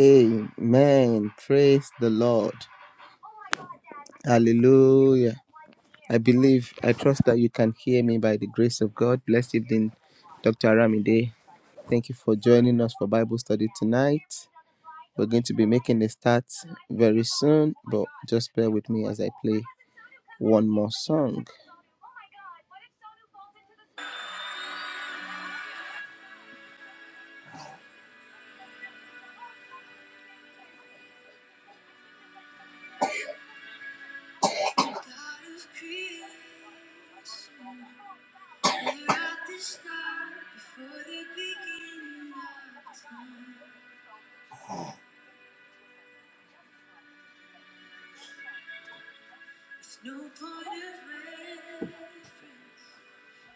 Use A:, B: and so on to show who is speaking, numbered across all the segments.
A: Amen. Praise the Lord. Hallelujah. I believe, I trust that you can hear me by the grace of God. Blessed evening, Dr. Aramide. Thank you for joining us for Bible study tonight. We're going to be making a start very soon, but just bear with me as I play one more song.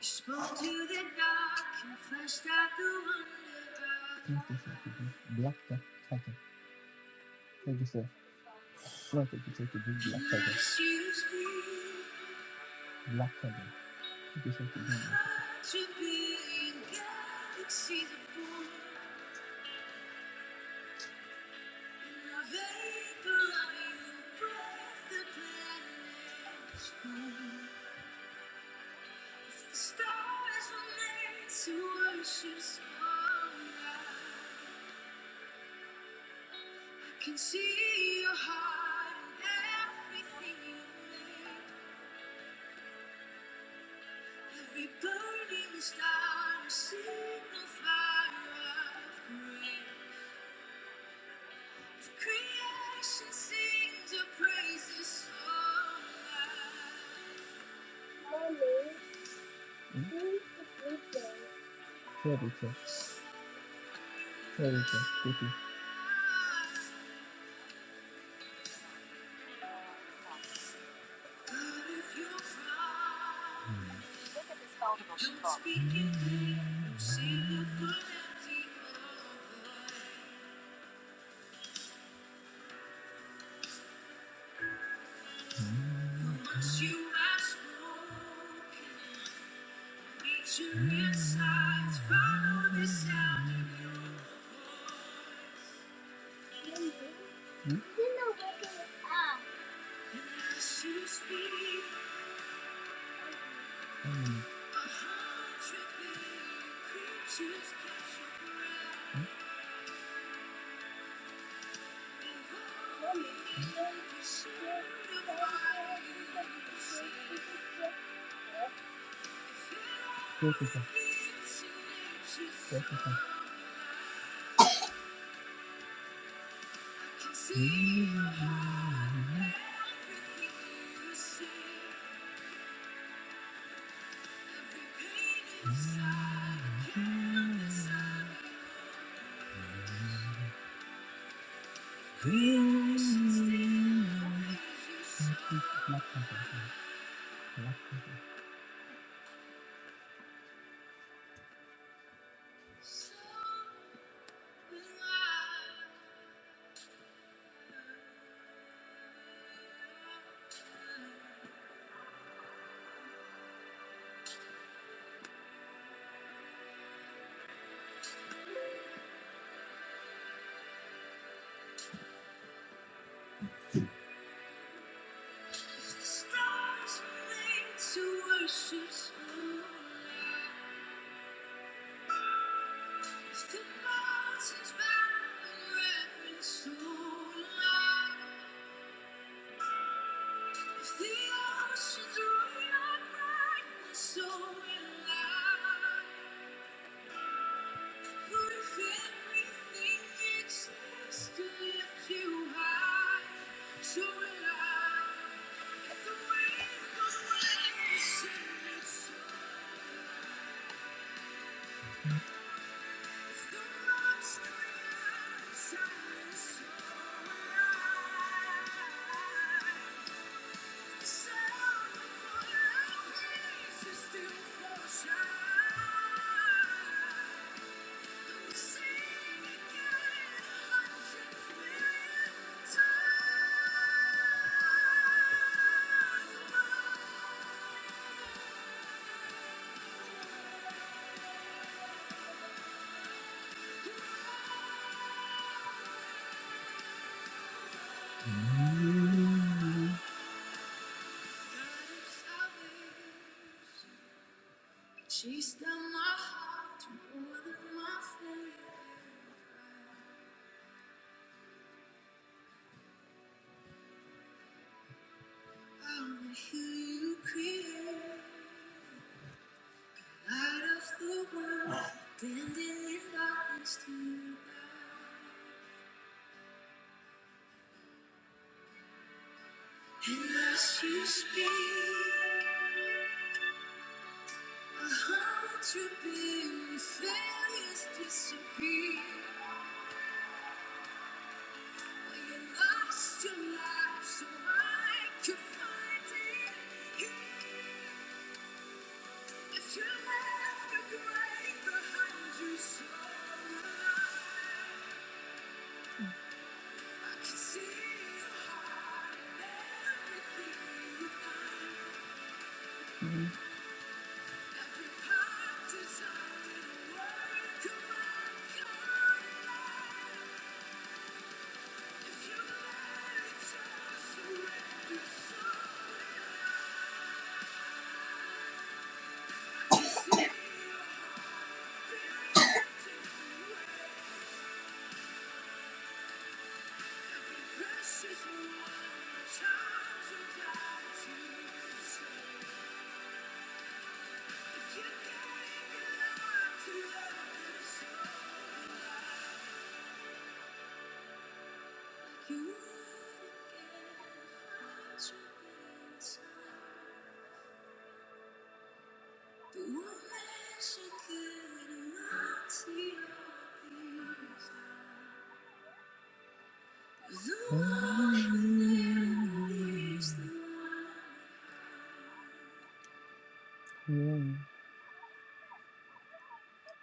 A: Spoke to the dark, confessed out the wonder of- Black, black, black. sir. Thank you, sir. Front of the take black feather. Black feather. Take a take a big. Third of the. Third of the. Take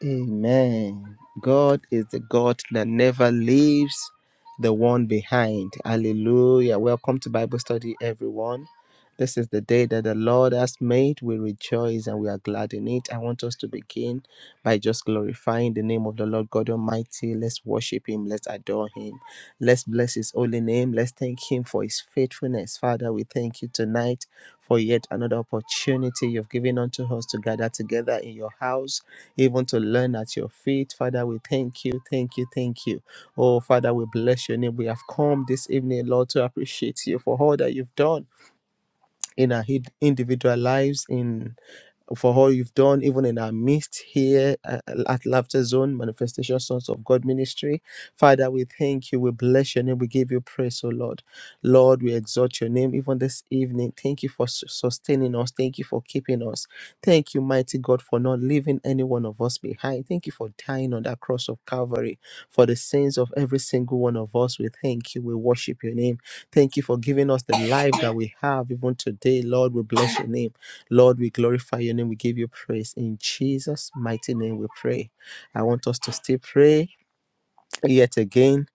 A: Amen. God is the God that never leaves the one behind. Hallelujah. Welcome to Bible study, everyone. This is the day that the Lord has made. We rejoice and we are glad in it. I want us to begin by just glorifying the name of the Lord God Almighty. Let's worship Him. Let's adore Him. Let's bless His holy name. Let's thank Him for His faithfulness. Father, we thank you tonight for yet another opportunity you've given unto us to gather together in your house even to learn at your feet. Father, we thank you, thank you, thank you. Oh, Father, we bless your name. We have come this evening, Lord, to appreciate you for all that you've done in our hid- individual lives in for all you've done even in our midst here uh, at laughter zone manifestation sons of god ministry father we thank you we bless your name we give you praise oh lord lord we exalt your name even this evening thank you for su- sustaining us thank you for keeping us thank you mighty god for not leaving any one of us behind thank you for dying on that cross of calvary for the sins of every single one of us we thank you we worship your name Thank you for giving us the life that we have even today. Lord, we bless your name. Lord, we glorify your name. We give you praise. In Jesus' mighty name, we pray. I want us to still pray yet again,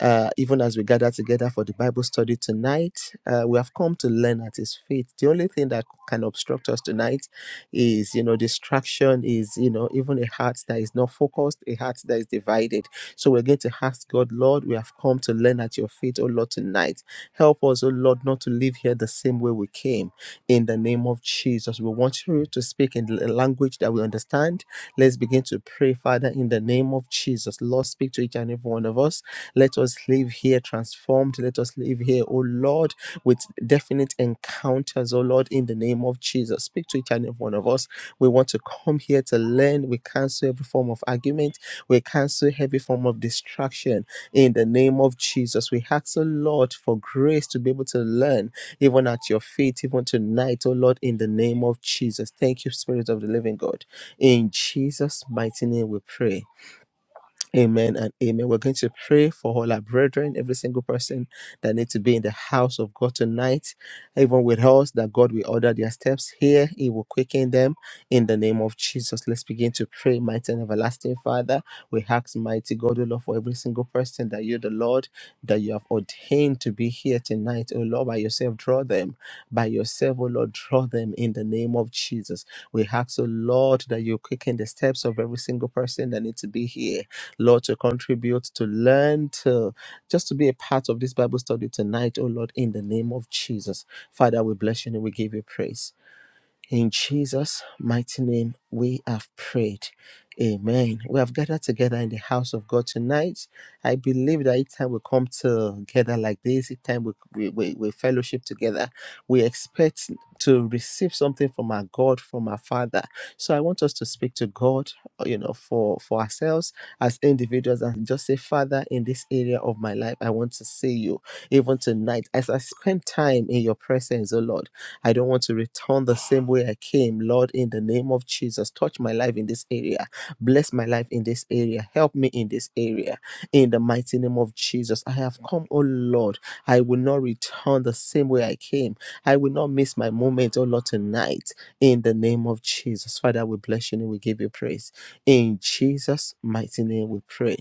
A: uh, even as we gather together for the Bible study tonight, uh, we have come to learn at His feet. The only thing that can obstruct us tonight is, you know, distraction, is, you know, even a heart that is not focused, a heart that is divided. So we're going to ask God, Lord, we have come to learn at your feet, oh Lord, tonight. Help us, oh Lord, not to live here the same way we came in the name of Jesus. We want you to speak in the language that we understand. Let's begin to pray, Father, in the name of Jesus. Lord, speak to each and every one of us. Let us live here transformed. Let us live here, oh Lord, with definite encounters, oh Lord, in the name of Jesus. Speak to each and every one of us. We want to come here to learn. We cancel every form of argument. We cancel every form of distraction in the name of Jesus. We ask, oh Lord, for grace to be able to learn even at your feet, even tonight, oh Lord, in the name of Jesus. Thank you, Spirit of the Living God. In Jesus' mighty name we pray. Amen and amen. We're going to pray for all our brethren, every single person that needs to be in the house of God tonight, even with us, that God will order their steps here. He will quicken them in the name of Jesus. Let's begin to pray, mighty and everlasting Father. We ask, mighty God, O Lord, for every single person that you, the Lord, that you have ordained to be here tonight. O Lord, by yourself, draw them. By yourself, O Lord, draw them in the name of Jesus. We ask, O Lord, that you quicken the steps of every single person that needs to be here Lord, to contribute, to learn, to just to be a part of this Bible study tonight, oh Lord, in the name of Jesus. Father, we bless you and we give you praise. In Jesus' mighty name, we have prayed. Amen. We have gathered together in the house of God tonight. I believe that each time we come together like this, each time we, we, we, we fellowship together, we expect to receive something from our God, from our Father. So I want us to speak to God, you know, for, for ourselves as individuals and just say, Father, in this area of my life, I want to see you. Even tonight, as I spend time in your presence, oh Lord. I don't want to return the same way I came. Lord, in the name of Jesus, touch my life in this area. Bless my life in this area. Help me in this area. In the mighty name of Jesus, I have come, oh Lord. I will not return the same way I came. I will not miss my moment, oh Lord, tonight. In the name of Jesus, Father, we bless you and we give you praise. In Jesus' mighty name, we pray.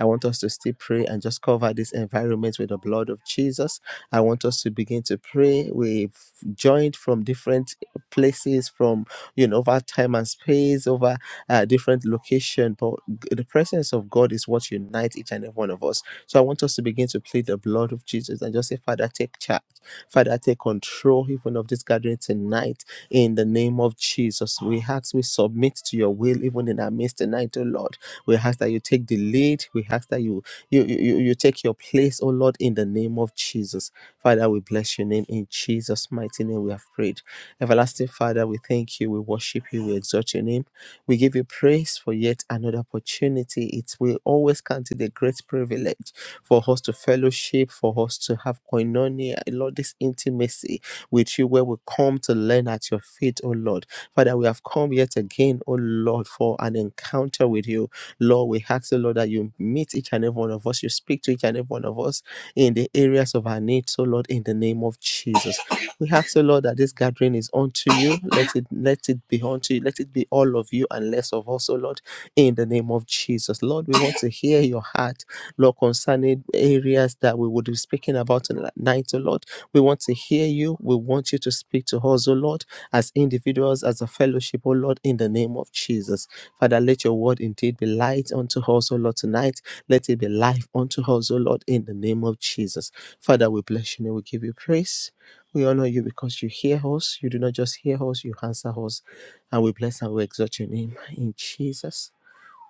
A: I want us to still pray and just cover this environment with the blood of Jesus. I want us to begin to pray. We've joined from different places from you know over time and space over uh, different location but g- the presence of god is what unites each and every one of us so i want us to begin to plead the blood of jesus and just say father take charge father take control even of this gathering tonight in the name of jesus we ask we submit to your will even in our midst tonight oh lord we ask that you take the lead we ask that you you, you, you take your place, oh Lord, in the name of Jesus. Father, we bless your name in Jesus' mighty name. We have prayed. Everlasting Father, we thank you, we worship you, we exalt your name. We give you praise for yet another opportunity. It will always count it a great privilege for us to fellowship, for us to have koinonia, Lord, this intimacy with you where we come to learn at your feet, oh Lord. Father, we have come yet again, oh Lord, for an encounter with you. Lord, we ask, oh Lord, that you meet each and every one of us, you speak to each and every one of us in the areas of our needs, oh Lord, in the name of Jesus. We ask, oh Lord, that this gathering is unto you. Let it let it be unto you. Let it be all of you and less of us, oh Lord, in the name of Jesus. Lord, we want to hear your heart, Lord, concerning areas that we would be speaking about tonight, oh Lord. We want to hear you. We want you to speak to us, O Lord, as individuals, as a fellowship, O Lord, in the name of Jesus. Father, let your word indeed be light unto us, O Lord, tonight. Let it be life unto us, O Lord, in the name of Jesus. Father, we bless you and we give you praise. We honor you because you hear us. You do not just hear us, you answer us. And we bless and we exalt your name. In Jesus'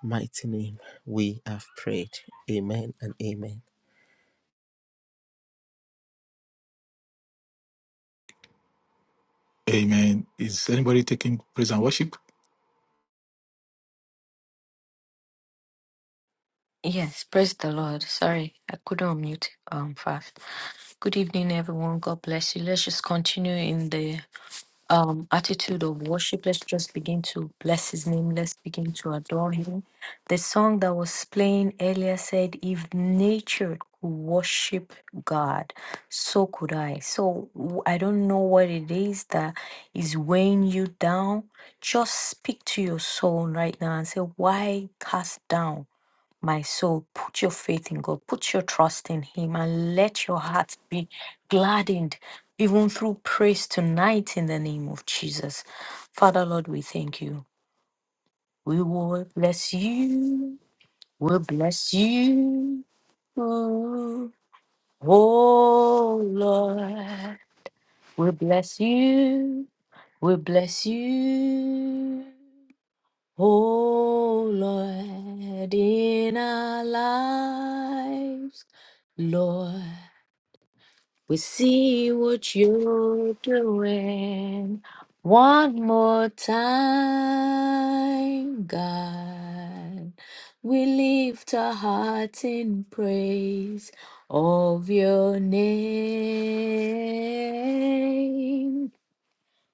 A: mighty name, we have prayed. Amen and amen.
B: Amen. Is anybody taking praise and worship?
C: Yes, praise the Lord. Sorry, I couldn't unmute um fast. Good evening, everyone. God bless you. Let's just continue in the um attitude of worship. Let's just begin to bless his name. Let's begin to adore him. The song that was playing earlier said, If nature could worship God, so could I. So w- I don't know what it is that is weighing you down. Just speak to your soul right now and say, Why cast down? My soul, put your faith in God, put your trust in Him, and let your heart be gladdened, even through praise tonight in the name of Jesus. Father, Lord, we thank you. We will bless you. We'll bless you. Oh, Lord. We bless you. We bless you. Oh Lord, in our lives, Lord, we see what you're doing. One more time, God, we lift our hearts in praise of your name.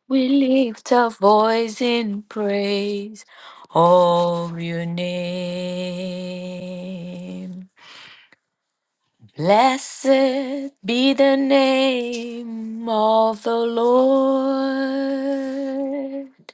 C: We lift our voice in praise of your name. Blessed be the name of the Lord.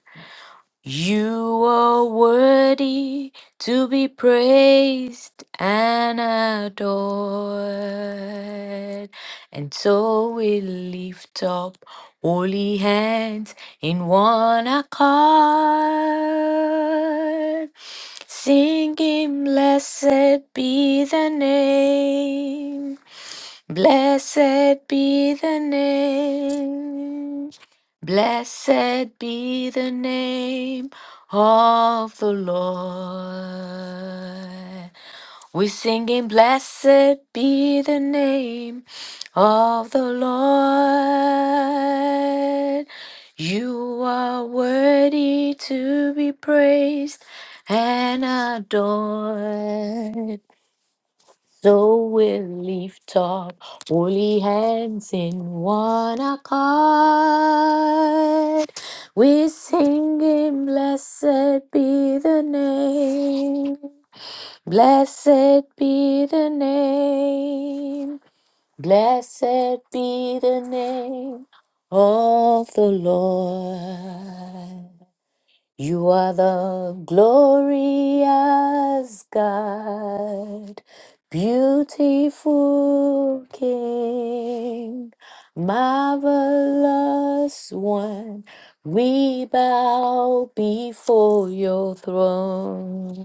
C: You are worthy to be praised and adored. And so we lift up holy hands in one accord, singing, Blessed be the name, blessed be the name. Blessed be the name of the Lord. We're singing, Blessed be the name of the Lord. You are worthy to be praised and adored. So we lift up holy hands in one accord. We sing him, blessed be the name. Blessed be the name. Blessed be the name of the Lord. You are the glorious God, beautiful King, marvelous one. We bow before your throne.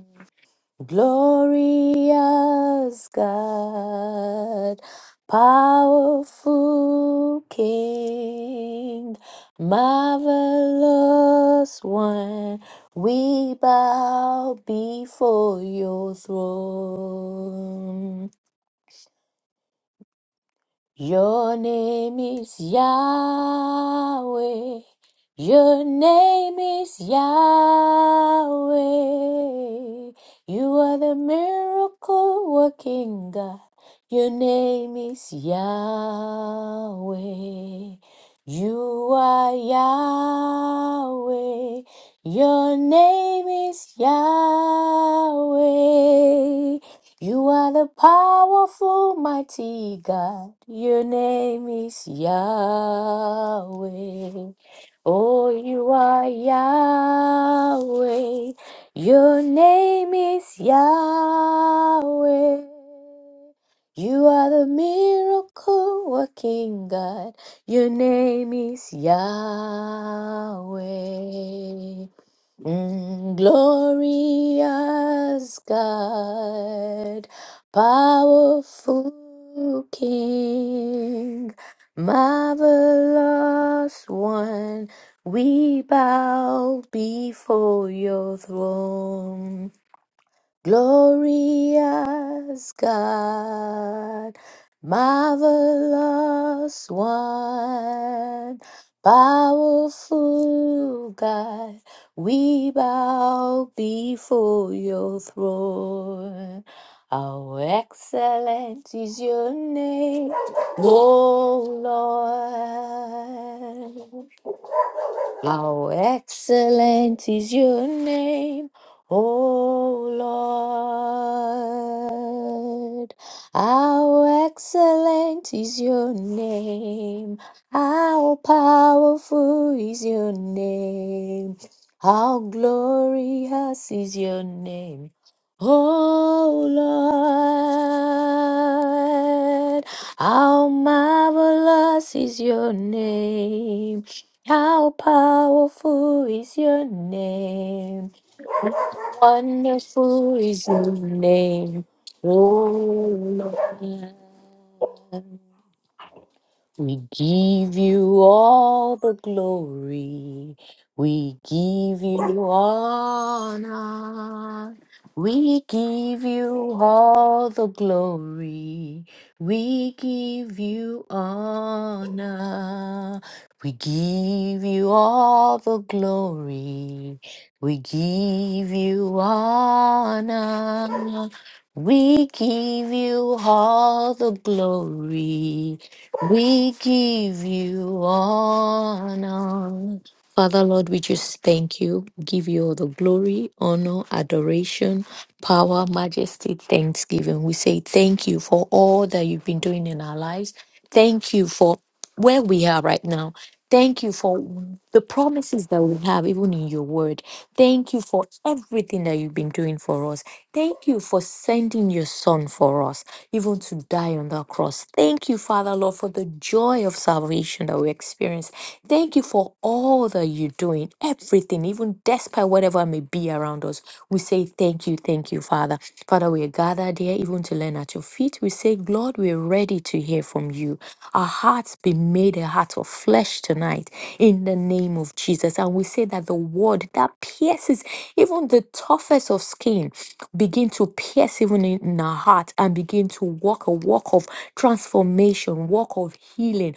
C: Glorious God, powerful King, marvelous one, we bow before your throne. Your name is Yahweh. Your name is Yahweh. You are the miracle working God. Your name is Yahweh. You are Yahweh. Your name is Yahweh. You are the powerful, mighty God. Your name is Yahweh. Oh, you are Yahweh. Your name is Yahweh. You are the miracle working God. Your name is Yahweh. Mm, glorious God, powerful King, marvelous one, we bow before your throne. Glorious God, marvelous one, powerful God, we bow before your throne. How excellent is your name, O Lord. How excellent is your name, O Lord. How excellent is your name. How powerful is your name. How glorious is your name. O Lord, how marvelous is your name. How powerful is your name? Wonderful is your name, oh Lord. We give you all the glory. We give you honor. We give you all the glory. We give you honor. We give you all the glory. We give you honor. We give you all the glory. We give you honor. Father, Lord, we just thank you. Give you all the glory, honor, adoration, power, majesty, thanksgiving. We say thank you for all that you've been doing in our lives. Thank you for where we are right now. Thank you for the promises that we have, even in your word. Thank you for everything that you've been doing for us. Thank you for sending your son for us, even to die on that cross. Thank you, Father Lord, for the joy of salvation that we experience. Thank you for all that you're doing, everything, even despite whatever may be around us. We say thank you, thank you, Father. Father, we are gathered here even to learn at your feet. We say, Lord, we're ready to hear from you. Our hearts be made a heart of flesh tonight in the name of Jesus. And we say that the word that pierces even the toughest of skin begin to pierce even in in our heart and begin to walk a walk of transformation, walk of healing,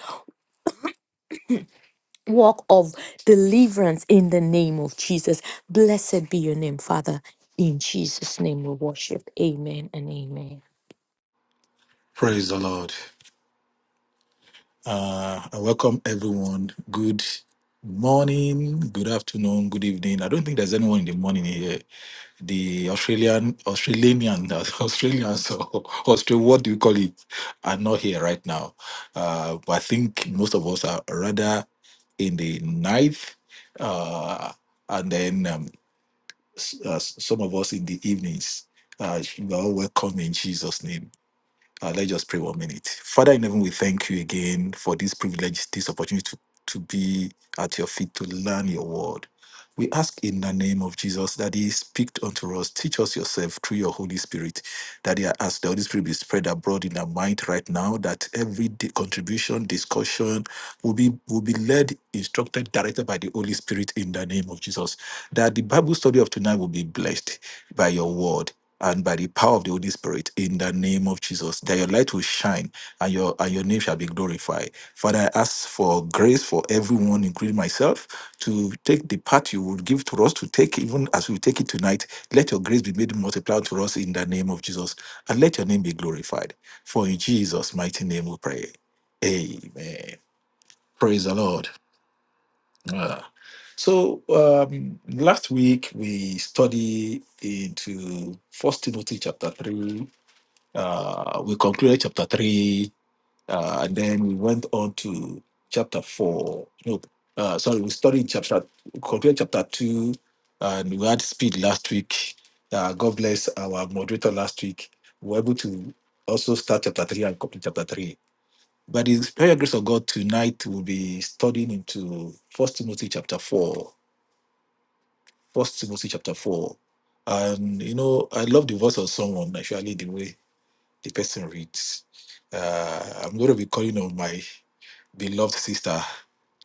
C: walk of deliverance in the name of Jesus. Blessed be your name, Father. In Jesus' name we worship. Amen and amen.
B: Praise the Lord. Uh, I welcome everyone. Good morning, good afternoon, good evening. I don't think there's anyone in the morning here. The Australian, Australian, Australians, or Australia, what do you call it, are not here right now. Uh, but I think most of us are rather in the ninth, uh, and then um, s- uh, s- some of us in the evenings. Uh, you are all welcome in Jesus' name. Uh, let's just pray one minute. Father in heaven, we thank you again for this privilege, this opportunity to, to be at your feet to learn your word. We ask in the name of Jesus that He speak unto us, teach us yourself through your Holy Spirit. That He ask the Holy Spirit be spread abroad in our mind right now, that every di- contribution, discussion will be will be led, instructed, directed by the Holy Spirit in the name of Jesus. That the Bible study of tonight will be blessed by your word and by the power of the Holy Spirit in the name of Jesus, that your light will shine and your and your name shall be glorified. Father, I ask for grace for everyone, including myself, to take the part you would give to us to take, even as we take it tonight. Let your grace be made multiplied to us in the name of Jesus, and let your name be glorified. For in Jesus' mighty name we pray. Amen. Praise the Lord. Ah. So um, last week we study into First Timothy chapter three uh, we concluded chapter three, uh, and then we went on to chapter four. No, uh, sorry, we studied chapter, concluded chapter two, and we had speed last week. Uh, God bless our moderator last week. We were able to also start chapter three and complete chapter three. By the special grace of God, tonight we'll be studying into First Timothy chapter four. First Timothy chapter four, and you know, I love the voice of someone. Actually, the way the person reads. Uh, I'm going to be calling on my beloved sister,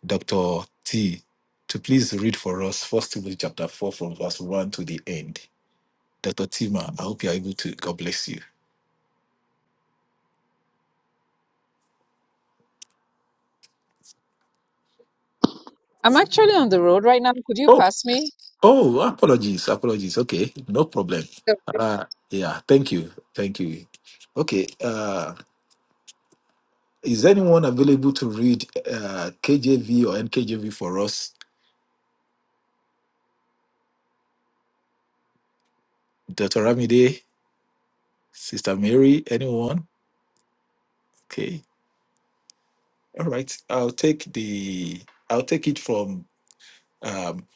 B: Dr. T, to please read for us First Timothy chapter 4 from verse 1 to the end. Dr. Tima, I hope you are able to. God bless you.
D: I'm actually on the road right now. Could you
B: Oh,
D: pass me?
B: oh, apologies, apologies. Okay, no problem. Uh, yeah, thank you, thank you. Okay, uh, is anyone available to read uh, KJV or NKJV for us? Dr. Ramide, Sister Mary, anyone? Okay. All right. I'll take the I'll take it from um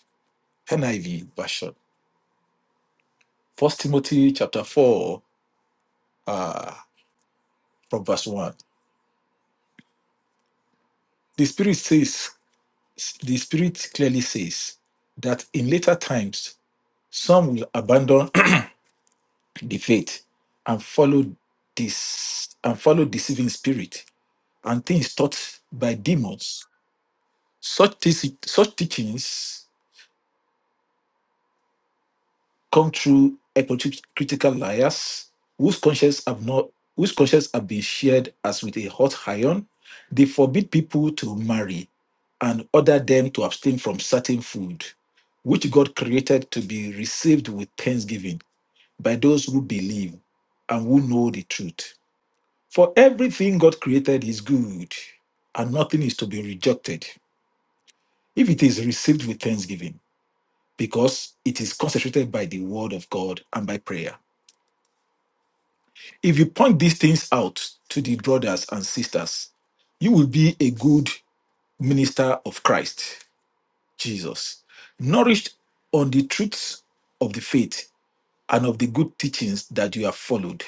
B: NIV version. First Timothy chapter four, uh, from verse one. The spirit says the spirit clearly says that in later times some will abandon the faith and follow this and follow deceiving spirit and things taught by demons. Such, te- such teachings come through a liars whose conscience have not whose conscience have been shared as with a hot iron. They forbid people to marry and order them to abstain from certain food, which God created to be received with thanksgiving by those who believe and who know the truth. For everything God created is good, and nothing is to be rejected if it is received with thanksgiving, because it is concentrated by the word of God and by prayer. If you point these things out to the brothers and sisters, you will be a good minister of Christ, Jesus, nourished on the truths of the faith and of the good teachings that you have followed.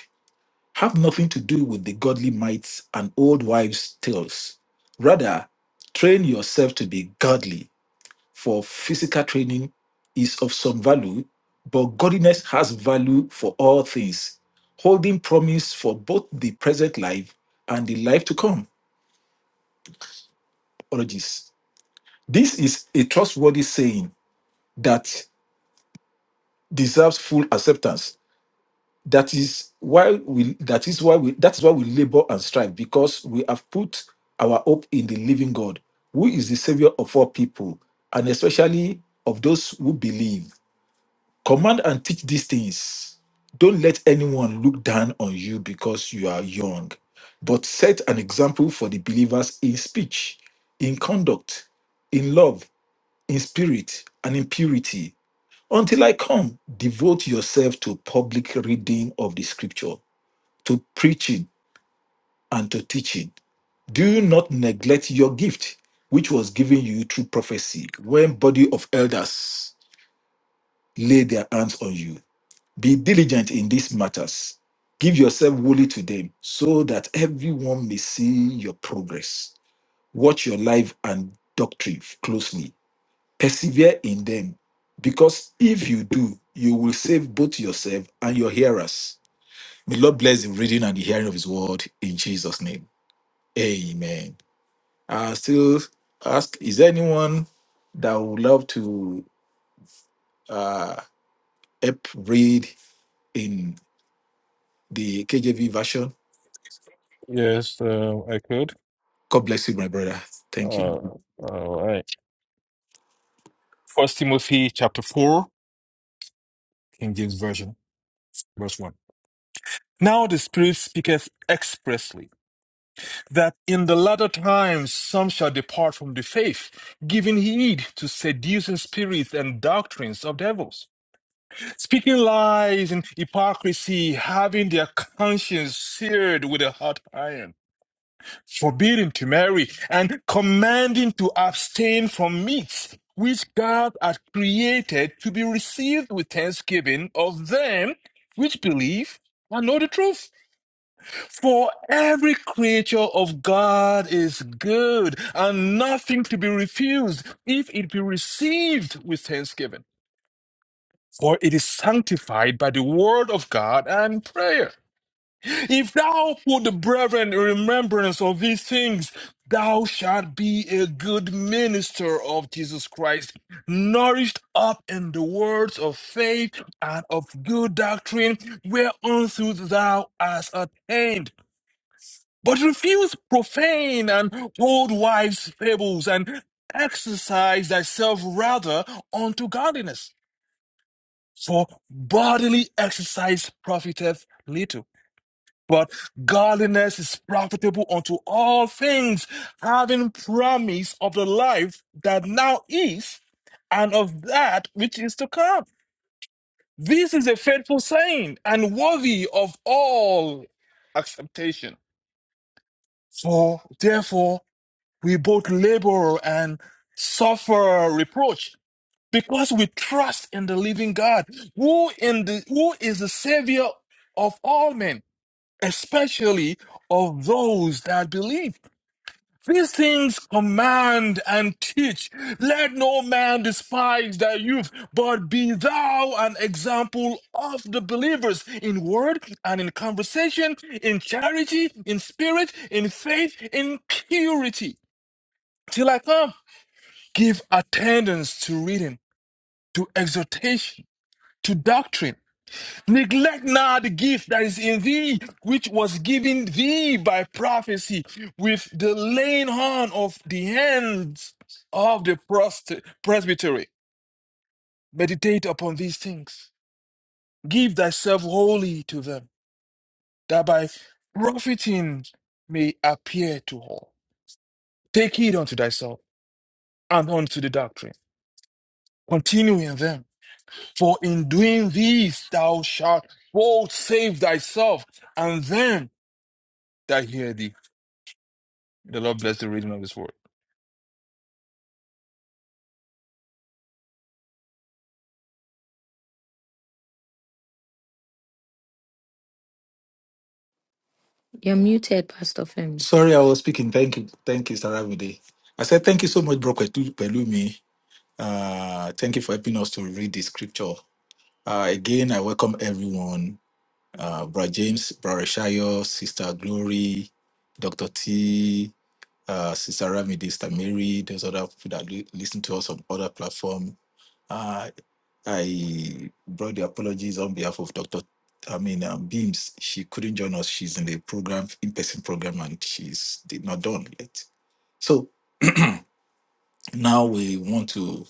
B: Have nothing to do with the godly mites and old wives' tales. Rather, train yourself to be godly for physical training is of some value, but godliness has value for all things, holding promise for both the present life and the life to come. Apologies. This is a trustworthy saying that deserves full acceptance. That is why we that is why we that is why we labor and strive, because we have put our hope in the living God, who is the savior of all people, and especially of those who believe. Command and teach these things. Don't let anyone look down on you because you are young, but set an example for the believers in speech, in conduct, in love, in spirit, and in purity. Until I come, devote yourself to public reading of the scripture, to preaching, and to teaching. Do not neglect your gift, which was given you through prophecy, when body of elders lay their hands on you. Be diligent in these matters. Give yourself wholly to them so that everyone may see your progress. Watch your life and doctrine closely. Persevere in them, because if you do, you will save both yourself and your hearers. May Lord bless the reading and the hearing of His word in Jesus' name. Amen. I still ask: Is there anyone that would love to uh, help read in the KJV version?
E: Yes, uh, I could.
B: God bless you, my brother. Thank you.
E: Uh, all right. First Timothy chapter four, King James Version, verse one. Now the Spirit speaketh expressly that in the latter times some shall depart from the faith, giving heed to seducing spirits and doctrines of devils, speaking lies and hypocrisy, having their conscience seared with a hot iron forbidding to marry, and commanding to abstain from meats which God had created to be received with thanksgiving of them which believe and know the truth. For every creature of God is good and nothing to be refused if it be received with thanksgiving. For it is sanctified by the word of God and prayer. If thou put the brethren in remembrance of these things, thou shalt be a good minister of Jesus Christ, nourished up in the words of faith and of good doctrine, whereunto thou hast attained. But refuse profane and old wives' fables, and exercise thyself rather unto godliness. For bodily exercise profiteth little but godliness is profitable unto all things, having promise of the life that now is and of that which is to come. This is a faithful saying and worthy of all acceptation. For therefore, we both labor and suffer reproach because we trust in the living God, who in the who is the savior of all men especially of those that believe. These things command and teach. Let no man despise thy youth, but be thou an example of the believers in word and in conversation, in charity, in spirit, in faith, in purity. Till I come, give attendance to reading, to exhortation, to doctrine. Neglect not the gift that is in thee, which was given thee by prophecy, with the laying on of the hands of the prost- presbytery. Meditate upon these things. Give thyself wholly to them, that by profiting may appear to all. Take heed unto thyself and unto the doctrine. Continue in them, for in doing these thou shalt both save thyself and them that hear thee. The Lord bless the reading of His word.
C: You're muted, Pastor Femi.
B: Sorry, I was speaking. Thank you. Thank you, Saravide. I said, Thank you so much, Bro Ketu- Pelumi. Uh, thank you for helping us to read the scripture. Uh, again, I welcome everyone. Uh, Brother James, Brother Shayo, Sister Glory, Dr. T, uh, Sister Ramide, Sister Mary, those other people that li- listen to us on other platform. Uh, I brought the apologies on behalf of Dr. I mean, um, Beams. She couldn't join us. She's in the program, in person program, and she's did not done yet. So now we want to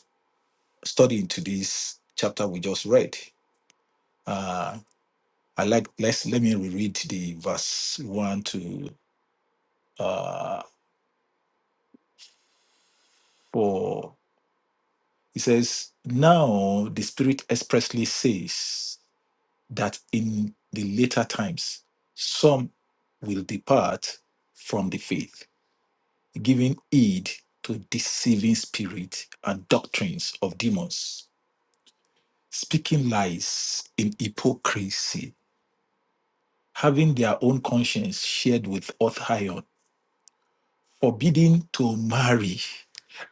B: study into this chapter we just read. Uh, I like, let's let me reread the verse 1 to uh, 4. It says, Now the Spirit expressly says, that in the later times some will depart from the faith, giving heed to deceiving spirits and doctrines of demons, speaking lies in hypocrisy, having their own conscience shared with hot iron, forbidding to marry,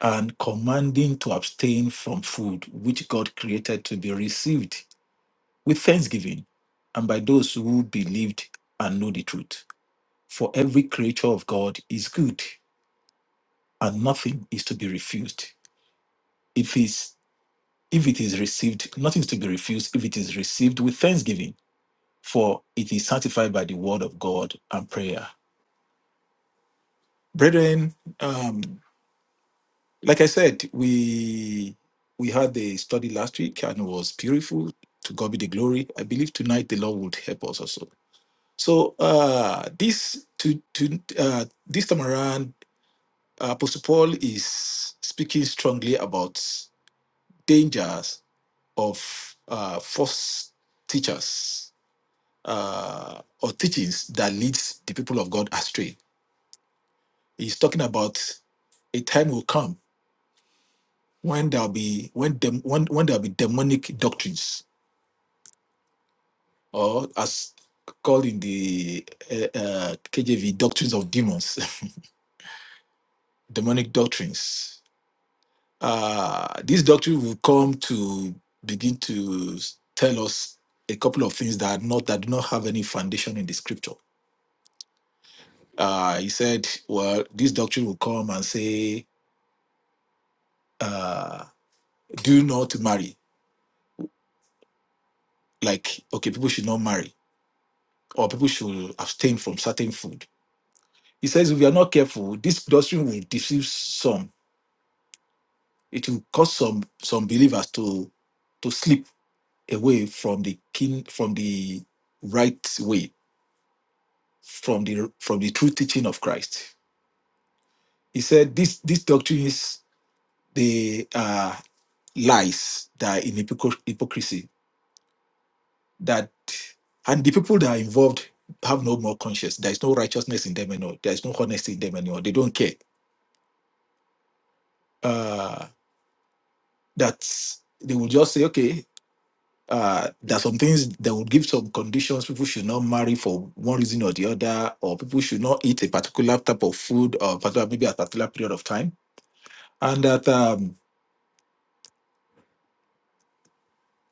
B: and commanding to abstain from food which God created to be received with thanksgiving, and by those who believed and know the truth. For every creature of God is good, and nothing is to be refused. If is if it is received, nothing is to be refused if it is received with thanksgiving, for it is sanctified by the word of God and prayer. Brethren, um, like I said, we we had a study last week and it was beautiful. To God be the glory. I believe tonight the Lord would help us also. So uh, this to to uh, this time around Uh, Apostle Paul is speaking strongly about dangers of uh, false teachers uh, or teachings that leads the people of God astray. He's talking about a time will come when there'll be when dem, when, when there'll be demonic doctrines or as called in the uh, uh, KJV doctrines of demons, demonic doctrines uh, this doctrine will come to begin to tell us a couple of things that are not that do not have any foundation in the scripture. Uh, he said, "Well, this doctrine will come and say, uh, do not marry. Like, okay, people should not marry, or people should abstain from certain food." He says, if we are not careful, this doctrine will deceive some. It will cause some some believers to to slip away from the king from the right way from the from the true teaching of Christ. He said this this doctrine is the uh, lies that in hypocr- hypocrisy that and the people that are involved have no more conscience. There is no righteousness in them anymore. There is no honesty in them anymore. They don't care. Uh, that they will just say, okay, uh, there are some things that would give some conditions. People should not marry for one reason or the other, or people should not eat a particular type of food or particular, maybe a particular period of time, and that. Um,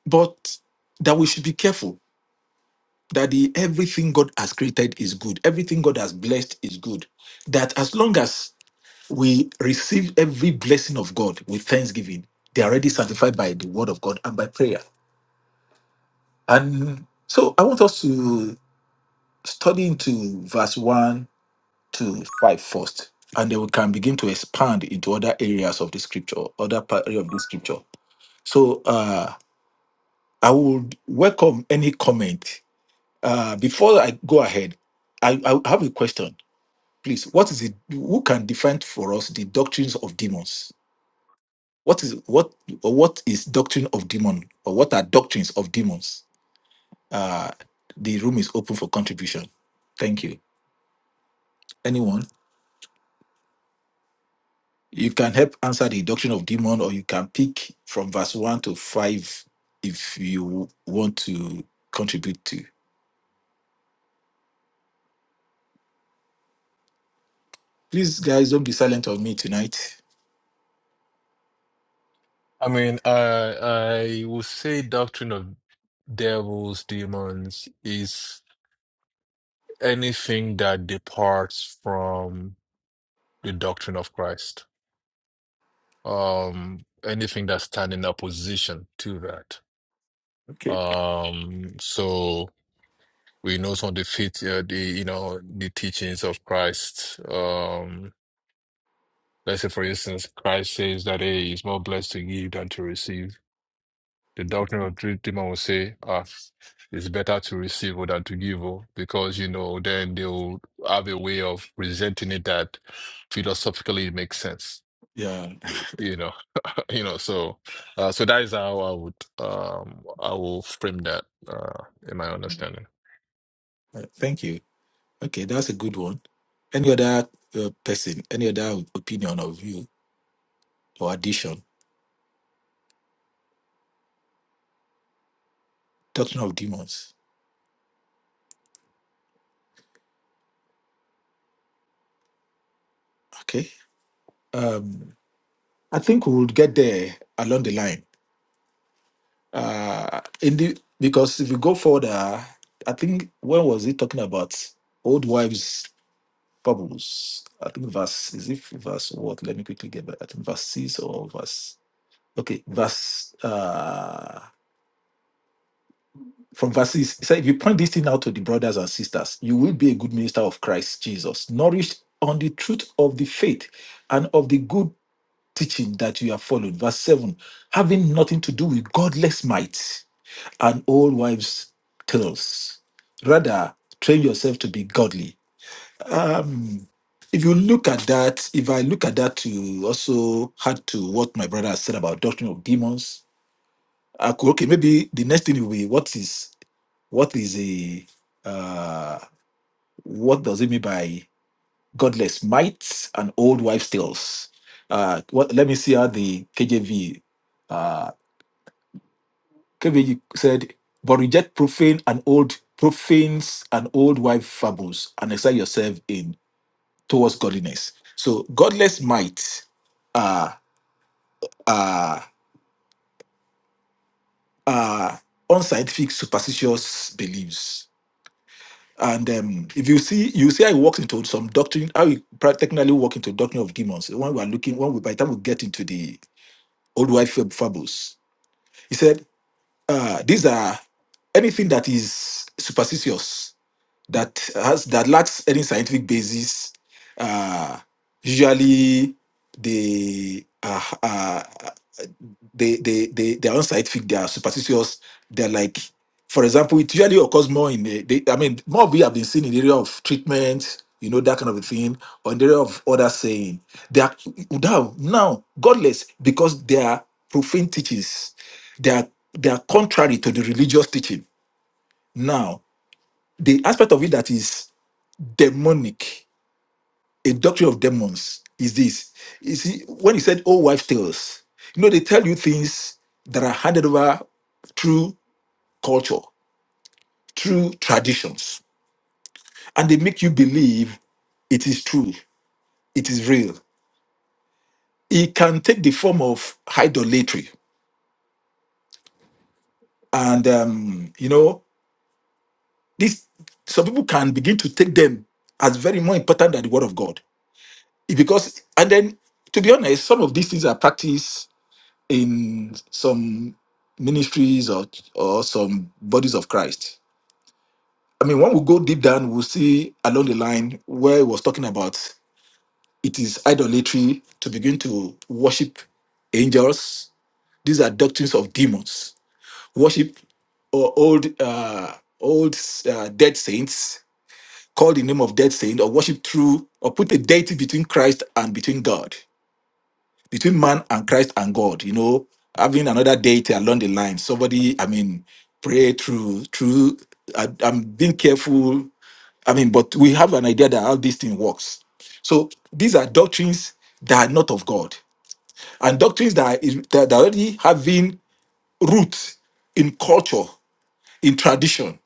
B: but that we should be careful that the everything God has created is good, everything God has blessed is good. That as long as we receive every blessing of God with thanksgiving, they are already sanctified by the word of God and by prayer. And so I want us to study into verse 1 to 5 first, and then we can begin to expand into other areas of the scripture, other part of the scripture. So uh, I would welcome any comment Uh, before I go ahead, I, I have a question. Please, what is it? Who can define for us the doctrines of demons? What is what or what is doctrine of demon or what are doctrines of demons? Uh, the room is open for contribution. Thank you. Anyone? You can help answer the doctrine of demon, or you can pick from verse one to five if you want to contribute to. Please, guys, don't be silent on me tonight.
E: I mean, I I would say doctrine of devils, demons is anything that departs from the doctrine of Christ. Um, anything that stands in opposition to that.
B: Okay.
E: Um, so we know some of the fit, uh, the you know the teachings of Christ. Um, let's say, for instance, Christ says that hey, it's more blessed to give than to receive The doctrine of three Timon will say, ah, it's better to receive or than to give, oh, because you know, then they'll have a way of presenting it that philosophically it makes sense.
B: Yeah.
E: You know, you know, so uh, so that is how I would um I will frame that uh in my understanding.
B: Uh, Thank you. Okay, that's a good one. Any other uh, person, any other opinion of you or addition? Doctrine of demons. Okay. Um, I think we would get there along the line. Uh, in the because if you go further, I think when was he talking about old wives' fables? I think verse is it verse what? Let me quickly get back. I think verse six or verse. Okay, verse. Uh, from verse 6, he said, If you point this thing out to the brothers and sisters, you will be a good minister of Christ Jesus, nourished on the truth of the faith and of the good teaching that you have followed. Verse 7, having nothing to do with godless might and old wives' tales. Rather, train yourself to be godly. Um, if you look at that, if I look at that you also had to what my brother has said about doctrine of demons, I could, okay, maybe the next thing will be what is what is a uh, what does it mean by godless might and old wives' tales? Uh, what? Let me see how the KJV uh, KJV said, but reject profane and old profanes and old wife fables, and excite yourself in towards godliness. So godless might are uh, uh, uh, unscientific superstitious beliefs And um, if you see, you see, I walked into some doctrine. I will practically walk into doctrine of demons. When we are looking, when we, by the time we get into the old wife fab- fables, he said, uh, these are anything that is superstitious that has that lacks any scientific basis. Uh, usually, they are. ah, they they they they are unscientific. They are superstitious. They're like, for example, it usually occurs more in the. They, I mean, more we have been seen in the area of treatment, you know, that kind of a thing, or in the area of other saying. They are now now godless because they are profane teachings. They are they are contrary to the religious teaching. Now the aspect of it that is demonic a doctrine of demons is this. You see, when he said old wives' tales, you know, they tell you things that are handed over through culture, through traditions, and they make you believe it is true, it is real. It can take the form of idolatry. And, um, you know, this, some people can begin to take them as very more important than the word of God. Because, and then, to be honest, some of these things are practiced in some ministries or or some bodies of Christ. I mean, when we go deep down, we'll see along the line where it was talking about it is idolatry to begin to worship angels. These are doctrines of demons. Worship or old uh, old uh, dead saints, call the name of dead saint, or worship through or put a deity between Christ and between God. between man and Christ and God, you know, having another deity along the line. Somebody, I mean, pray through, through, I, I'm being careful. I mean, but we have an idea that how this thing works. So these are doctrines that are not of God and doctrines that are, that are already having roots in culture in tradition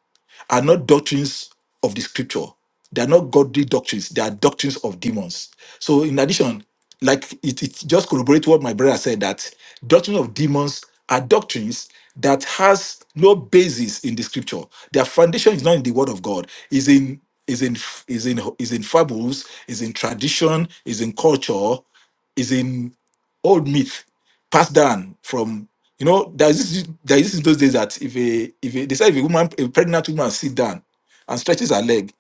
B: are not doctrines of the scripture. They are not godly doctrines. They are doctrines of demons. So, in addition, like it, it just corroborates what my brother said that doctrine of demons are doctrines that has no basis in the scripture. Their foundation is not in the word of God. Is in is in is in is in fables. Is in tradition. Is in culture. Is in old myth passed down from you know there's this there is this in those days that if a if a, they say if a woman a pregnant woman sit down and stretches her leg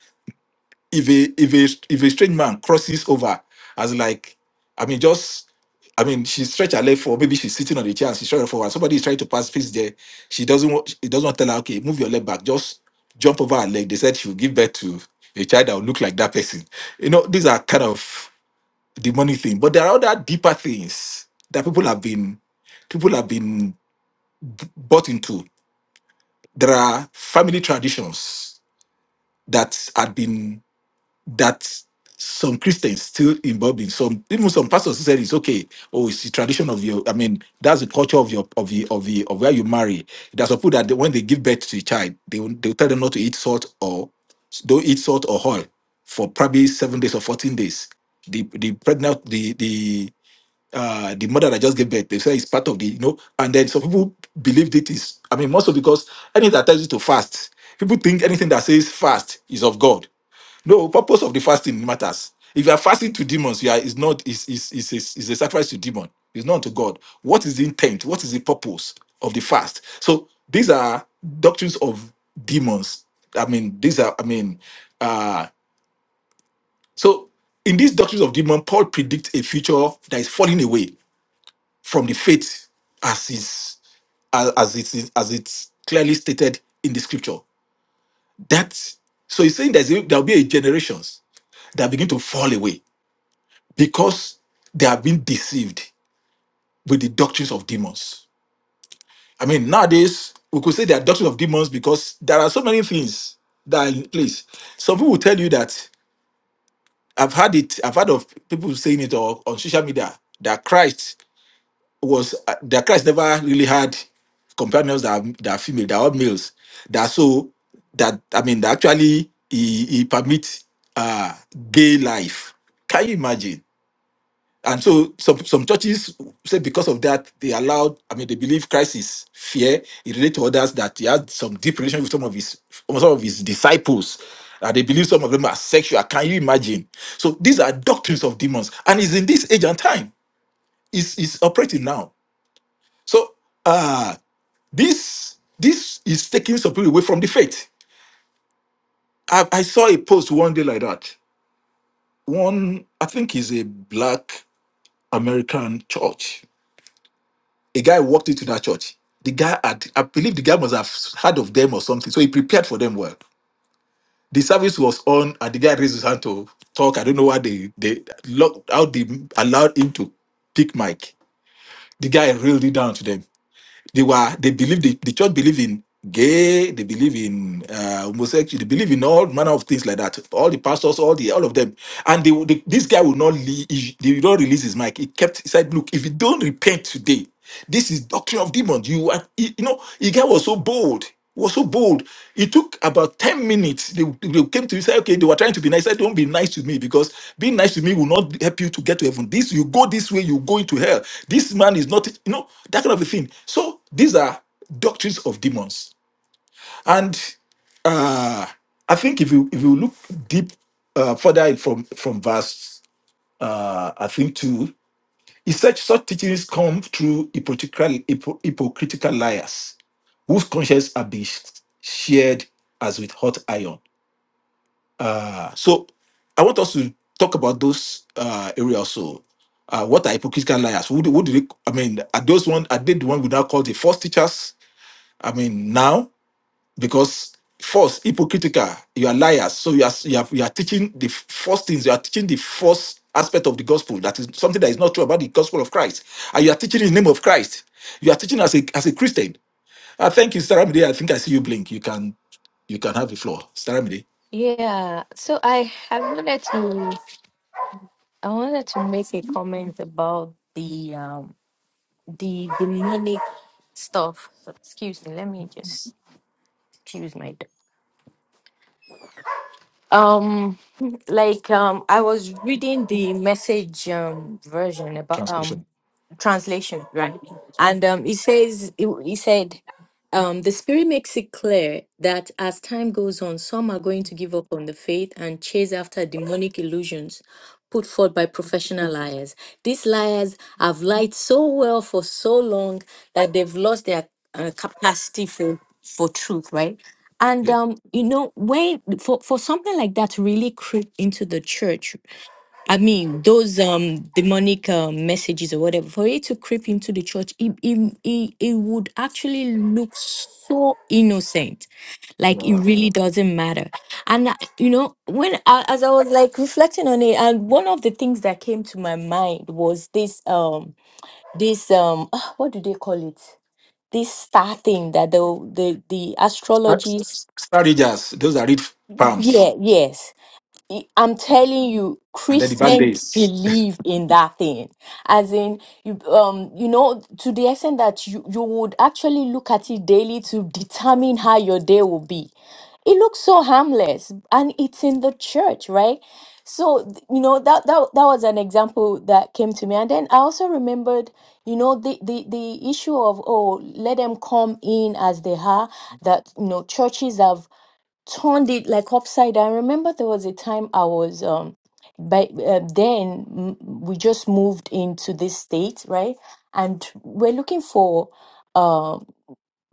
B: if a if a if a strange man crosses over as like I mean just I mean she stretch her leg forward maybe she's sitting on the chair and she's stretching forward somebody is trying to pass face there she doesn't want she doesn't want to tell her okay move your leg back just jump over her leg they said she will give birth to a child that will look like that person you know these are kind of the money thing. But there are other deeper things that people have been people have been b- bought into. There are family traditions that had been that some Christians still involved in. Some even some pastors who said it's okay. Oh, it's the tradition of your. I mean, that's the culture of your of the of the of where you marry. There's a people that they- when they give birth to a child, they will- they will tell them not to eat salt or don't eat salt or oil for probably seven days or fourteen days. The the pregnant the the uh the mother that just gave birth they say it's part of the you know and then some people believed it is i mean mostly because anything that tells you to fast people think anything that says fast is of god no purpose of the fasting matters if you are fasting to demons you are is not is is is a, is a sacrifice to demon it's not to god what is the intent what is the purpose of the fast so these are doctrines of demons i mean these are i mean uh so in these doctrines of demon paul predicts a future that is falling away from the faith as is as, as it is as it's clearly stated in the scripture that so he's saying there's a, there'll be a generations that begin to fall away because they have been deceived with the doctrines of demons i mean nowadays we could say they are doctrines of demons because there are so many things that are in place some people will tell you that i've had it i've heard of people saying it or on social media that christ was uh, the Christ never really had companions that are, that are female, that are all males. That so that I mean that actually he, he permits uh gay life. Can you imagine? And so some some churches say because of that they allowed I mean they believe Christ is fair. He relates to others that he had some deep relation with some of his some of his disciples. Uh, they believe some of them are sexual. Can you imagine? So these are doctrines of demons, and it's in this age and time. It's, it's operating now. So uh this this is taking some people away from the faith. I, I saw a post one day like that. One, I think is a black American church. A guy walked into that church. The guy had, I believe the guy must have heard of them or something. So he prepared for them well. The service was on and the guy raised his hand to talk. I don't know why they they locked out they allowed him to pick mic. The guy reeled it down to them They were they believed the, the church believed in gay, they believe in uh, homosexual, they believe in all manner of things like that. All the pastors, all the all of them, and they, they this guy would not leave. He, they would not release his mic. He kept he said, look, if you don't repent today, this is doctrine of demons. You are you know, the guy was so bold was so bold. It took about 10 minutes. They, they came to me said, okay, they were trying to be nice. I said, don't be nice to me because being nice to me will not help you to get to heaven. This, you go this way, you go into hell. This man is not, you know, that kind of a thing. So these are doctrines of demons. And uh, I think if you if you look deep uh, further from from verse uh, I think two. He said such teachings come through hypocritical, hypo- hypocritical liars whose conscience are being sh- shared as with hot iron. Uh, so I want us to talk about those uh, areas. So, uh, what are hypocritical liars? Who do, what do they? I mean, are those one? Are they the one we now call the false teachers? I mean, now because false, hypocritical, you are liars. So you are you are, you are teaching the false things. You are teaching the false aspect of the gospel that is something that is not true about the gospel of Christ, and you are teaching in the name of Christ. You are teaching as a as a Christian. I thank you, Staramide. I think I see you blink. You can you can have the floor, Staramide.
C: Yeah, so I I wanted to I wanted to make a comment about the um the demonic stuff. Excuse me, let me just excuse my dog. Um like um I was reading the message um version about um
B: Translation.
C: translation, right? And um, it says, he he said, um, the Spirit makes it clear that as time goes on, some are going to give up on the faith and chase after demonic illusions put forth by professional liars. These liars have lied so well for so long that they've lost their uh, capacity for, for truth, right? And
B: Yeah.
C: um, you know, when for, for something like that to really creep into the church, I mean, those um demonic uh, messages or whatever, for it to creep into the church, it, it, it, it would actually look so innocent. Like it
B: yeah.
C: really doesn't matter. And, I- you know, when I, as I was like reflecting on it, and one of the things that came to my mind was this, um, this, um, ah, what do they call it? This star thing that the, the, the
B: Star
C: astrologists,
B: Star Readers, those that read palms
C: yeah, yes I'm telling you,
B: and then the bad
C: Christians
B: days.
C: believe in that thing. As in, you um, you know, to the extent that you you would actually look at it daily to determine how your day will be. It looks so harmless, and it's in the church, right? So th- you know that that that was an example that came to me, and then I also remembered, you know, the the the issue of oh, let them come in as they are. That you know, churches have turned it like upside down. I remember there was a time I was um by uh, then mm, we just moved into this state, right? And we're looking for um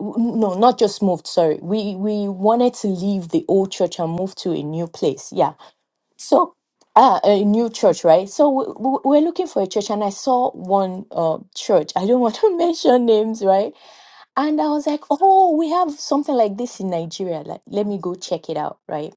C: w- no, not just moved, sorry. We we wanted to leave the old church and move to a new place. Yeah. So uh, a new church, right? So we, we- we're looking for a church, and I saw one uh, church. I don't want to mention names, right? And I was like, "Oh, we have something like this in Nigeria. Like, let me go check it out, right?"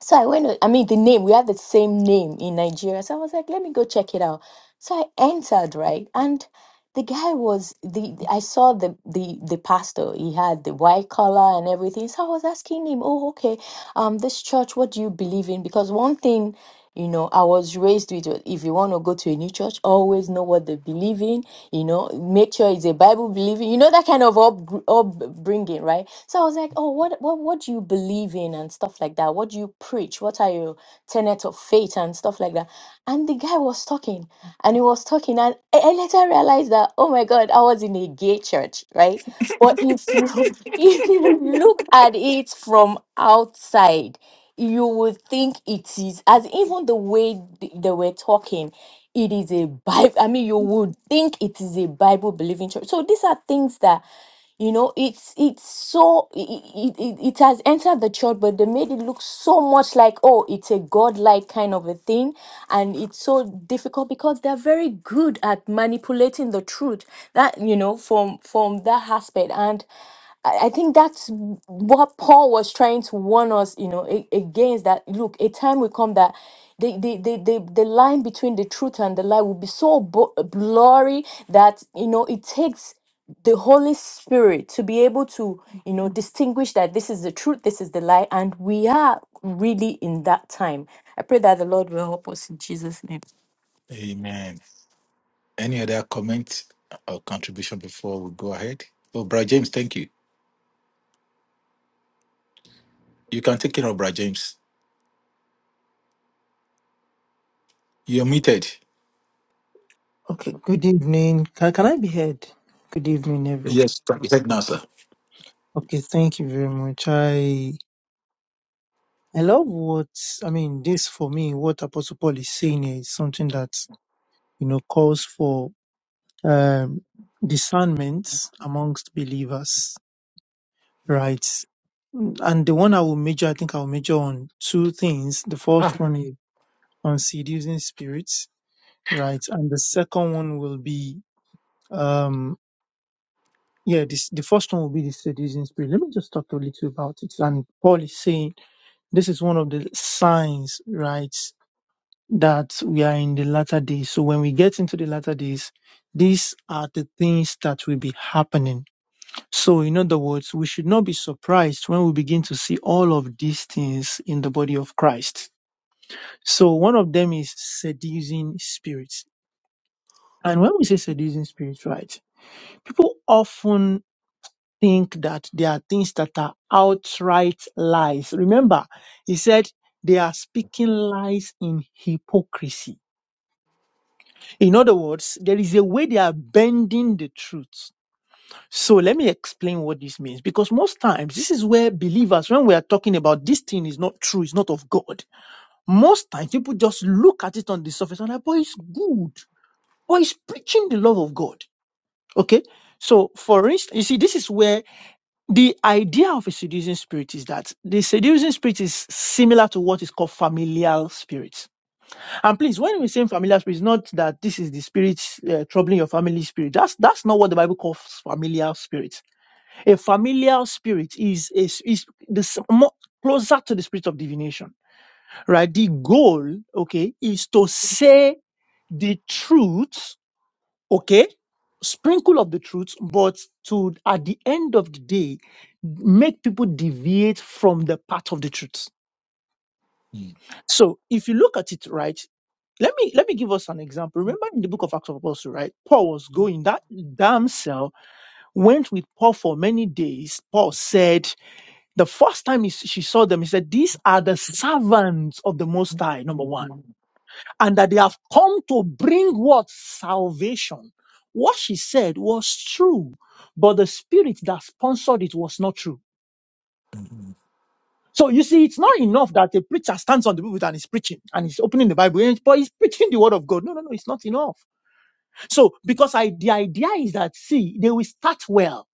C: So I went, to- I mean, the name, we had the same name in Nigeria. So I was like, let me go check it out. So I entered, right? And the guy was the the- I saw the the the pastor. He had the white collar and everything. So I was asking him, "Oh, okay, um, this church, what do you believe in?" Because one thing, you know, I was raised with, was if you want to go to a new church, always know what they believe in. You know, make sure it's a Bible believing. You know that kind of up upbringing, right? So I was like, "Oh, what what what do you believe in and stuff like that? What do you preach? What are your tenets of faith and stuff like that?" And the guy was talking and he was talking. And I I later realized that, oh my God, I was in a gay church, right? But if you if you look at it from outside, you would think it is as even the way th- they were talking, it is a Bible. I mean, you would think it is a Bible believing church. So these are things that you know it's it's so it, it, it it has entered the church but they made it look so much like oh it's a godlike kind of a thing and it's so difficult because they're very good at manipulating the truth that you know from from that aspect and I I think that's w- what Paul was trying to warn us, you know, a- against that. Look, a time will come that the, the, the, the, the line between the truth and the lie will be so bo- blurry that, you know, it takes the Holy Spirit to be able to, you know, distinguish that this is the truth, this is the lie, and we are really in that time. I pray that the Lord will help us in Jesus' name.
B: Amen. Any other comment or contribution before we go ahead? Oh, Brother James, thank you. You can take care of, Brad James. You're muted.
F: Okay, good evening. Can, can I be heard? Good evening, everyone.
B: Yes, thank you. Take now, sir.
F: Okay, thank you very much. I I love what I mean. This for me, what Apostle Paul is saying here is something that you know calls for um, discernment amongst believers, right? And the one I will major, I think I will major on two things. The
B: Ah.
F: first one is on seducing spirits, right? And the second one will be um, Yeah, this the first one will be the seducing spirit. Let me just talk a little about it. And Paul is saying this is one of the signs, right, that we are in the latter days. So when we get into the latter days, these are the things that will be happening. So in other words, we should not be surprised when we begin to see all of these things in the body of Christ. So one of them is seducing spirits. And when we say seducing spirits, right, people often think that there are things that are outright lies. Remember, he said they are speaking lies in hypocrisy. In other words, there is a way they are bending the truth. So let me explain what this means because most times this is where believers, when we are talking about this thing is not true, it's not of God, most times people just look at it on the surface and like, boy, it's good. Boy, it's preaching the love of God. Okay. So for instance, you see, this is where the idea of a seducing spirit is that the seducing spirit is similar to what is called familial spirit. And please, when we say familial spirit, it's not that this is the spirit uh, troubling your family spirit. That's that's not what the Bible calls familial spirit. A familial spirit is is, is the s- more closer to the spirit of divination, right? The goal, okay, is to say the truth okay sprinkle of the truth but to at the end of the day make people deviate from the path of the truth
B: Mm,
F: so if you look at it right let me let me give us an example remember in the book of acts of apostles right paul was going that damn cell went with paul for many days paul said the first time he, she saw them he said these are the servants of the most high number
B: mm,
F: one
B: mm,
F: and that they have come to bring what? Salvation. What she said was true, but the spirit that sponsored it was not true.
B: mm,
F: So you see, it's not enough that a preacher stands on the pulpit and is preaching and he's opening the Bible, and- but he's preaching the word of God. No, no, no, it's not enough. So because I, the idea is that see, they will start well.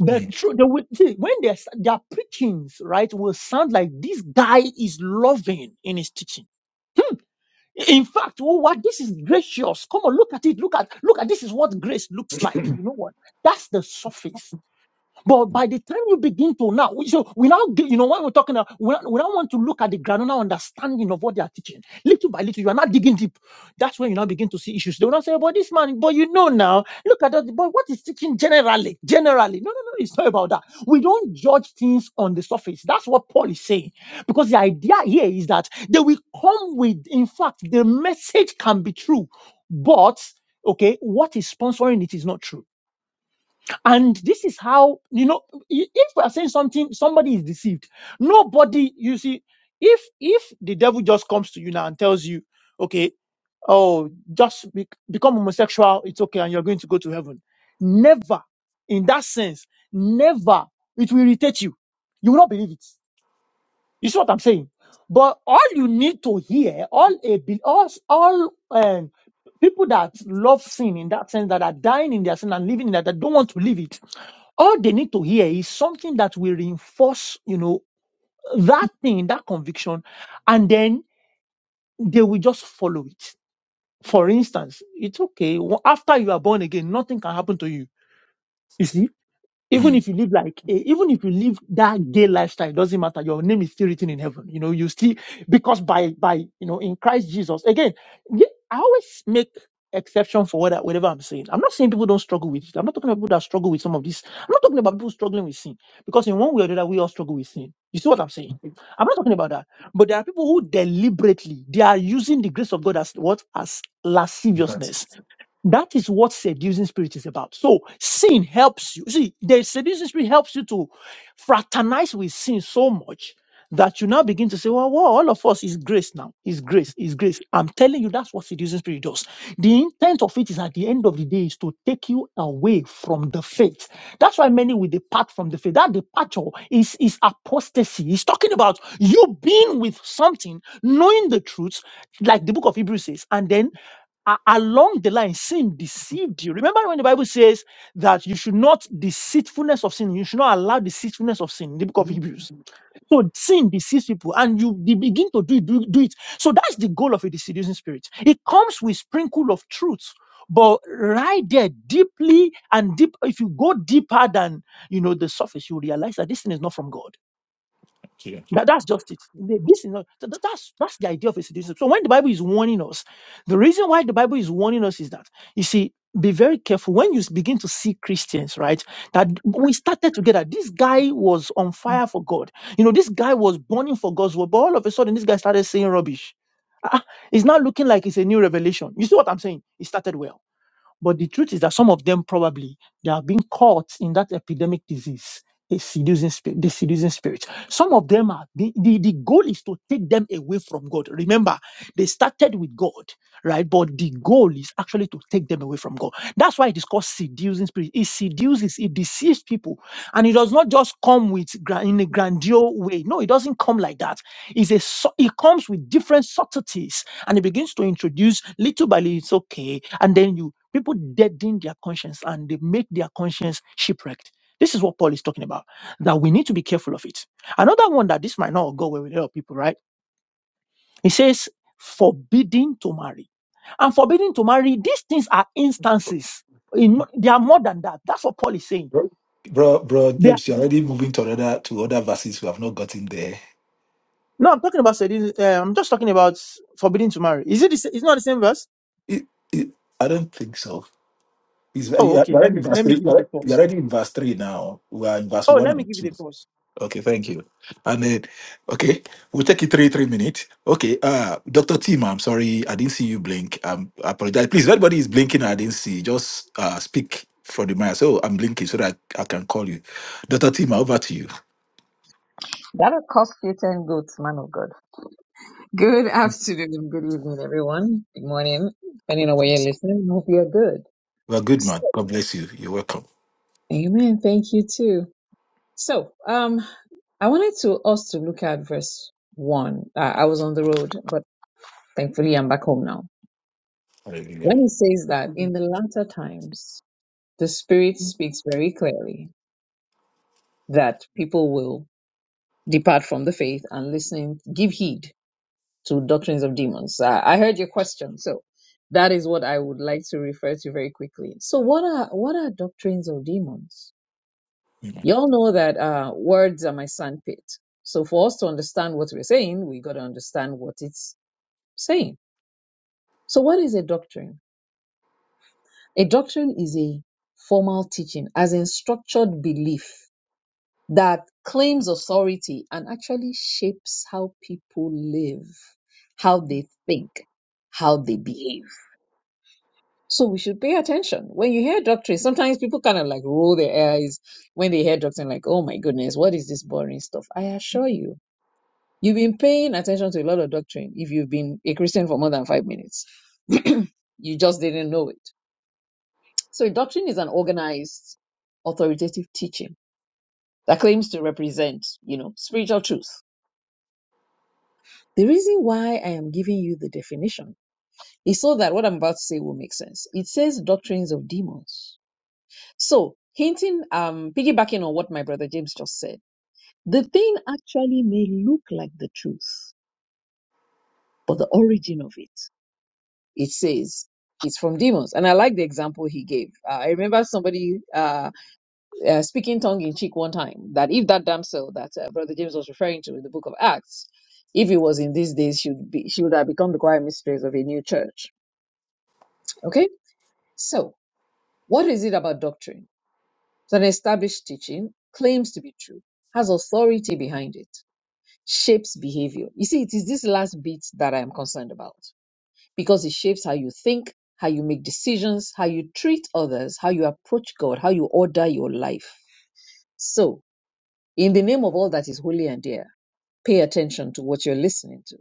F: The truth, they will, see, when their their preachings, right, will sound like this guy is loving in his teaching In fact, oh, what this is gracious. Come on, look at it. Look at look at this is what grace looks like. You know what? That's the surface. But by the time you begin to now, so we now, get- you know, when we're talking, about, we, now- we now want to look at the granular understanding of what they are teaching. Little by little, you are not digging deep. That's when you now begin to see issues. They will not say, but this man, but you know now, look at that, but what is teaching generally? Generally. No, no, no, it's not about that. We don't judge things on the surface. That's what Paul is saying. Because the idea here is that they will come with, in fact, the message can be true, but, okay, what is sponsoring it is not true. And this is how, you know, i- if we are saying something, somebody is deceived. Nobody, you see, if, if the devil just comes to you now and tells you, okay, oh, just be, become homosexual, it's okay, and you're going to go to heaven. Never, in that sense, never, it will irritate you. You will not believe it. You see what I'm saying? But all you need to hear, all, a, be- all, all, um, people that love sin in that sense, that are dying in their sin and living in that, that don't want to leave it, all they need to hear is something that will reinforce, you know, that thing, that conviction, and then they will just follow it. For instance, it's okay. wo- After you are born again, nothing can happen to you. You see? even
B: mm.
F: if you live like a, even if you live that gay lifestyle, it doesn't matter. Your name is still written in heaven. You know, you still because by by you know in Christ Jesus again. ye- I always make exception for whatever, whatever I'm saying. I'm not saying people don't struggle with it. I'm not talking about people that struggle with some of this. I'm not talking about people struggling with sin because in one way or the other we all struggle with sin. You see what I'm saying? I'm not talking about that. But there are people who deliberately they are using the grace of God as what as
B: You can
F: lasciviousness that is what seducing spirit is about. So sin helps you. See, the seducing spirit helps you to fraternize with sin so much that you now begin to say, well, well, all of us is grace now. Is grace, is grace. I'm telling you, that's what seducing spirit does. The intent of it is at the end of the day is to take you away from the faith. That's why many will depart from the faith. That departure is, is apostasy. He's talking about you being with something, knowing the truth, like the book of Hebrews says, and then a- along the line, sin deceived you. Remember when the Bible says that you should not deceitfulness of sin, you should not allow deceitfulness of sin in the book of Hebrews. So sin deceives people, and you they begin to do, do, do it. So that's the goal of a seducing spirit. It comes with sprinkle of truth, but right there, deeply and deep, if you go deeper than you know the surface, you realize that this thing is not from God.
B: take it.
F: That, that's just it. The- This is not, th- th- that's, that's the idea of a situation. So when the Bible is warning us, the reason why the Bible is warning us is that, you see, be very careful when you s- begin to see Christians, right? That we started together. This guy was on fire for God. You know, this guy was burning for God's word, but all of a sudden this guy started saying rubbish. Ah, ah, It's not looking like it's a new revelation. You see what I'm saying? It started well. But the truth is that some of them probably they have been caught in that epidemic disease, a seducing spirit, the seducing spirit. Some of them are the, the, the goal is to take them away from God. Remember, they started with God, right? But the goal is actually to take them away from God. That's why it is called seducing spirit. It seduces, it deceives people, and it does not just come with gra- in a grandiose way. No, it doesn't come like that. It's a su- it comes with different subtleties and he begins to introduce little by little, it's okay. And then you people deaden their conscience and they make their conscience shipwrecked. This is what Paul is talking about, that we need to be careful of it. Another one that this might not go well with a lot of people, right? He says, forbidding to marry. And forbidding to marry, these things are instances. In, they are more than that. That's what Paul is saying.
B: Bro, bro, bro,
F: They are,
B: James, you're already moving to other to other verses we have not gotten there.
F: no, I'm talking about, sedi- uh, I'm just talking about forbidding to marry. Is it the, sa- it's not the same verse?
B: It, it, I don't think so. It's,
F: Oh,
B: you're
F: okay. Let
B: already in
F: me,
B: verse
F: let me
B: 3
F: give it a
B: you're
F: pause.
B: already in verse three now. We are in verse
F: Oh,
B: one
F: let me
B: and
F: give it
B: two.
F: a pause.
B: Okay, thank you. And then, okay, we'll take it three, three minutes. Okay, uh, Dr. Tim, I'm sorry, I didn't see you blink. Um, I apologize. Please, if anybody is blinking, and I didn't see. Just uh, speak for the mic. So I'm blinking so that I, I can call you. Dr. Tim, over to you.
D: That'll cost you 10 goats, man of God. Good afternoon, good evening, everyone. Good morning, depending on where you're listening. Hope you're good.
B: Well, good man. God bless you. You're welcome.
D: Amen. Thank you too. So, um, I wanted to us to look at verse one. Uh, I was on the road, but thankfully I'm back home now.
B: Hallelujah.
D: When it says that in the latter times, the Spirit speaks very clearly that people will depart from the faith and listening, give heed to doctrines of demons. Uh, I heard your question, so that is what I would like to refer to very quickly. So, what are what are doctrines of demons?
B: Mm.
D: Y'all know that uh, words are my sandpit. So, for us to understand what we're saying, we got to understand what it's saying. So, what is a doctrine? A doctrine is a formal teaching, as in structured belief that claims authority and actually shapes how people live, how they think, how they behave. So we should pay attention. When you hear doctrine, sometimes people kind of like roll their eyes when they hear doctrine, like, oh my goodness, what is this boring stuff? I assure you, you've been paying attention to a lot of doctrine if you've been a Christian for more than five minutes. you just didn't know it. So doctrine is an organized, authoritative teaching that claims to represent, you know, spiritual truth. The reason why I am giving you the definition is so that what I'm about to say will make sense. It says doctrines of demons So, hinting, um, piggybacking on what my brother James just said, the thing actually may look like the truth, but the origin of it, it says, it's from demons. And I like the example he gave. Uh, I remember somebody uh, uh, speaking tongue in cheek one time that if that damsel that uh, brother James was referring to in the book of Acts, if it was in these days, she would be she would have become the choir mistress of a new church. Okay, so what is it about doctrine? So an established teaching claims to be true, has authority behind it, shapes behavior. You see, it is this last bit that I am concerned about because it shapes how you think, how you make decisions, how you treat others, how you approach God, how you order your life. So, in the name of all that is holy and dear, pay attention to what you're listening to.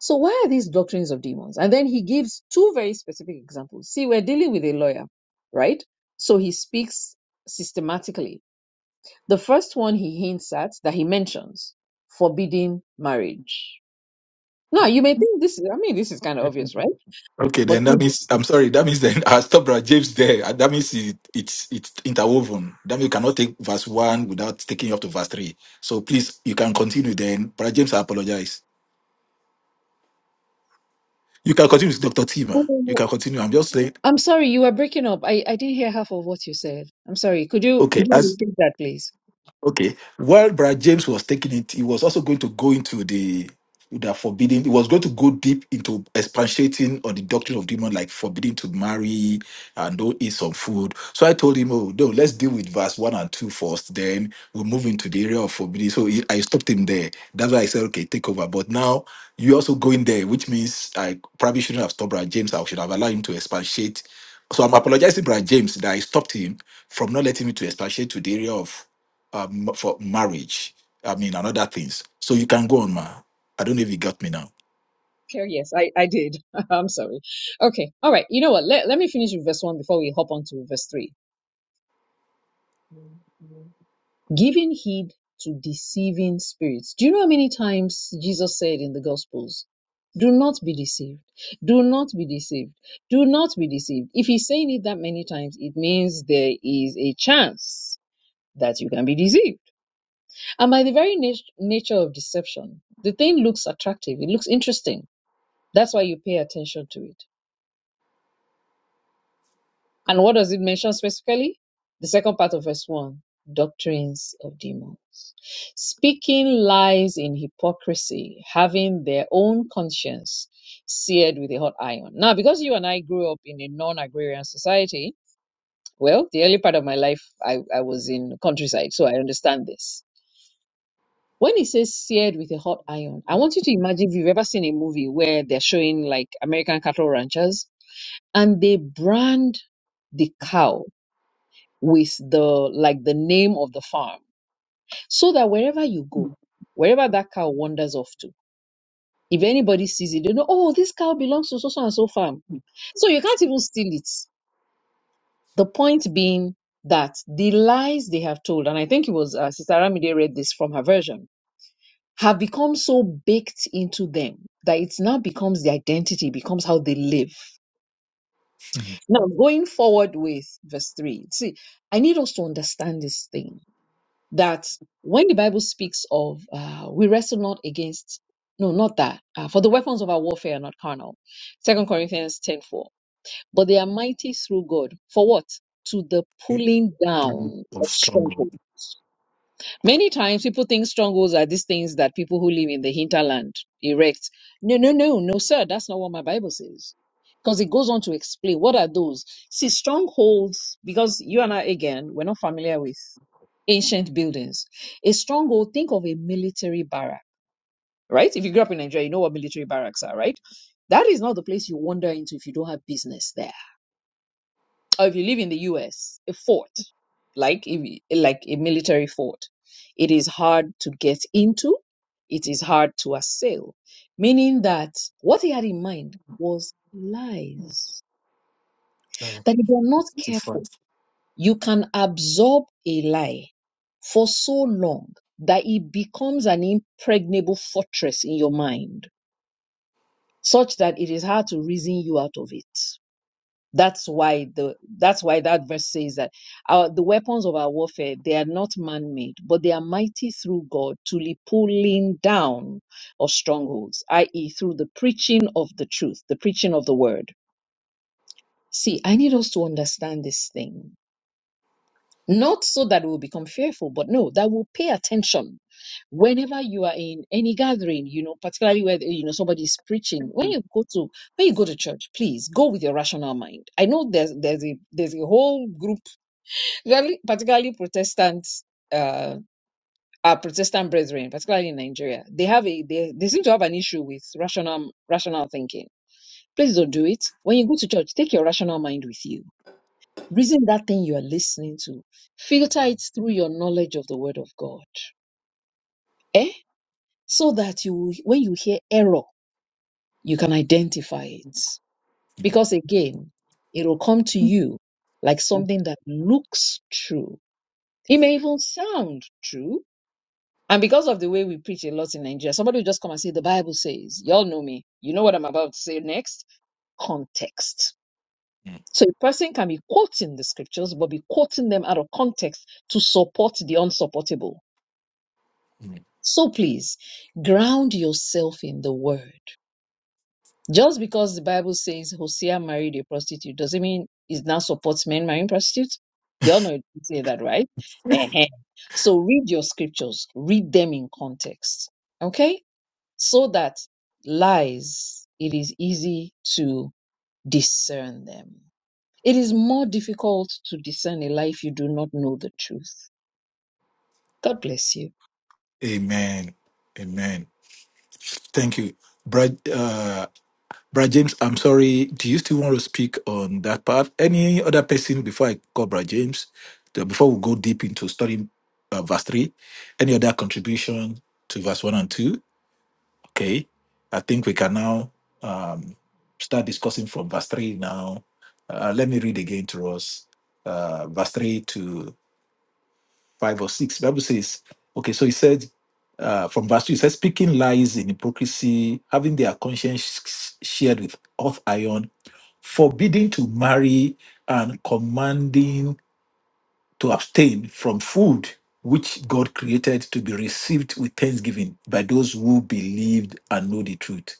D: So, why are these doctrines of demons? And then he gives two very specific examples. See, we're dealing with a lawyer, right? So he speaks systematically The first one he hints at that he mentions, forbidding marriage. Now, you may think this is, I mean, this is kind of obvious, right?
B: Okay,
D: But
B: then that
D: is
B: means
D: it?
B: I'm sorry. That means then I stopped at James there. and That means it, it's it's interwoven. That means you cannot take verse one without taking you up to verse three. So please, you can continue. Then, Brother James, I apologize. You can continue with Dr. Tima. You
D: Oh,
B: can continue. I'm just saying,
D: I'm sorry, you were breaking up. I, I didn't hear half of what you said. I'm sorry. Could you could
B: okay,
D: you
B: as
D: repeat that, please?
B: Okay. While Brad James was taking it, he was also going to go into the the forbidden. He was going to go deep into expatiating on the doctrine of demon, like forbidding to marry and don't eat some food. So I told him, oh no, let's deal with verse one and two first. Then we'll move into the area of forbidding. So he, I stopped him there. That's why I said, okay, take over. But now you also going there, which means I probably shouldn't have stopped Brad James. I should have allowed him to expatiate. So I'm apologizing, Brad James, that I stopped him from not letting me to expatiate to the area of um, for marriage. I mean, and other things. So you can go on, ma. I don't know if you got me now.
D: Okay, yes, I, I did. I'm sorry. Okay, all right. You know what? Let, let me finish with verse 1 before we hop on to verse 3. Giving heed to deceiving spirits. Do you know how many times Jesus said in the Gospels, Do not be deceived. Do not be deceived. Do not be deceived. If he's saying it that many times, it means there is a chance that you can be deceived. And by the very nat- nature of deception, the thing looks attractive. It looks interesting. That's why you pay attention to it. And what does it mention specifically? The second part of verse 1 doctrines of demons. Speaking lies in hypocrisy, having their own conscience seared with a hot iron. Now, because you and I grew up in a non agrarian society, well, the early part of my life, I, I was in countryside, so I understand this. When it says seared with a hot iron, I want you to imagine if you've ever seen a movie where they're showing like American cattle ranchers and they brand the cow with the like the name of the farm so that wherever you go wherever that cow wanders off to if anybody sees it they know oh this cow belongs to so so and so farm so you can't even steal it the point being that the lies they have told and i think it was uh, sister ramide read this from her version have become so baked into them that it now becomes the identity becomes how they live now going forward with verse 3 see i need us to understand this thing that when the Bible speaks of uh, we wrestle not against no not that uh, for the weapons of our warfare are not carnal. Second Corinthians ten four, but they are mighty through God for what to the
B: Mm,
D: pulling
B: thank you.
D: down
B: Of
D: of
B: strong.
D: strongholds Many times people think strongholds are these things that people who live in the hinterland erect. No, no, no, no, sir. That's not what my Bible says. Because it goes on to explain what are those. See, strongholds, because you and I, again, we're not familiar with ancient buildings. A stronghold, think of a military barrack, right? If you grew up in Nigeria, you know what military barracks are, right? That is not the place you wander into if you don't have business there or if you live in the US, a fort, like if, like a military fort, it is hard to get into, it is hard to assail, meaning that what he had in mind was lies. That if you're not careful, you can absorb a lie for so long that it becomes an impregnable fortress in your mind, such that it is hard to reason you out of it. That's why the that's why that verse says that our, the weapons of our warfare they are not man-made, but they are mighty through God to the pulling down of strongholds, i.e., through the preaching of the truth, the preaching of the word. See, I need us to understand this thing not so that we'll become fearful, but no, that we'll pay attention. Whenever you are in any gathering, you know, particularly where you know somebody is preaching, when you go to when you go to church, please go with your rational mind. I know there's there's a there's a whole group, really, particularly Protestants, uh, our Protestant brethren, particularly in Nigeria, they have a they, they seem to have an issue with rational rational thinking. Please don't do it. When you go to church, take your rational mind with you Reason that thing you are listening to, filter it through your knowledge of the Word of God. Eh? So that you, when you hear error, you can identify it. Because again, it will come to you like something that looks true. It may even sound true. And because of the way we preach a lot in Nigeria, somebody will just come and say, The Bible says, y'all know me. You know what I'm about to say next? Context. So a person can be quoting the scriptures, but be quoting them out of context to support the unsupportable. So please ground yourself in the word. Just because the Bible says Hosea married a prostitute doesn't mean it now supports men marrying prostitutes. Y'all know it doesn't say that, right? Ehen. So read your scriptures, read them in context. Okay? So that lies, it is easy to discern them. It is more difficult to discern a lie if you do not know the truth. God bless you.
B: Amen. Amen. Thank you, Brad. Brad James, I'm sorry. Do you still want to speak on that part? Any other person before I call Brad James? the- Before we go deep into studying uh, verse three, any other contribution to verse one and two? Okay, I think we can now um, start discussing from verse three now. Uh, let me read again to us, uh, verse three to 5 or 6. Bible says, okay, so he said, uh, from verse 2, he says, speaking lies in hypocrisy, having their conscience shared with hot iron, forbidding to marry, and commanding to abstain from food which God created to be received with thanksgiving by those who believed and know the truth.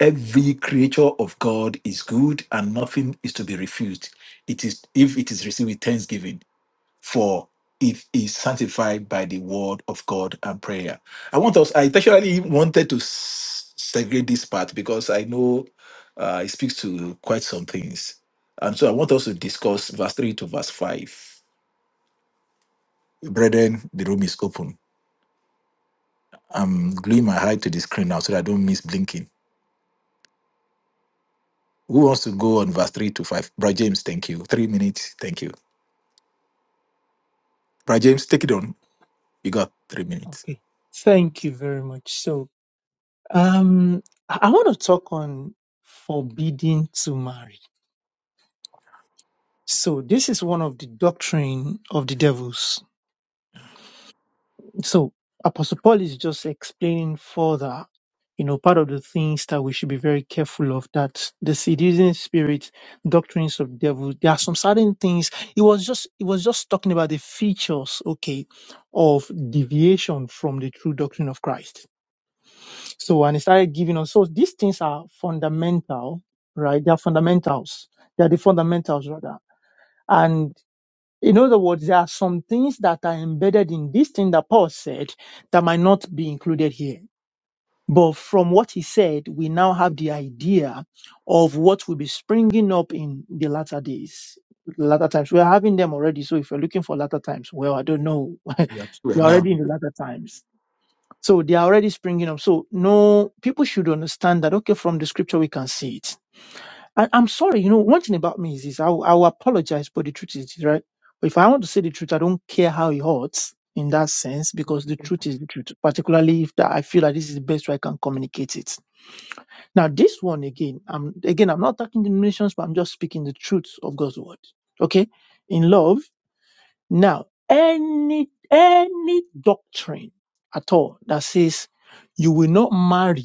B: Every creature of God is good and nothing is to be refused. It is if it is received with thanksgiving for it is sanctified by the word of God and prayer. I want us, I actually wanted to s- segregate this part because I know uh, it speaks to quite some things. And so I want us to discuss verse 3 to verse 5. Brethren, the room is open. I'm gluing my eye to the screen now so that I don't miss blinking. Who wants to go on verse 3 to 5? Brother James, thank you. Three minutes, thank you. Brother James, take it on. You got three minutes.
F: Okay. Thank you very much. So, um, I want to talk on forbidding to marry. So, this is one of the doctrine of the devils. So, Apostle Paul is just explaining further, you know, part of the things that we should be very careful of that the seducing spirit, doctrines of devil, there are some certain things. It was just, it was just talking about the features, okay, of deviation from the true doctrine of Christ So, and he started giving us. So, these things are fundamental, right? They are fundamentals. They are the fundamentals, rather. And in other words, there are some things that are embedded in this thing that Paul said that might not be included here. But from what he said, we now have the idea of what will be springing up in the latter days, latter times. We're having them already. So if you're looking for latter times, well, I don't know.
B: Yeah, sure.
F: We're
B: Now,
F: already in the latter times. So they are already springing up. So no, people should understand that. Okay, from the scripture we can see it. And I'm sorry, you know, one thing about me is this: I, will- I will apologize, but the truth is right. If I want to say the truth, I don't care how it hurts in that sense because the truth is the truth. Particularly if that I feel that this is the best way I can communicate it. Now, this one again, I'm again, I'm not attacking the nations, but I'm just speaking the truth of God's word. Okay, in love. Now, any any doctrine at all that says you will not marry,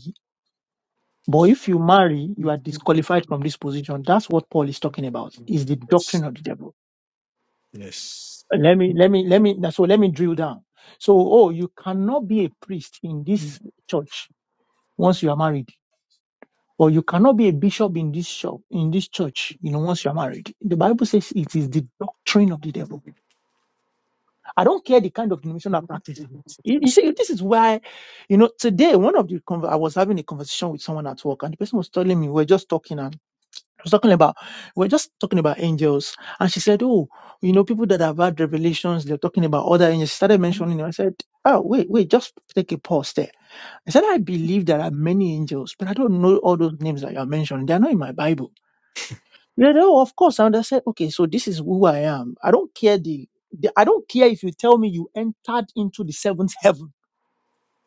F: but if you marry, you are disqualified from this position. That's what Paul is talking about. Is the
B: yes.
F: doctrine of the devil.
B: Yes.
F: Let me let me let me so let me drill down. So, oh, you cannot be a priest in this church once you are married. Or you cannot be a bishop in this shop, in this church, you know, once you are married. The Bible says it is the doctrine of the devil. I don't care the kind of denomination that practices it. You, you see, this is why, you know, today one of the conver- I was having a conversation with someone at work, and the person was telling me we we're just talking and I was talking about we we're just talking about angels, and she said, "Oh, you know, people that have had revelations, they're talking about other angels." She started mentioning them. I said, "Oh, wait, wait, just take a pause there." I said, "I believe there are many angels, but I don't know all those names that you're mentioning. They're not in my Bible." You know, of course, And I understand. Okay, so this is who I am. I don't care the, the I don't care if you tell me you entered into the seventh heaven,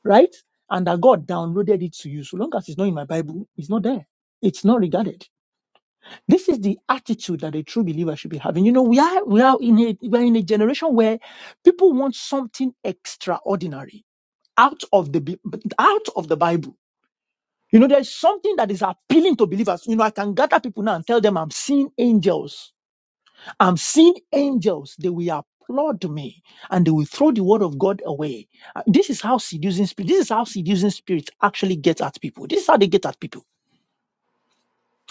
F: right? And that God downloaded it to you. So long as it's not in my Bible, it's not there. It's not regarded. This is the attitude that a true believer should be having. You know, we are we are in a we are in a generation where people want something extraordinary out of the Bi- out of the Bible. You know, there's something that is appealing to believers. You know, I can gather people now and tell them I'm seeing angels I'm seeing angels, they will applaud me and they will throw the word of God away. Uh, This is how seducing spirit, this is how seducing spirits actually get at people. This is how they get at people.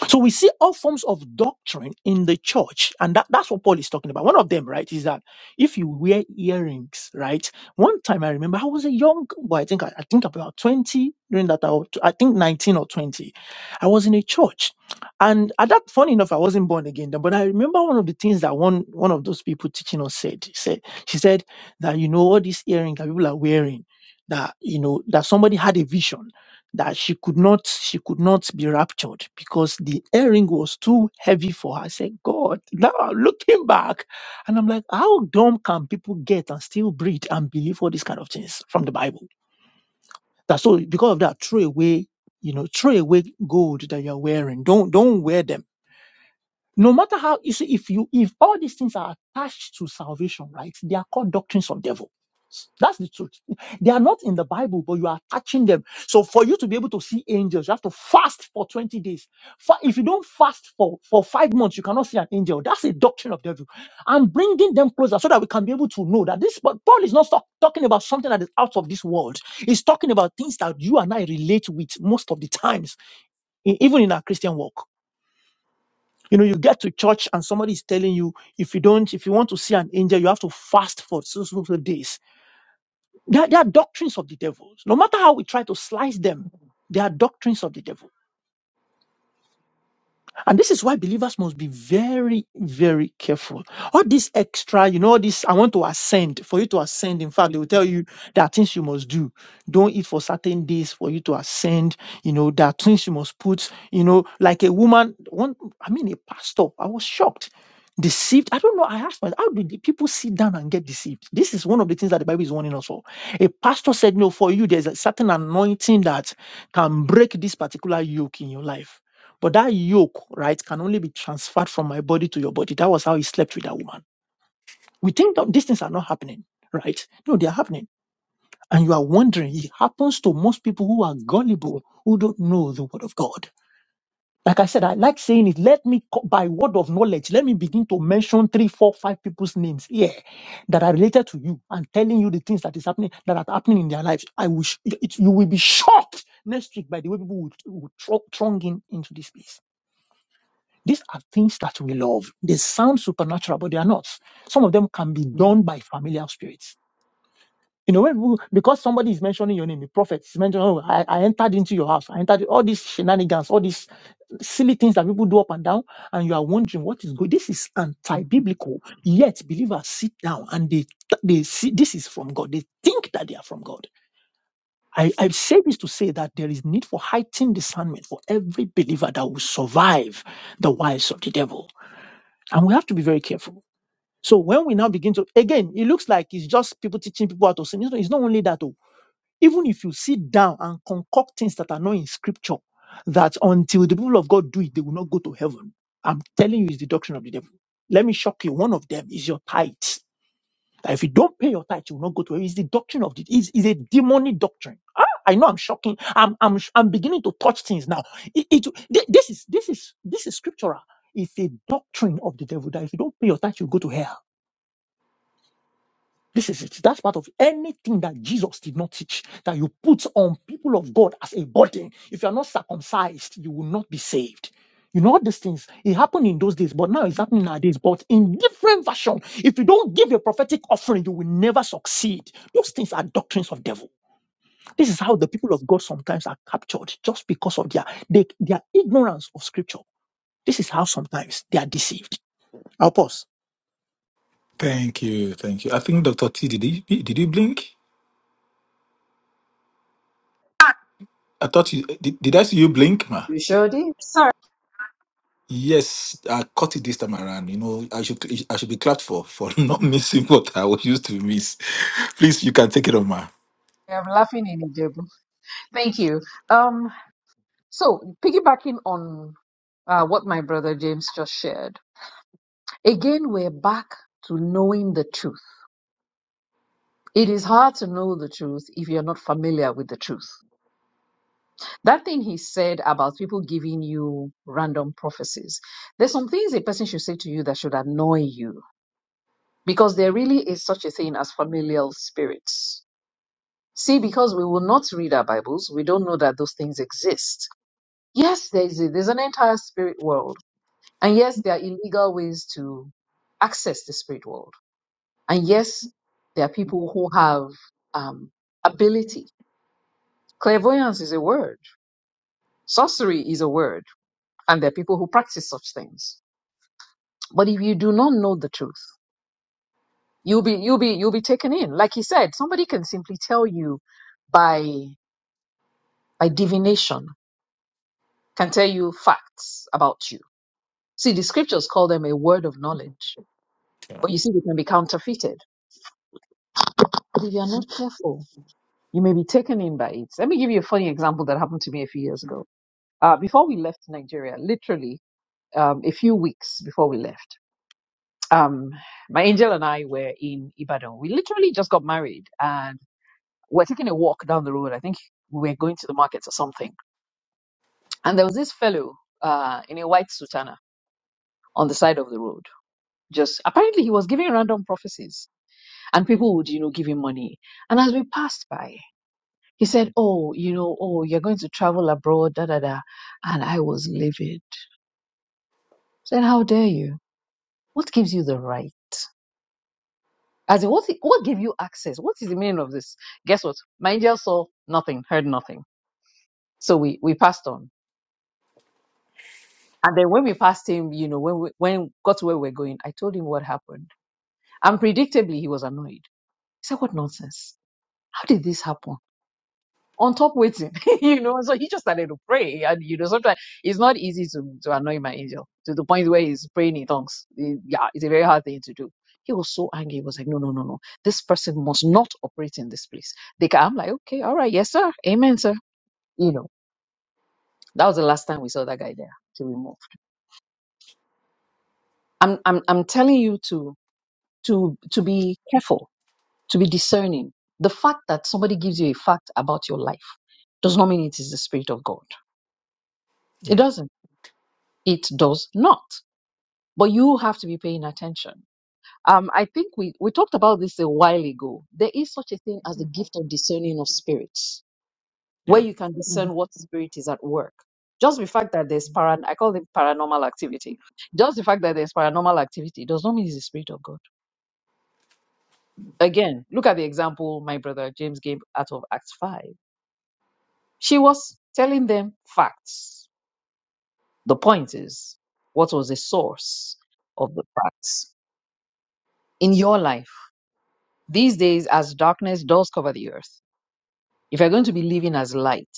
F: So we see all forms of doctrine in the church, and that, that's what Paul is talking about. One of them, right, is that if you wear earrings, right? One time I remember I was a young boy, I think I, I think about 20 during that hour, I think 19 or 20. I was in a church. And at that funny enough, I wasn't born again then, but I remember one of the things that one one of those people teaching us said. She said, she said that you know all these earrings that people are wearing, that you know, that somebody had a vision that she could not she could not be raptured because the earring was too heavy for her. I said, God, now I'm looking back, and I'm like, how dumb can people get and still breathe and believe all these kind of things from the Bible? That's so because of that, throw away, you know, throw away gold that you're wearing. Don't don't wear them no matter how you see, if you if all these things are attached to salvation, right? They are called doctrines of devil. That's the truth. They are not in the Bible, but you are attaching them. So for you to be able to see angels, you have to fast for 20 days. Fa- If you don't fast for, for five months, you cannot see an angel. That's a doctrine of devil. I'm bringing them closer so that we can be able to know that this, but Paul is not stop- talking about something that is out of this world. He's talking about things that you and I relate with most of the times, e- even in our Christian walk. You know, you get to church and somebody is telling you, if you don't, if you want to see an angel, you have to fast for so so so days. They are, they are doctrines of the devil. No matter how we try to slice them, they are doctrines of the devil. And this is why believers must be very, very careful. All this extra, you know, all this I want to ascend. For you to ascend, in fact, they will tell you there are things you must do. Don't eat for certain days for you to ascend. You know, there are things you must put, you know, like a woman, one I mean a pastor. I was shocked. Deceived. I don't know. I asked myself, how do the people sit down and get deceived? This is one of the things that the Bible is warning us for. A pastor said, No, for you, there's a certain anointing that can break this particular yoke in your life but that yoke, right, can only be transferred from my body to your body. That was how he slept with that woman. We think that these things are not happening, right? No, they are happening. And you are wondering, it happens to most people who are gullible, who don't know the word of God. Like I said, I like saying it. Let me, co- by word of knowledge, let me begin to mention three, four, five people's names here that are related to you and telling you the things that is happening, that are happening in their lives. I wish it, it- you will be shocked next week by the way people will, will throng throng in into this place. These are things that we love. They sound supernatural, but they are not. Some of them can be done by familiar spirits. You know, when people, because somebody is mentioning your name, the prophet is mentioning, oh, I, I entered into your house. I entered all these shenanigans, all these silly things that people do up and down, and you are wondering what is good. This is anti-biblical. Yet believers sit down and they they see this is from God. They think that they are from God. I, I say this to say that there is need for heightened discernment for every believer that will survive the wiles of the devil. And we have to be very careful. So when we now begin to, again, it looks like it's just people teaching people how to sin. It's not only that. oh. Even if you sit down and concoct things that are not in scripture, that until the people of God do it, they will not go to heaven. I'm telling you, it's the doctrine of the devil. Let me shock you. One of them is your tithe. That if you don't pay your tithe, you will not go to heaven. It's the doctrine of it. It's, it's a demonic doctrine. Ah, I know I'm shocking. I'm I'm I'm beginning to touch things now. It, it thi- this is this is this is scriptural. It's a doctrine of the devil that if you don't pay your tithe, you go to hell. This is it. That's part of anything that Jesus did not teach that you put on people of God as a burden. If you are not circumcised, you will not be saved. You know all these things. It happened in those days, but now it's happening nowadays, but in different version. If you don't give a prophetic offering, you will never succeed. Those things are doctrines of devil. This is how the people of God sometimes are captured just because of their they, their ignorance of scripture. This is how sometimes they are deceived. I'll pause.
B: Thank you, thank you. I think Doctor T, did he, did you blink? I thought you did. Did I see you blink, ma?
D: You sure did. Sorry,
B: Yes, I caught it this time around. You know, I should I should be clapped for for not missing what I was used to miss. Please, you can take it on, ma.
D: I'm laughing in Ijebu. Thank you. Um, so piggybacking on uh, what my brother James just shared, again, we're back to knowing the truth. It is hard to know the truth if you're not familiar with the truth. That thing he said about people giving you random prophecies, there's some things a person should say to you that should annoy you because there really is such a thing as familial spirits. See, because we will not read our Bibles, we don't know that those things exist. Yes, there is a, there's an entire spirit world, and yes, there are illegal ways to access the spirit world, and yes, there are people who have um, ability. Clairvoyance is a word, sorcery is a word, and there are people who practice such things. But if you do not know the truth, you'll be you'll be you'll be taken in. Like he said, somebody can simply tell you by by divination can tell you facts about you. See, the scriptures call them a word of knowledge,
B: Yeah.
D: but you see, they can be counterfeited. But if you're not careful, you may be taken in by it. Let me give you a funny example that happened to me a few years ago. Uh, before we left Nigeria, literally um, a few weeks before we left, um, my angel and I were in Ibadan. We literally just got married and we're taking a walk down the road. I think we were going to the markets or something. And there was this fellow uh, in a white sutana on the side of the road just apparently he was giving random prophecies and people would you know give him money and as we passed by he said oh you know oh you're going to travel abroad da da da and i was livid said how dare you what gives you the right as in, what, what gave you access what is the meaning of this guess what my angel saw nothing heard nothing so we we passed on and then when we passed him you know when we when we got to where we we're going i told him what happened and predictably he was annoyed he said what nonsense how did this happen on top waiting, you know. So he just started to pray, and you know, sometimes it's not easy to to annoy my angel to the point where he's praying in tongues. It- yeah, it's a very hard thing to do. He was so angry. He was like, "No, no, no, no! This person must not operate in this place." They ca I'm like, "Okay, all right, yes, sir, amen, sir." You know, that was the last time we saw that guy there till we moved. I'm, I'm, I'm telling you to to to be careful, to be discerning. The fact that somebody gives you a fact about your life does not mean it is the spirit of God. It
B: Mm,
D: doesn't it does not. But you have to be paying attention. Um, I think we, we talked about this a while ago. There is such a thing as the gift of discerning of spirits, where
B: yeah.
D: you can discern what spirit is at work. Just the fact that there's paran I call it paranormal activity. Just the fact that there's paranormal activity does not mean it's the spirit of God. Again, look at the example my brother James gave out of Acts 5. She was telling them facts. The point is, what was the source of the facts in your life? These days, as darkness does cover the earth, if you're going to be living as light,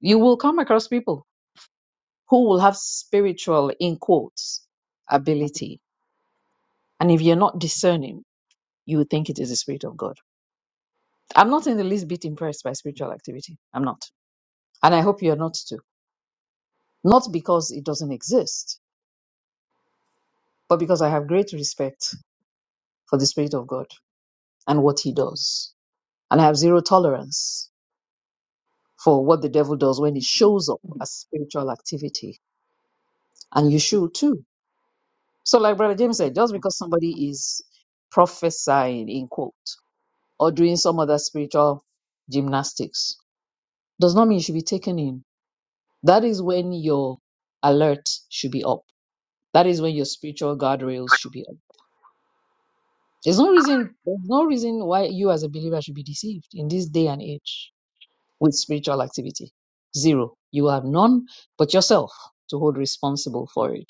D: you will come across people who will have spiritual, in quotes, ability. And if you're not discerning, you would think it is the Spirit of God. I'm not in the least bit impressed by spiritual activity. I'm not. And I hope you're not too. Not because it doesn't exist, but because I have great respect for the Spirit of God and what He does. And I have zero tolerance for what the devil does when it shows up as spiritual activity and you should too. So, like Brother James said, just because somebody is prophesying in quote or doing some other spiritual gymnastics does not mean you should be taken in. That is when your alert should be up. That is when your spiritual guardrails should be up. There's no reason there's no reason why you as a believer should be deceived in this day and age with spiritual activity. Zero. You have none but yourself to hold responsible for it.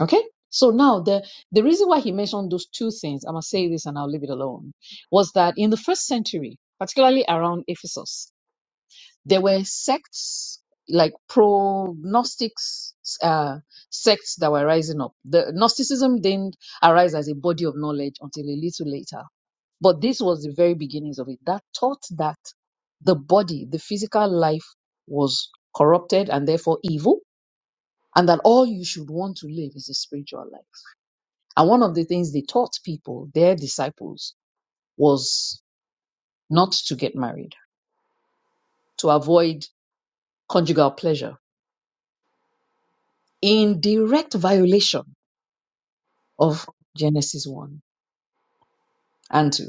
D: Okay. So now the, the reason why he mentioned those two things, I'm going to say this and I'll leave it alone, was that in the first century, particularly around Ephesus, there were sects like pro Gnostics uh, sects that were rising up. The Gnosticism didn't arise as a body of knowledge until a little later. But this was the very beginnings of it that taught that the body, the physical life was corrupted and therefore evil, and that all you should want to live is a spiritual life. And one of the things they taught people, their disciples, was not to get married, to avoid conjugal pleasure in direct violation of Genesis 1 and 2.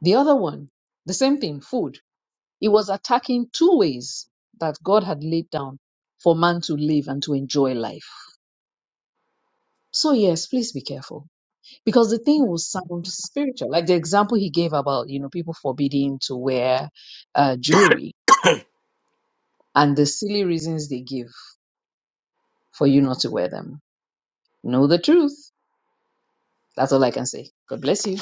D: The other one, the same thing, food. It was attacking two ways that God had laid down for man to live and to enjoy life. So yes, please be careful because the thing will sound spiritual. Like the example he gave about, you know, people forbidding to wear uh, jewelry and the silly reasons they give for you not to wear them. Know the truth. That's all I can say. God bless you.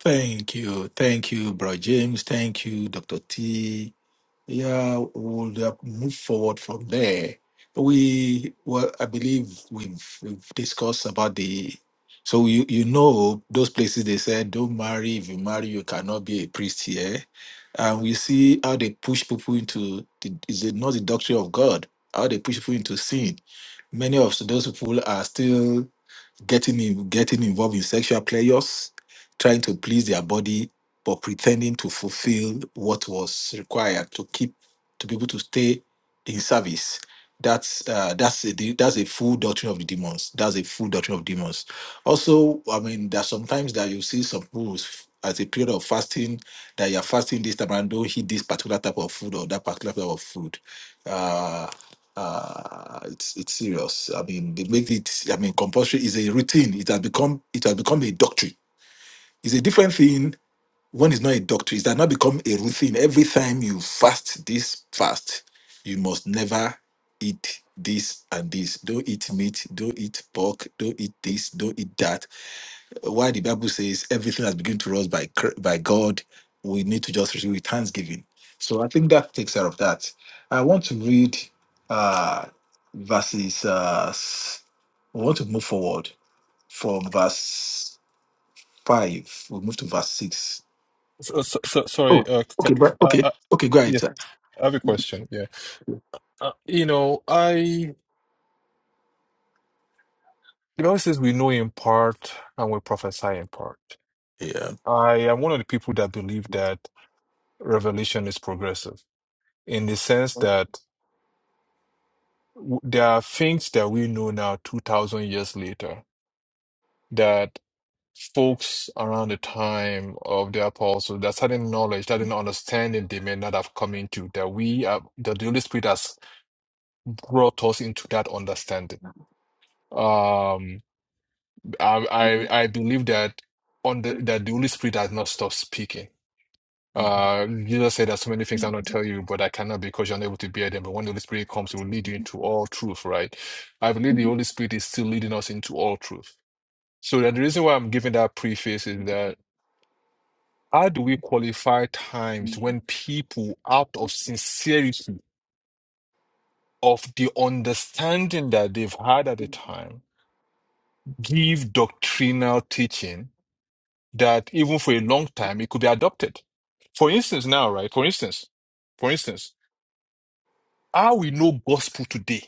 B: Thank you, thank you, bro James. Thank you, Doctor T. yeah, we'll uh, move forward from there. We well, I believe we've we've discussed about the. So you you know those places they said don't marry. If you marry, you cannot be a priest here, and we see how they push people into the, is it not the doctrine of God? How they push people into sin. Many of those people are still getting in, getting involved in sexual pleasures, trying to please their body, but pretending to fulfill what was required to keep to be able to stay in service. That's uh, that's a de- that's a full doctrine of the demons. That's a full doctrine of demons. Also, I mean, there's sometimes that you see some rules as a period of fasting that you're fasting this time and don't eat this particular type of food or that particular type of food. Uh, uh it's it's serious i mean they make it i mean compulsory is a routine it has become it has become a doctrine it's a different thing when it's not a doctrine it has not become a routine every time you fast this fast you must never eat this and this don't eat meat don't eat pork don't eat this don't eat that why the Bible says everything has been given to us by cr- by God, we need to just receive with thanksgiving. So I think that takes care of that. I want to read uh, verses. Uh, s- we want to move forward from verse five. We move to verse six.
E: So, so, so sorry, uh, c- c- uh,
B: Okay.
E: uh,
B: Okay. Go ahead.
E: yes,
B: Sir.
E: I have a question. Yeah, uh, you know, I the Bible says we know in part and we prophesy in part.
B: Yeah.
E: I am one of the people that believe that. revelation is progressive in the sense that w- there are things that we know now 2000 years later that folks around the time of the apostles that certain knowledge that certain understanding they may not have come into that we are that the holy spirit has brought us into that understanding um i i, I believe that on the, that the holy spirit has not stopped speaking
B: Mhm.
E: Uh, Jesus said, There's so many things I not tell you, but I cannot because you're unable to bear them. But when the Holy Spirit comes, He will lead you into all truth, right? I believe the Holy Spirit is still leading us into all truth. So that the reason why I'm giving that preface is that how do we qualify times when people, out of sincerity, of the understanding that they've had at the time, give doctrinal teaching that even for a long time it could be adopted? For instance, now, right? For instance, for instance. How we know gospel today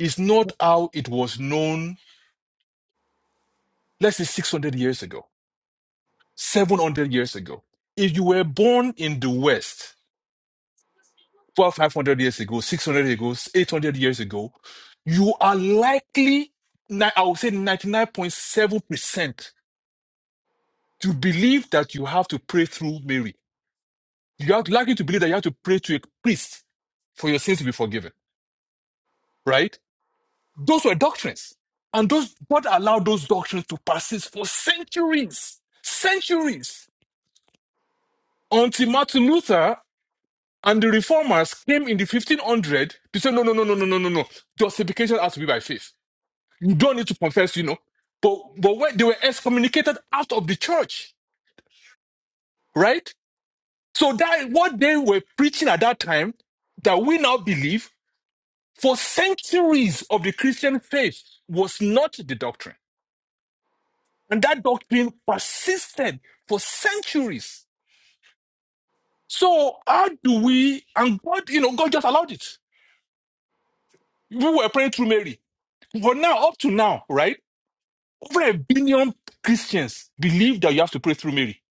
E: is not how it was known, let's say 600 years ago, 700 years ago. If you were born in the West 400, years ago, 600 years ago, 800 years ago, you are likely, ni- I would say 99.7% to believe that you have to pray through Mary. You are likely to believe that you have to pray to a priest for your sins to be forgiven, right? Those were doctrines. And those God allowed those doctrines to persist for centuries, centuries, until Martin Luther and the reformers came in the 1500 to say, no, no, no, no, no, no, no, no. Justification has to be by faith. You don't need to confess, you know. But but when they were excommunicated out of the church, right? So that what they were preaching at that time that we now believe for centuries of the Christian faith was not the doctrine And that doctrine persisted for centuries. So how do we, and God, you know, God just allowed it. We were praying through Mary. For now, up to now, right? Over a billion Christians believe that you have to pray through Mary.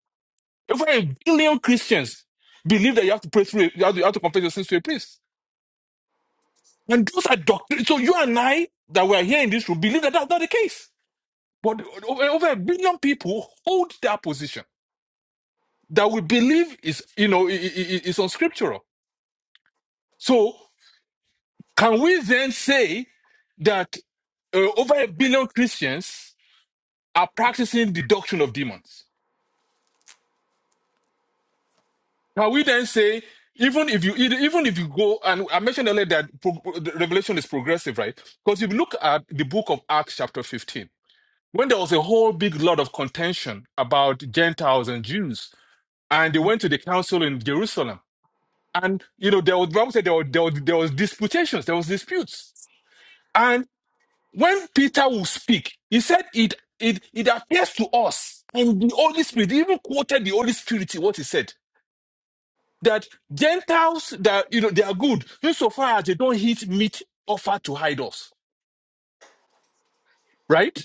E: Over a billion Christians believe that you have to pray through, you have to, you have to confess your sins to a priest. And those are doctrines. So you and I that were here in this room believe that that's not the case. But o- over a billion people hold that position that we believe is, you know, i- i- i- is unscriptural. So can we then say that uh, over a billion Christians are practicing the doctrine of demons? Can we then say even if you even if you go and I mentioned earlier that pro- the Revelation is progressive, right? Because if you look at the book of Acts, chapter fifteen, when there was a whole big lot of contention about Gentiles and Jews, and they went to the council in Jerusalem, and you know there was the Bible said there was, there was there was disputations, there was disputes. and. When Peter will speak, he said it it it appears to us and the Holy Spirit. He even quoted the Holy Spirit in what he said that Gentiles that you know they are good insofar as they don't eat meat offered to idols, right?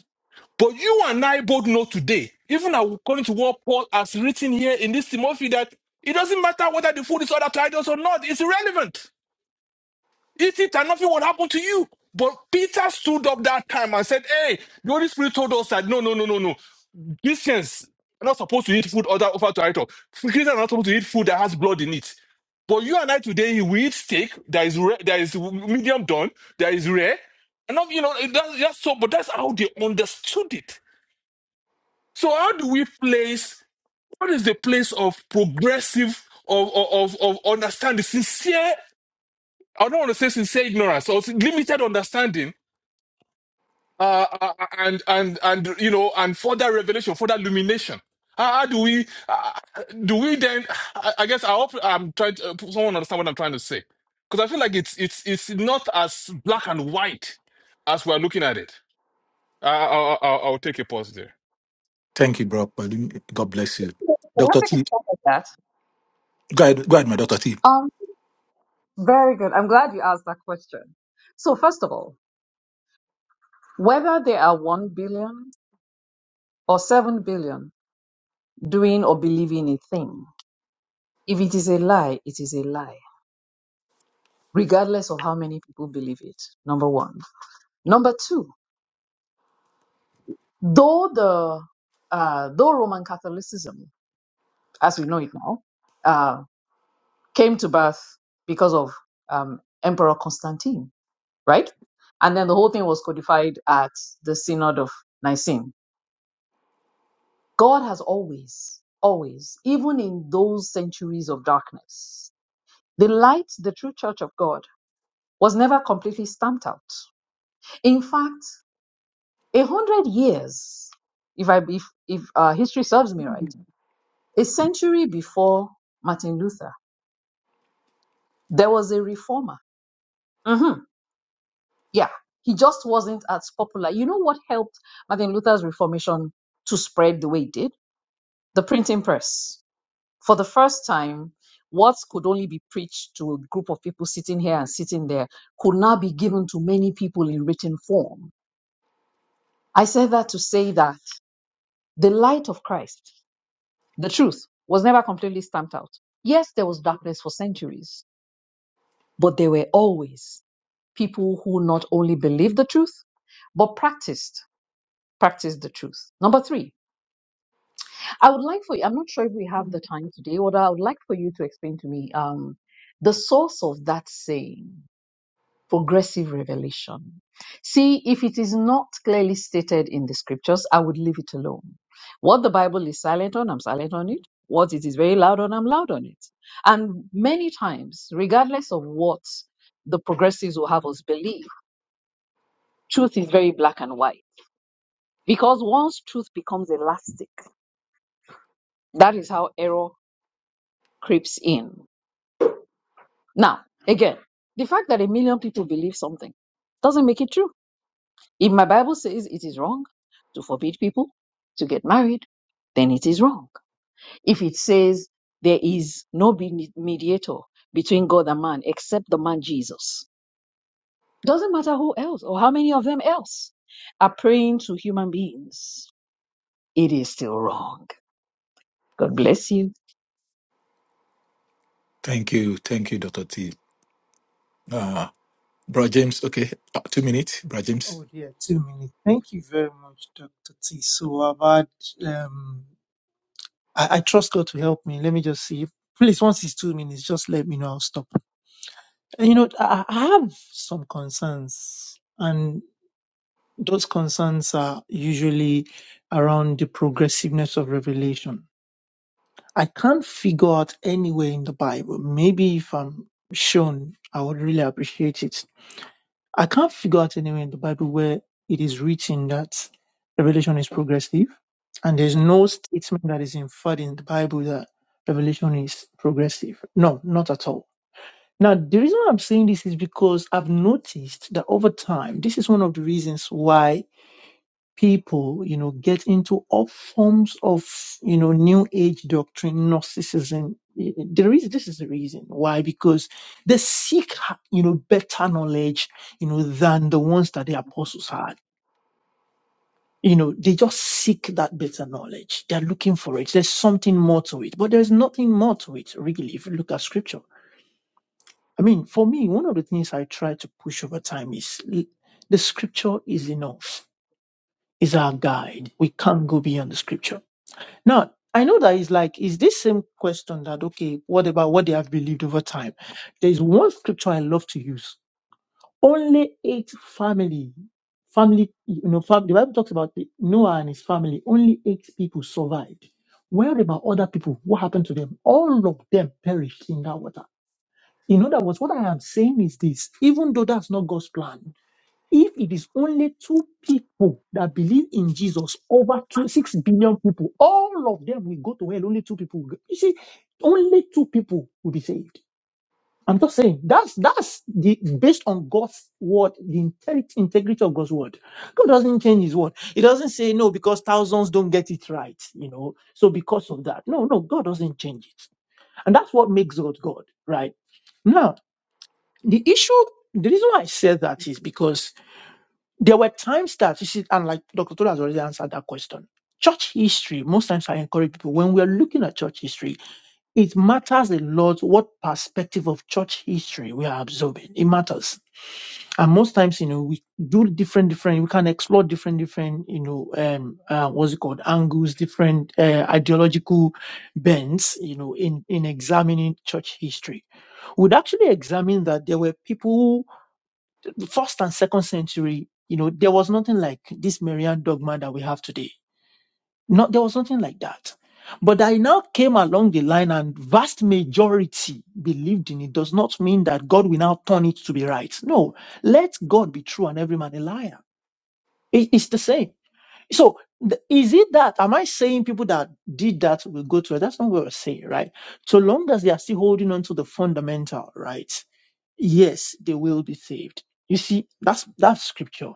E: But you and I both know today, even according to what Paul has written here in this Timothy, that it doesn't matter whether the food is ordered to idols or not; it's irrelevant. You think that nothing would happen to you. But Peter stood up that time and said, Hey, the Holy Spirit told us that no, no, no, no, no. Christians are not supposed to eat food other offered to idol. Christians are not supposed to eat food that has blood in it. But you and I today, we eat steak that is rare, that is medium done, that is rare. And not, you know, it- that's just so, but that's how they understood it. So how do we place, what is the place of progressive, of, of, of, of understanding, sincere I don't want to say sincere ignorance or limited understanding, uh, uh, and and and you know, and further revelation, further illumination. How, how do we uh, do we then? I, I guess I hope I'm trying to, uh, someone understand what I'm trying to say because I feel like it's it's it's not as black and white as we're looking at it. I, I, I, I'll take a pause there.
B: Thank you, bro. Pardon- God bless you,
D: Can I
B: Doctor
D: take a
B: T.
D: stuff like that?
B: Go ahead. Go ahead, my Doctor T.
D: Um, very good. I'm glad you asked that question. So first of all, whether there are one billion or seven billion doing or believing a thing, if it is a lie, it is a lie, regardless of how many people believe it. Number one. Number two, though the uh, though Roman Catholicism, as we know it now, uh. came to birth because of um, Emperor Constantine, right? And then the whole thing was codified at the Synod of Nicene. God has always, always, even in those centuries of darkness, the light, the true church of God, was never completely stamped out. In fact, a hundred years, if I if if uh, history serves me right, a century before Martin Luther, there was a reformer. Mm-hmm. yeah, he just wasn't as popular. You know what helped Martin Luther's Reformation to spread the way it did? The printing press. For the first time, what could only be preached to a group of people sitting here and sitting there could now be given to many people in written form. I said that to say that the light of Christ, the truth, was never completely stamped out. Yes, there was darkness for centuries, but there were always people who not only believed the truth, but practiced practice the truth. Number three, I would like for you, I'm not sure if we have the time today, or I would like for you to explain to me um, the source of that saying, progressive revelation. See, if it is not clearly stated in the scriptures, I would leave it alone. What the Bible is silent on, I'm silent on it. What it is very loud on, I'm loud on it. And many times, regardless of what the progressives will have us believe, truth is very black and white. Because once truth becomes elastic, that is how error creeps in. Now, again, the fact that a million people believe something doesn't make it true. If my Bible says it is wrong to forbid people to get married, then it is wrong. If it says there is no be- mediator between God and man except the man Jesus, doesn't matter who else or how many of them else are praying to human beings, it is still wrong. God bless you.
B: Thank you. Thank you, Doctor T. Uh, bro James. Okay. Uh, two minutes, bro James.
F: Oh dear, two minutes. Thank you very much, Dr. T. So I've had, um, I, I trust God to help me. Let me just see. Please, once it's two minutes, just let me know. I'll stop. And you know, I, I have some concerns, and those concerns are usually around the progressiveness of revelation. I can't figure out anywhere in the Bible. Maybe if I'm shown, I would really appreciate it I can't figure out anywhere in the Bible where it is written that revelation is progressive, and there's no statement that is inferred in the Bible that revelation is progressive. No, not at all. Now, the reason I'm saying this is because I've noticed that over time, this is one of the reasons why people, you know, get into all forms of, you know, new age doctrine, narcissism. There is, this is the reason why, because they seek, you know, better knowledge, you know, than the ones that the apostles had. You know, they just seek that better knowledge. They're looking for it. There's something more to it, but there's nothing more to it, really, if you look at scripture. I mean, for me, one of the things I try to push over time is l- the scripture is enough, is our guide. We can't go beyond the scripture Now, I know that it's like, is this same question that, okay, what about what they have believed over time? There's one scripture I love to use. Only eight family, family, you know, fam- the Bible talks about the- Noah and his family. Only eight people survived. Where about other people? What happened to them? All of them perished in that water. In other words, what I am saying is this, even though that's not God's plan, if it is only two people that believe in Jesus over two, six billion people, all of them will go to hell. Only two people. Will go. You see, only two people will be saved. I'm just saying that's that's the based on God's word, the integ- integrity of God's word. God doesn't change His word. He doesn't say no because thousands don't get it right, you know. So because of that, no, no, God doesn't change it, and that's what makes God God, right? Now the issue, the reason why I said that is because there were times that you see, and like Dr. Tola has already answered that question. Church history, most times I encourage people when we're looking at church history, it matters a lot what perspective of church history we are absorbing. It matters. And most times, you know, we do different, different, we can explore different, different, you know, um, uh, what's it called, angles, different uh, ideological bends, you know, in, in examining church history. We'd actually examine that there were people first and second century, you know, there was nothing like this Marian dogma that we have today. Not there was nothing like that. But I now came along the line and vast majority believed in it does not mean that God will now turn it to be right. No, let God be true and every man a liar. It- it's the same. So th- is it that am I saying people that did that will go to it? That's not what we're saying, right? So long as they are still holding on to the fundamental, right? yes, they will be saved. You see, that's that's scripture.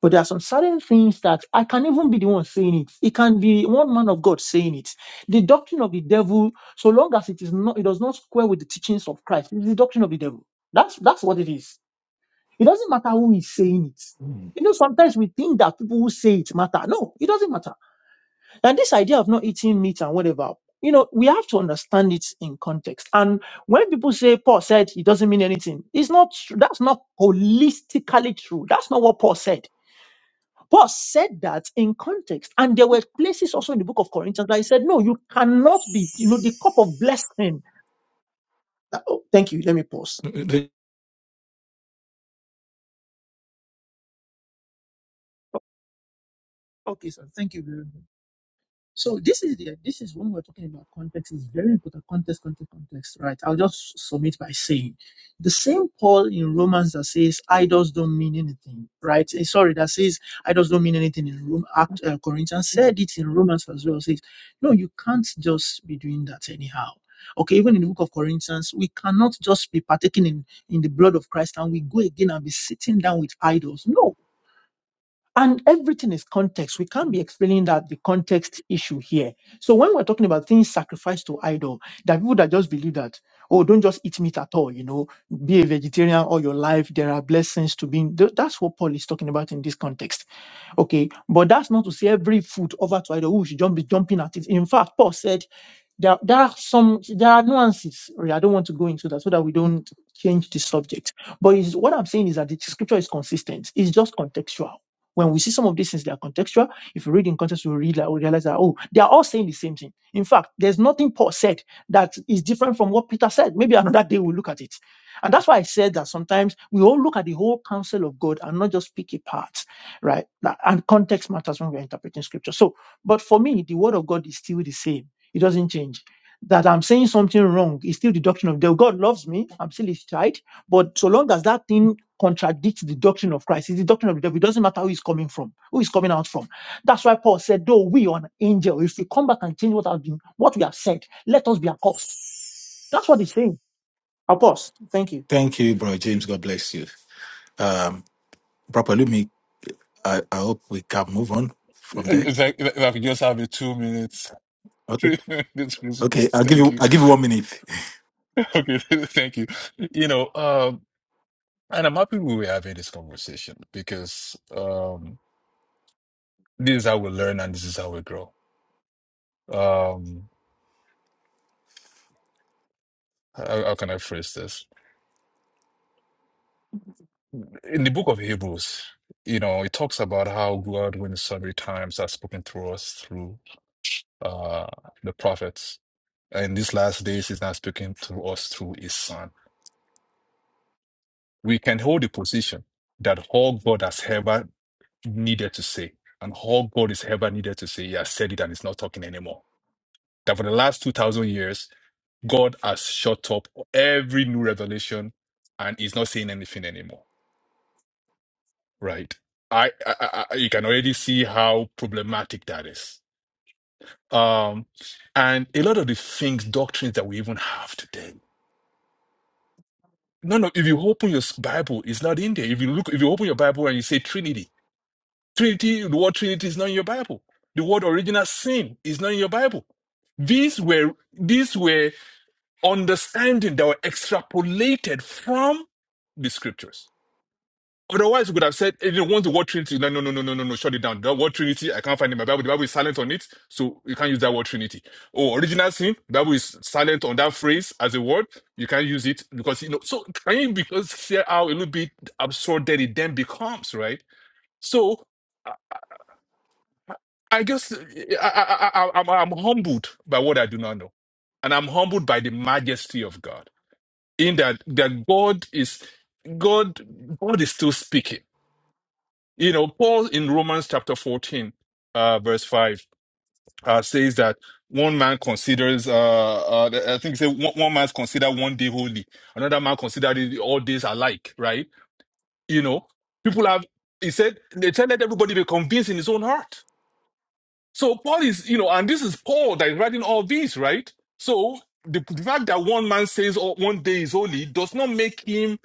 F: But there are some certain things that I can even be the one saying it. It can be one man of God saying it. The doctrine of the devil, so long as it is not, it does not square with the teachings of Christ. It's the doctrine of the devil. That's that's what it is. It doesn't matter who is saying it. You know, sometimes we think that people who say it matter. No, it doesn't matter. And this idea of not eating meat and whatever, you know, we have to understand it in context. And when people say Paul said it doesn't mean anything, it's not true. That's not holistically true. That's not what Paul said. Paul said that in context. And there were places also in the book of Corinthians that he said, no, you cannot be, you know, the cup of blessing. Uh, Oh, thank you. Let me pause.
B: Mm.
F: Okay, sir. Thank you very much. So this is the this is when we're talking about context is very important context context context right I'll just submit by saying the same Paul in Romans that says idols don't mean anything right Eh, sorry that says idols don't mean anything in Rome Act uh, Corinthians said it in Romans as well says no you can't just be doing that anyhow okay even in the book of Corinthians we cannot just be partaking in in the blood of Christ and we go again and be sitting down with idols no and everything is context. We can't be explaining that the context issue here. So when we're talking about things sacrificed to idol, there are people that just believe that, oh, don't just eat meat at all, you know, be a vegetarian all your life. There are blessings to being. Th- That's what Paul is talking about in this context. Okay. But that's not to say every food over to idol, oh, we should jump, be jumping at it. In fact, Paul said there, there are some there are nuances. really. I don't want to go into that so that we don't change the subject. But is what I'm saying is that the scripture is consistent. It's just contextual. When we see some of these things, they are contextual. If you read in context, we read like, we realize that oh, they are all saying the same thing. In fact, there's nothing Paul said that is different from what Peter said. Maybe another day we'll look at it. And that's why I said that sometimes we all look at the whole counsel of God and not just pick a part, right? That- And context matters when we're interpreting scripture. So, but for me, the word of God is still the same it doesn't change. That I'm saying something wrong is still the doctrine of the God loves me. I'm still his child. But so long as that thing contradicts the doctrine of Christ, it's the doctrine of the devil. It doesn't matter who is coming from, who is coming out from. That's why Paul said, though we are an angel, if we come back and change what has been, what we have said, let us be accursed. That's what he's saying. Accursed. Thank you.
B: Thank you, bro James. God bless you. Um, Papa Lumi, I, I hope we can move on from there.
E: If I, if I could just have a two minutes
B: Okay.
E: this
B: Okay.
E: response,
B: I'll give
E: thank
B: you.
E: you.
B: I'll give you one minute.
E: Okay, thank you. You know, And I'm happy we were having this conversation because um, this is how we learn and this is how we grow. Um, how, how can I phrase this? In the book of Hebrews, you know, it talks about how God, when in sundry times, has spoken through us through uh, the prophets. And in these last days, He's now speaking to us through His Son. We can hold the position that all God has ever needed to say and all God is ever needed to say, He has said it and He's not talking anymore. That for the last 2,000 years, God has shut up every new revelation and is not saying anything anymore, right? I, I, I I- you can already see how problematic that is. Um, and a lot of the things, doctrines that we even have today. No, no. If you open your s- Bible, it's not in there. If you look, if you open your Bible and you say Trinity, Trinity, the word Trinity is not in your Bible. The word original sin is not in your Bible. These were these were understanding that were extrapolated from the scriptures Otherwise, we could have said, "Hey, you want the word Trinity? No, no, no, no, no, no, no. Shut it down. The word Trinity, I can't find it in my Bible. The Bible is silent on it, so you can't use that word Trinity. Oh, original sin. The Bible is silent on that phrase as a word. You can't use it because you know. So can you because see how a little bit absurd that it then becomes, right? So I I guess I, I, I, I- I'm, I'm humbled by what I do not know, and I'm humbled by the majesty of God. In that, that God is God. God is still speaking you know, Paul in Romans chapter 14, uh, verse 5, uh, says that one man considers, uh, uh, I think say one, one man's considered one day holy, another man considered it all days alike, right? You know, people have, he said, they said, let everybody be convinced in his own heart so Paul is, you know, and this is Paul that is writing all this, right? So the, the fact that one man says oh, one day is holy does not make him,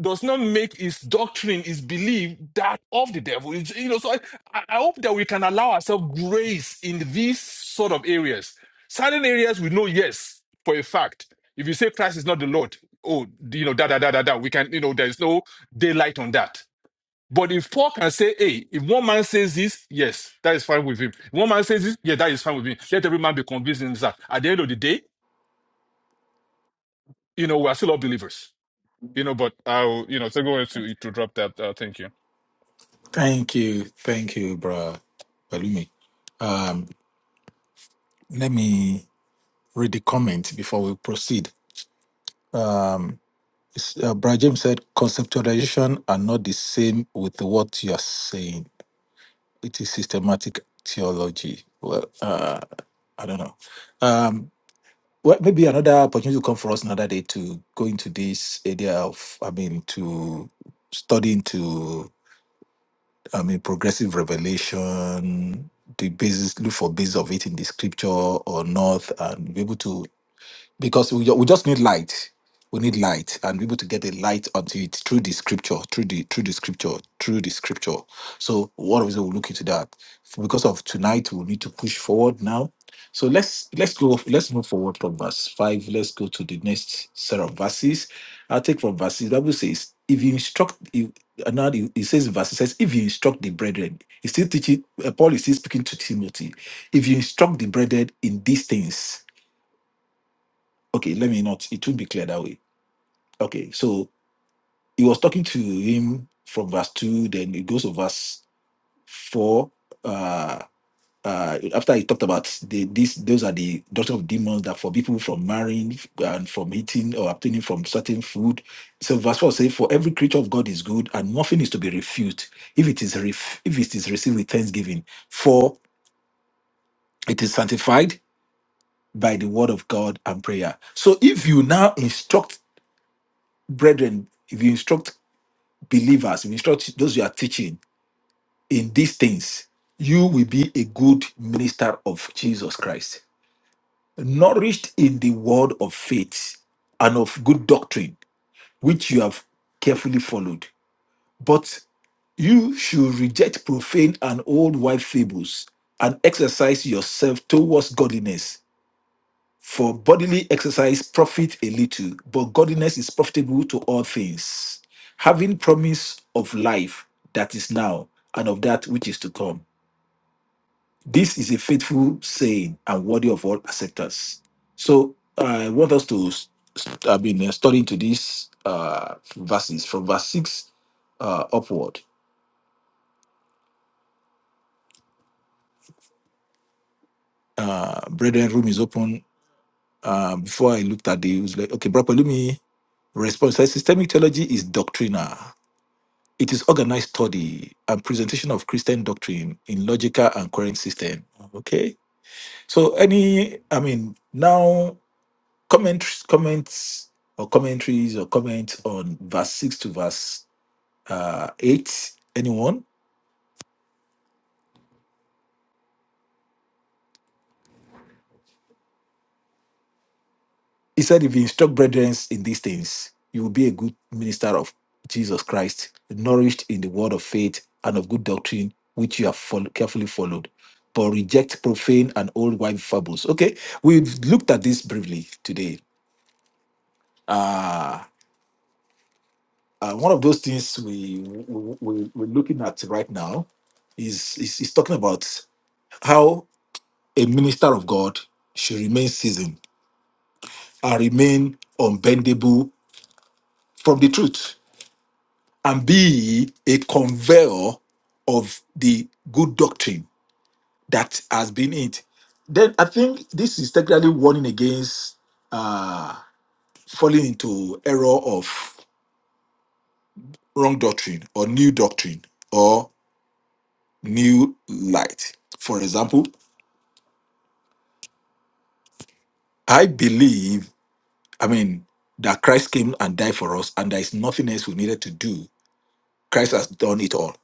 E: does not make his doctrine, his belief that of the devil. It's- you know, so I, I I hope that we can allow ourselves grace in these sort of areas. Certain areas we know, yes, for a fact. If you say Christ is not the Lord, oh, you know, da da da da da, we can, you know, there is no daylight on that. But if Paul can say, hey, if one man says this, yes, that is fine with him. If one man says this, yeah, that is fine with me. Let every man be convinced in that. At the end of the day, you know, we are still all believers. You know, but I'll, you know, so go ahead to, to drop that. Uh, thank you.
B: Thank you. Thank you, bro Palumi. Um, let me read the comment before we proceed. Um, it's- uh, Bro James said conceptualization are not the same with what you are saying. It is systematic theology. Well, uh, I don't know. Um, Well, maybe another opportunity will come for us another day to go into this area of, I mean, to study into, I mean, progressive revelation, the basis, look for basis of it in the scripture or not, and be able to because we, ju- we just need light we need light and be able to get a light onto it through the scripture through the through the scripture through the scripture so what is it we'll look into that because of tonight we'll need to push forward now so let's let's go let's move forward from verse 5 let's go to the next set of verses i'll take from verses bible says if you instruct you and now he he says in verse it says if you instruct the brethren he's still teaching uh, paul is still speaking to timothy if you instruct the brethren in these things okay let me not it would be clear that way okay so he was talking to him from verse 2 then it goes to verse 4 uh uh after he talked about the this those are the doctrine of demons that forbid people from marrying and from eating or obtaining from certain food so verse 4 says for every creature of god is good and nothing is to be refused if it is ref- if it is received with thanksgiving for it is sanctified by the word of god and prayer so if you now instruct brethren if you instruct believers, you instruct those you are teaching in these things, you will be a good minister of Jesus Christ, nourished in the word of faith and of good doctrine, which you have carefully followed. But you should reject profane and old wife fables and exercise yourself towards godliness. For bodily exercise profit a little, but godliness is profitable to all things, having promise of life that is now and of that which is to come. This is a faithful saying and worthy of all acceptance. So uh, I want us to, s- s- I mean, uh, study into these uh, verses from verse 6 uh, upward. Uh, brethren, room is open. Uh, before I looked at the, it was like, okay, Brother, let me respond. So systemic theology is doctrinal It is organized study and presentation of Christian doctrine in logical and current system. Okay. So any, I mean, now comments, comments or commentaries or comments on verse six to verse uh, eight. Anyone? He said, if you instruct brethren in these things, you will be a good minister of Jesus Christ, nourished in the word of faith and of good doctrine, which you have fol- carefully followed. But reject profane and old wives' fables. Okay, we've looked at this briefly today. Uh, uh, one of those things we, we, we we're looking at right now is, is is talking about how a minister of God should remain seasoned and remain unbendable from the truth and be a conveyor of the good doctrine that has been it. Then I think this is technically warning against uh, falling into error of wrong doctrine or new doctrine or new light. For example, I believe, I mean, that Christ came and died for us, and there is nothing else we needed to do. Christ has done it all.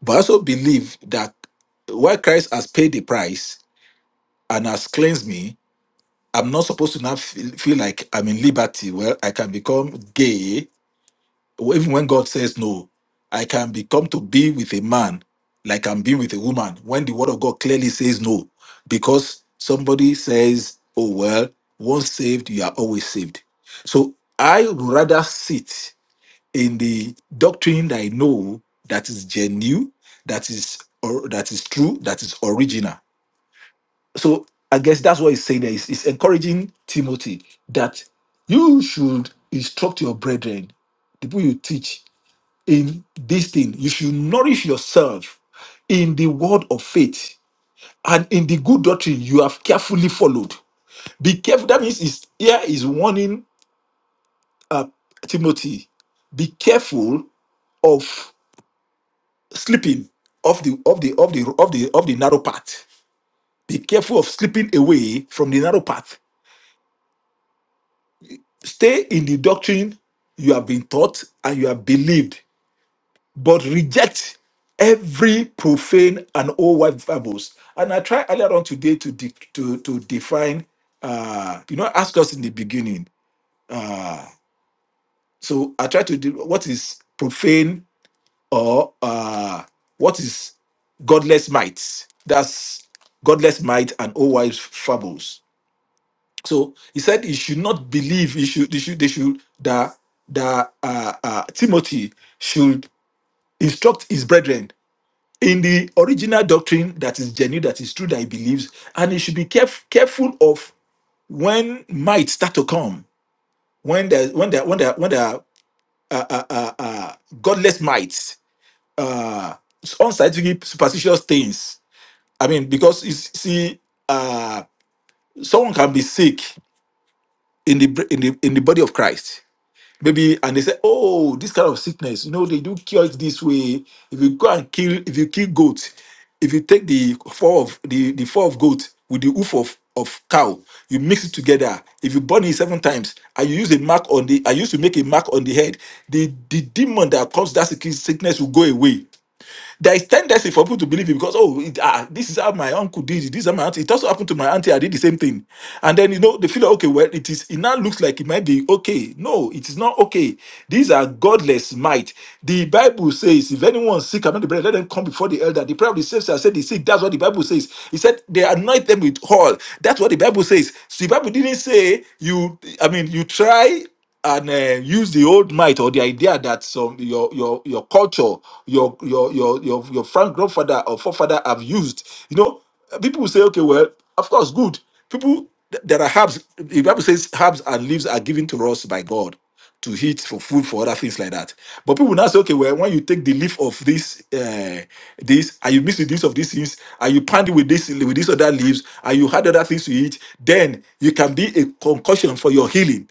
B: But I also believe that while Christ has paid the price and has cleansed me, I'm not supposed to now feel, feel like I'm in liberty. Well, I can become gay, or even when God says no. I can become to be with a man like I'm being with a woman when the word of God clearly says no. Because somebody says, oh, well, once saved, you are always saved. So I would rather sit in the doctrine that I know that is genuine, that is, or, that is true, that is original so I guess that's what he's saying there. He's, he's encouraging Timothy that you should instruct your brethren, the people you teach in this thing. You should nourish yourself in the word of faith and in the good doctrine you have carefully followed. Be careful. That means is here is warning uh, Timothy. Be careful of slipping off the of the of the of the of the narrow path. Be careful of slipping away from the narrow path Stay in the doctrine you have been taught and you have believed, but reject every profane and old wife fables. And I tried earlier on today to de- to to define. Uh, you know, ask us in the beginning. So I tried to do what is profane or uh, what is godless might. That's godless might and old wives fables. So he said he should not believe. He should. They should. They should. That that uh, uh, Timothy should instruct his brethren in the original doctrine that is genuine, that is true, that he believes, and he should be caref- careful of when might start to come. When there, when there, when there, when there are uh, uh, uh, uh, godless might, uh, unscientific, superstitious things. I mean, because you see, uh, someone can be sick in the br- in the in the body of Christ maybe and they say oh this kind of sickness you know they do cure it this way if you go and kill if you kill goat if you take the four of the the four of goat with the hoof of of cow you mix it together if you burn it seven times and you use a mark on the i used to make a mark on the head the the demon that caused that sick- sickness will go away there is tendency for people to believe it because oh, it, ah, this is how my uncle did it. This is how my auntie. It also happened to my auntie. I did the same thing, and then you know they feel like, okay, well, it is. It now looks like it might be okay. No, it is not okay. These are godless might. The Bible says, if anyone is sick among the brethren, let them come before the elder. The prayer of the saints shall set the sick. That's what the Bible says. He said they anoint them with oil. That's what the Bible says. So the Bible didn't say you. I mean, you try and uh, use the old might or the idea that some your your your culture, your your your your your frank grandfather or forefather have used. You know, people will say, okay, well, of course, good. People, there are herbs. The Bible says herbs and leaves are given to us by God to eat for food for other things like that. But people now say, okay, well, when you take the leaf of this, uh, this, and you mix with this of these things, and you pound it with this with these other leaves, and you add other things to eat, then you can be a concussion for your healing.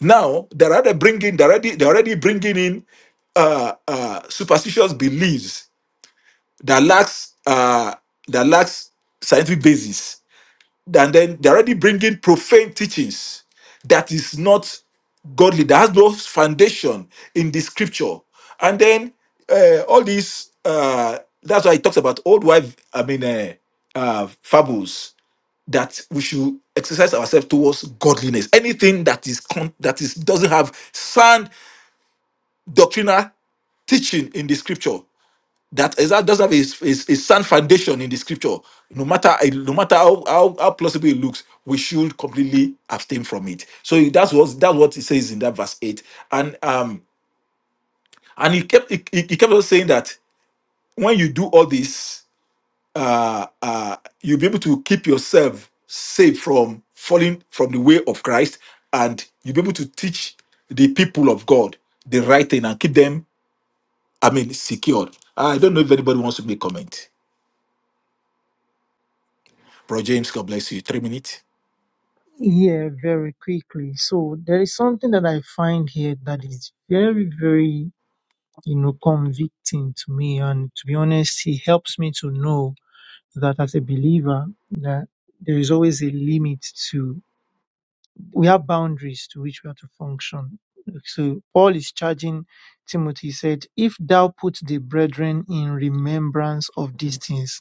B: Now they're already bringing, they're already, they're already bringing in uh, uh, superstitious beliefs that lacks uh, that lacks scientific basis and then they're already bringing profane teachings that is not godly that has no foundation in the scripture and then uh, all these uh, that's why he talks about old wife i mean uh, uh, fables that we should exercise ourselves towards godliness anything that is con- that is doesn't have sound doctrinal teaching in the scripture that is that doesn't have a a, a sound foundation in the scripture. No matter no matter how, how how plausible it looks, we should completely abstain from it. So that's what that's what it says in that verse eight. And um and he kept he he kept on saying that when you do all this, uh uh you'll be able to keep yourself safe from falling from the way of Christ, and you'll be able to teach the people of God the right thing and keep them, I mean, secured. I don't know if anybody wants to make comment. Bro James, God bless you. Three minutes.
F: Yeah, very quickly. So there is something that I find here that is very, very, you know, convicting to me. And to be honest, it helps me to know that as a believer that there is always a limit to we have boundaries to which we are to function so paul is charging timothy he said if thou put the brethren in remembrance of these things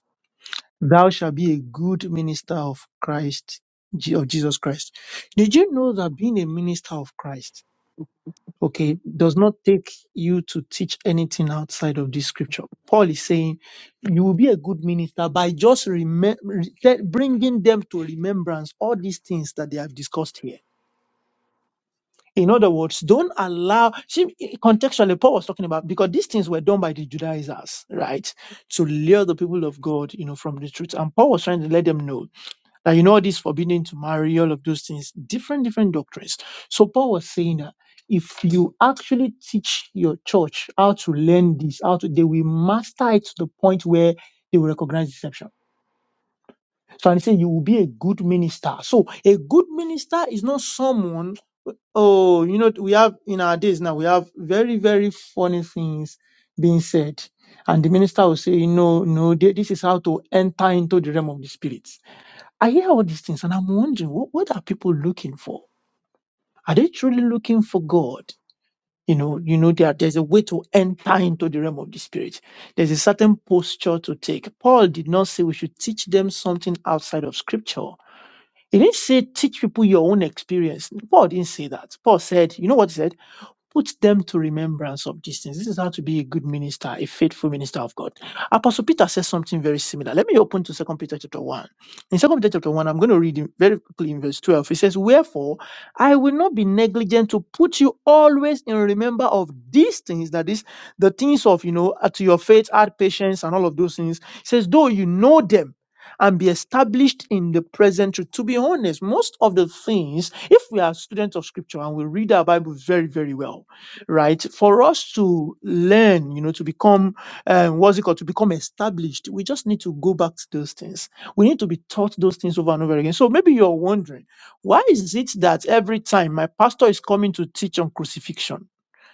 F: thou shalt be a good minister of christ Je- of jesus christ did you know that being a minister of christ okay, does not take you to teach anything outside of this scripture. Paul is saying you will be a good minister by just remem- re- te- bringing them to remembrance all these things that they have discussed here. In other words, don't allow, see, contextually, Paul was talking about, because these things were done by the Judaizers, right? To lure the people of God, you know, from the truth. And Paul was trying to let them know that you know this forbidding to marry all of those things different different doctrines so paul was saying that if you actually teach your church how to learn this how to they will master it to the point where they will recognize deception so i say you will be a good minister so a good minister is not someone oh you know we have in our days now we have very very funny things being said and the minister will say no no th- this is how to enter into the realm of the spirit I hear all these things and I'm wondering what, what are people looking for? Are they truly looking for God? You know, you know, there, there's a way to enter into the realm of the spirit. There's a certain posture to take. Paul did not say we should teach them something outside of scripture. He didn't say teach people your own experience. Paul didn't say that. Paul said, you know what he said? Put them to remembrance of these things. This is how to be a good minister, a faithful minister of God. Apostle Peter says something very similar. Let me open to Second Peter chapter 1. In Second Peter chapter 1, I'm going to read in- very quickly in verse 12. He says, Wherefore I will not be negligent to put you always in remember of these things, that is, the things of, you know, uh, to your faith, add patience, and all of those things. He says, Though you know them, and be established in the present truth. To be honest, most of the things if we are students of scripture and we read our Bible very, very well, right? For us to learn, you know, to become, um, what's it called, to become established, we just need to go back to those things. We need to be taught those things over and over again. So maybe you're wondering, why is it that every time my pastor is coming to teach on crucifixion?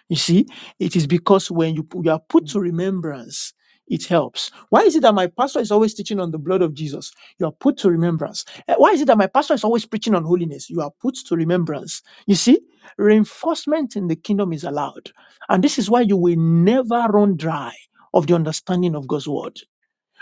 F: You see, it is because when you, pu- you are put to remembrance, it helps. Why is it that my pastor is always teaching on the blood of Jesus? You are put to remembrance. Eh, Why is it that my pastor is always preaching on holiness? You are put to remembrance. You see, reinforcement in the kingdom is allowed. And this is why you will never run dry of the understanding of God's word.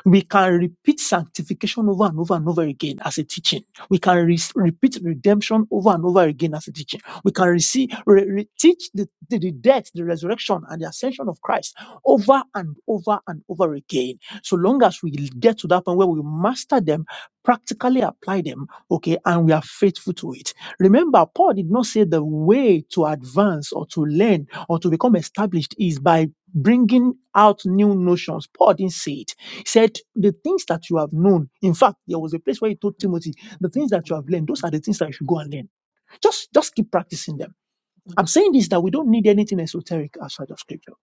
F: We can repeat sanctification over and over and over again as a teaching. We can re- repeat redemption over and over again as a teaching. We can receive, re- re- teach the, the, the death, the resurrection, and the ascension of Christ over and over and over again. So long as we get to that point where we master them, practically apply them, okay, and we are faithful to it. Remember, Paul did not say the way to advance or to learn or to become established is by bringing out new notions. Paul didn't say it said the things that you have known in fact there was a place where he told timothy the things that you have learned those are the things that you should go and learn just just keep practicing them i'm saying this that we don't need anything esoteric outside of scripture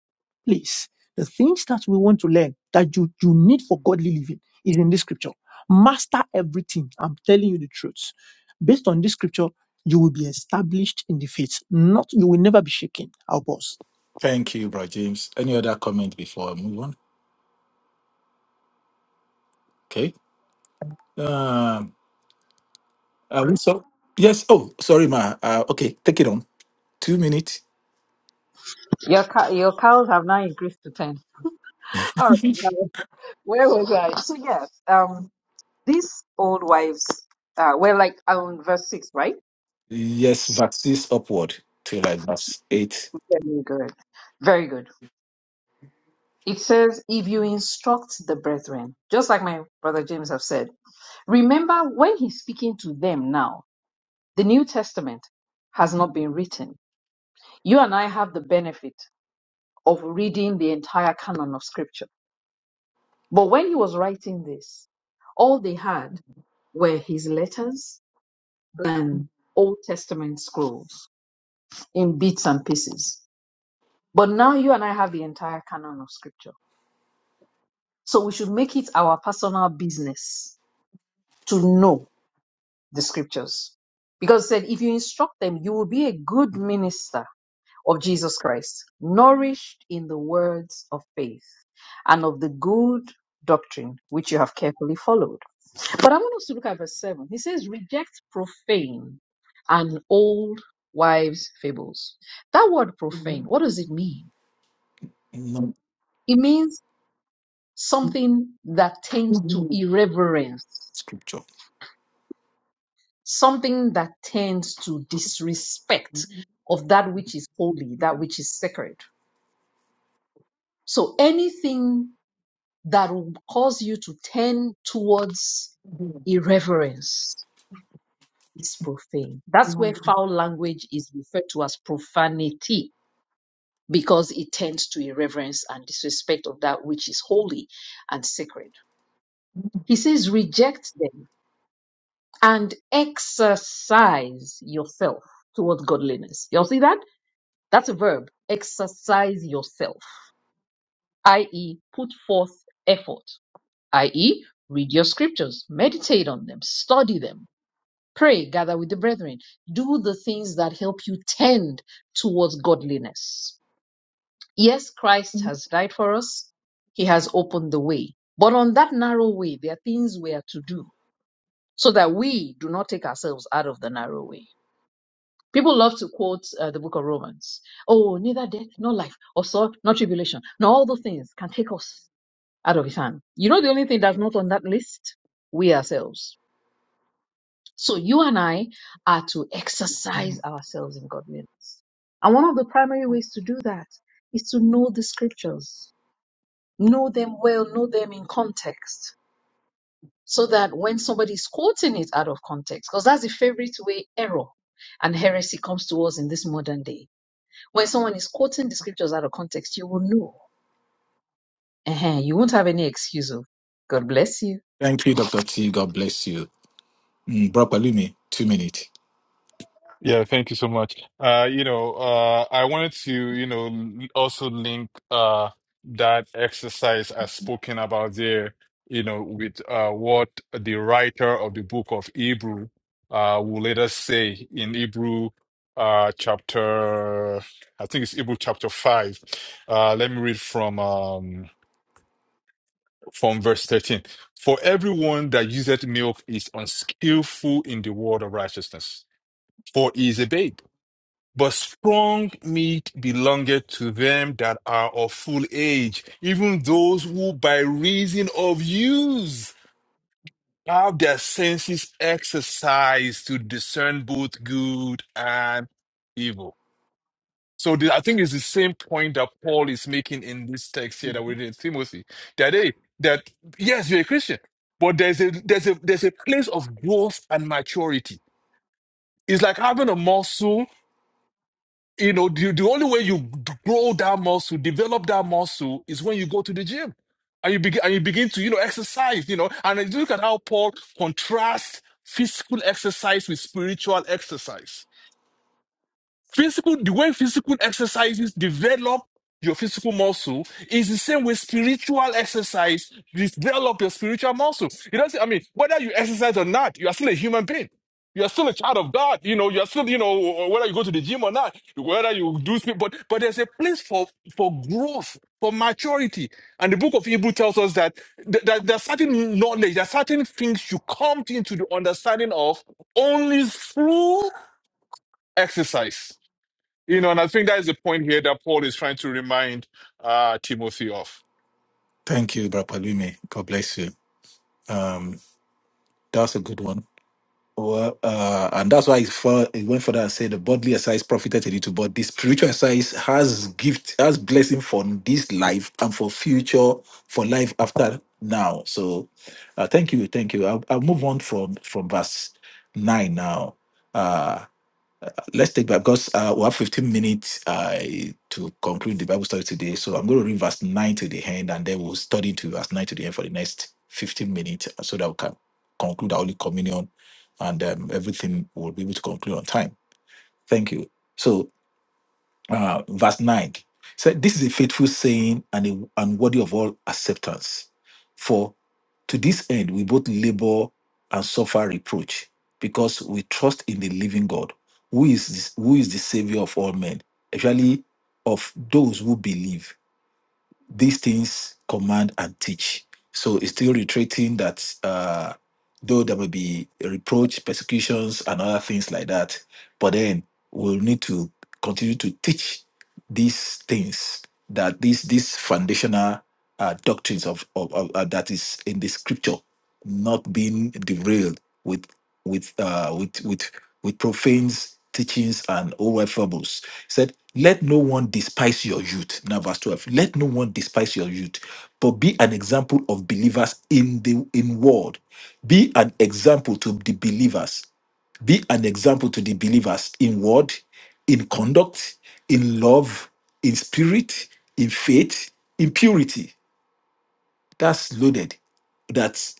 F: please the things that we want to learn that you you need for godly living is in this scripture master everything i'm telling you the truth based on this scripture you will be established in the faith not you will never be shaken i'll pause
B: Thank you, Bro James. Any other comment before I move on? Okay. Um, are we so? Yes. Oh, sorry, ma. Uh, okay, take it on. Two minutes.
D: Your, cow- your cows have now increased to 10. All right. now, Where was I? So, yes. um, These old wives, uh, we're like on verse 6, right?
B: Yes, vaccines upward to like verse eight.
D: Very good. Very good. It says, if you instruct the brethren, just like my brother James have said, remember when he's speaking to them now, the New Testament has not been written. You and I have the benefit of reading the entire canon of scripture. But when he was writing this, all they had were his letters and Old Testament scrolls in bits and pieces. But now you and I have the entire canon of scripture. So we should make it our personal business to know the scriptures. Because it said, if you instruct them, you will be a good minister of Jesus Christ, nourished in the words of faith and of the good doctrine which you have carefully followed. But I want us to look at verse 7. He says, reject profane and old wives' fables. That word profane, what does it mean?
B: No.
D: It means something that tends to irreverence,
B: Scripture.
D: something that tends to disrespect of that which is holy, that which is sacred. So anything that will cause you to tend towards irreverence is profane. That's where foul language is referred to as profanity because it tends to irreverence and disrespect of that which is holy and sacred. He says, reject them and exercise yourself towards godliness. Y'all see that? That's a verb. Exercise yourself, i.e., put forth effort, i.e., read your scriptures, meditate on them, study them, pray, gather with the brethren, do the things that help you tend towards godliness. Yes, Christ has died for us, He has opened the way. But on that narrow way, there are things we are to do so that we do not take ourselves out of the narrow way People love to quote uh, the book of Romans. Oh, neither death, nor life, or sword, nor tribulation, nor all those things can take us out of his hand. You know, the only thing that's not on that list? We ourselves. So you and I are to exercise ourselves in godliness. And one of the primary ways to do that is to know the scriptures, know them well, know them in context, so that when somebody is quoting it out of context, because that's the favorite way error and heresy comes to us in this modern day When someone is quoting the scriptures out of context, you will know. uh You won't have any excuse. Of God bless you.
B: Thank you, Doctor T. God bless you. Mm, Bro Palumi, two minutes.
E: Yeah, thank you so much. Uh, you know, uh, I wanted to, you know, l- also link uh, that exercise as spoken about there, you know, with uh, what the writer of the book of Hebrew uh, will later say in Hebrew uh, chapter, I think it's Hebrew chapter five. Uh, let me read from um, from verse thirteen. For everyone that useth milk is unskillful in the word of righteousness, for he is a babe. But strong meat belongeth to them that are of full age, even those who by reason of use have their senses exercised to discern both good and evil. So the- I think it's the same point that Paul is making in this text here that we read in Timothy. That hey, that yes, you're a Christian, but there's a there's a there's a place of growth and maturity. It's like having a muscle You know, the, the only way you grow that muscle, develop that muscle, is when you go to the gym and you begin and you begin to you know exercise. You know, and then look at how Paul contrasts physical exercise with spiritual exercise. Physical, the way physical exercises develop your physical muscle is the same way spiritual exercise develop your spiritual muscle. It doesn't, I mean, whether you exercise or not, you are still a human being. You are still a child of God. You know, you are still, you know, whether you go to the gym or not, whether you do speak, but, but there's a place for, for growth, for maturity. And the book of Hebrew tells us that, th- that there are certain knowledge, there are certain things you come into the understanding of only through exercise you know, and I think that is the point here that Paul is trying to remind uh, Timothy of.
B: Thank you, Bro Palumi. God bless you. Um, that's a good one. Well, uh, and that's why it's for, it went further and said the bodily exercise profited a little, but the spiritual exercise has gift, has blessing for this life and for future, for life after now. So, uh, thank you, thank you. I'll, I'll move on from from verse nine now. Uh, Let's take Bible because uh, we have 15 minutes uh, to conclude the Bible study today. So I'm going to read verse 9 to the end and then we'll study to verse 9 to the end for the next 15 minutes uh, so that we can conclude our Holy Communion and um, everything will be able to conclude on time. Thank you. So uh, verse 9 said this is a faithful saying and, a, and worthy of all acceptance for to this end we both labor and suffer reproach because we trust in the living god who is this, who is the savior of all men especially of those who believe these things command and teach so it's still reiterating that uh, though there will be reproach persecutions and other things like that but then we'll need to continue to teach these things that these these foundational uh, doctrines of, of, of uh, that is in the scripture not being derailed with with uh, with with with profane teachings and over fables. He said, "Let no one despise your youth." Now, verse twelve. Let no one despise your youth, but be an example of believers in the in word. Be an example to the believers be an example to the believers in word, in conduct, in love, in spirit, in faith, in purity. That's loaded. That's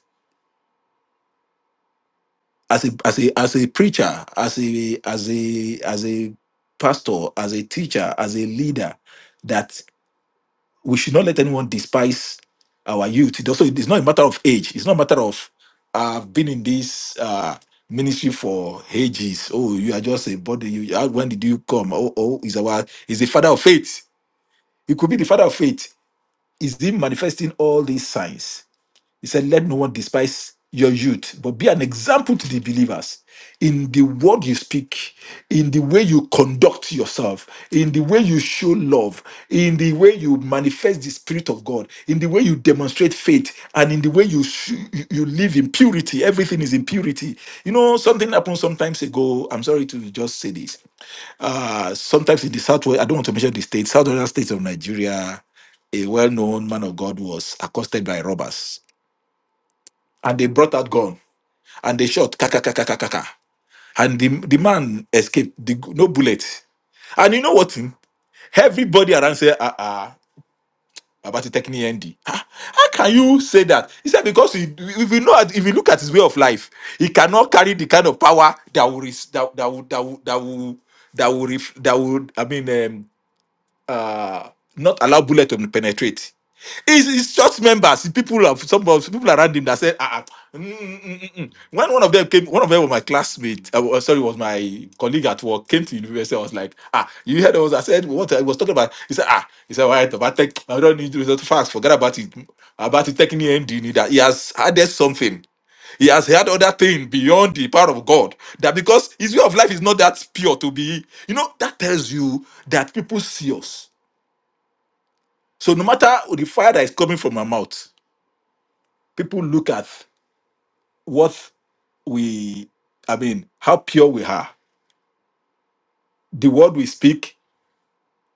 B: as a as a as a preacher, as a as a as a pastor, as a teacher, as a leader. That. we should not let anyone despise our youth. It also, it's not a matter of age. It's not a matter of I've been in this uh, ministry for ages. Oh, you are just a body. You, how- when did you come? Oh, oh, is our is the father of faith. He could be the father of faith. Is he manifesting all these signs? He said, Let no one despise your youth, but be an example to the believers in the word you speak, in the way you conduct yourself, in the way you show love, in the way you manifest the Spirit of God, in the way you demonstrate faith, and in the way you sh- you you live in purity. Everything is in purity. You know, something happened sometimes ago. I'm sorry to just say this. Uh, sometimes in the Southwest, I don't want to mention the state, Southwestern states of Nigeria, a well-known man of God was accosted by robbers and they brought out gun and they shot ka ka ka ka ka ka ka, and the, the man escaped the, gu- no bullet and you know what hmm? everybody around said ah ah about the technique ND. Ah, How can you say that? He said because he, if you know if you look at his way of life, he cannot carry the kind of power that will res- that, that will that will that will that will, ref- that will I mean um, uh, not allow bullet to penetrate. It's, it's church members, it's people of some of people around him that said, ah, ah, mm, mm, mm, mm. mm." when one of them came, one of them was my classmate. Uh, wa- sorry, was my colleague at work. Came to university. I was like, ah, you heard what I said, what I was talking about. He said, ah, he said, all right, But tech, I don't need to resort to fast. Forget about it. About it taking the end. you need That he has added something. He has heard other thing beyond the power of God. That because his way of life is not that pure to be. You know that tells you that people see us so no matter the fire that is coming from our mouth, people look at what we, I mean, how pure we are, the word we speak,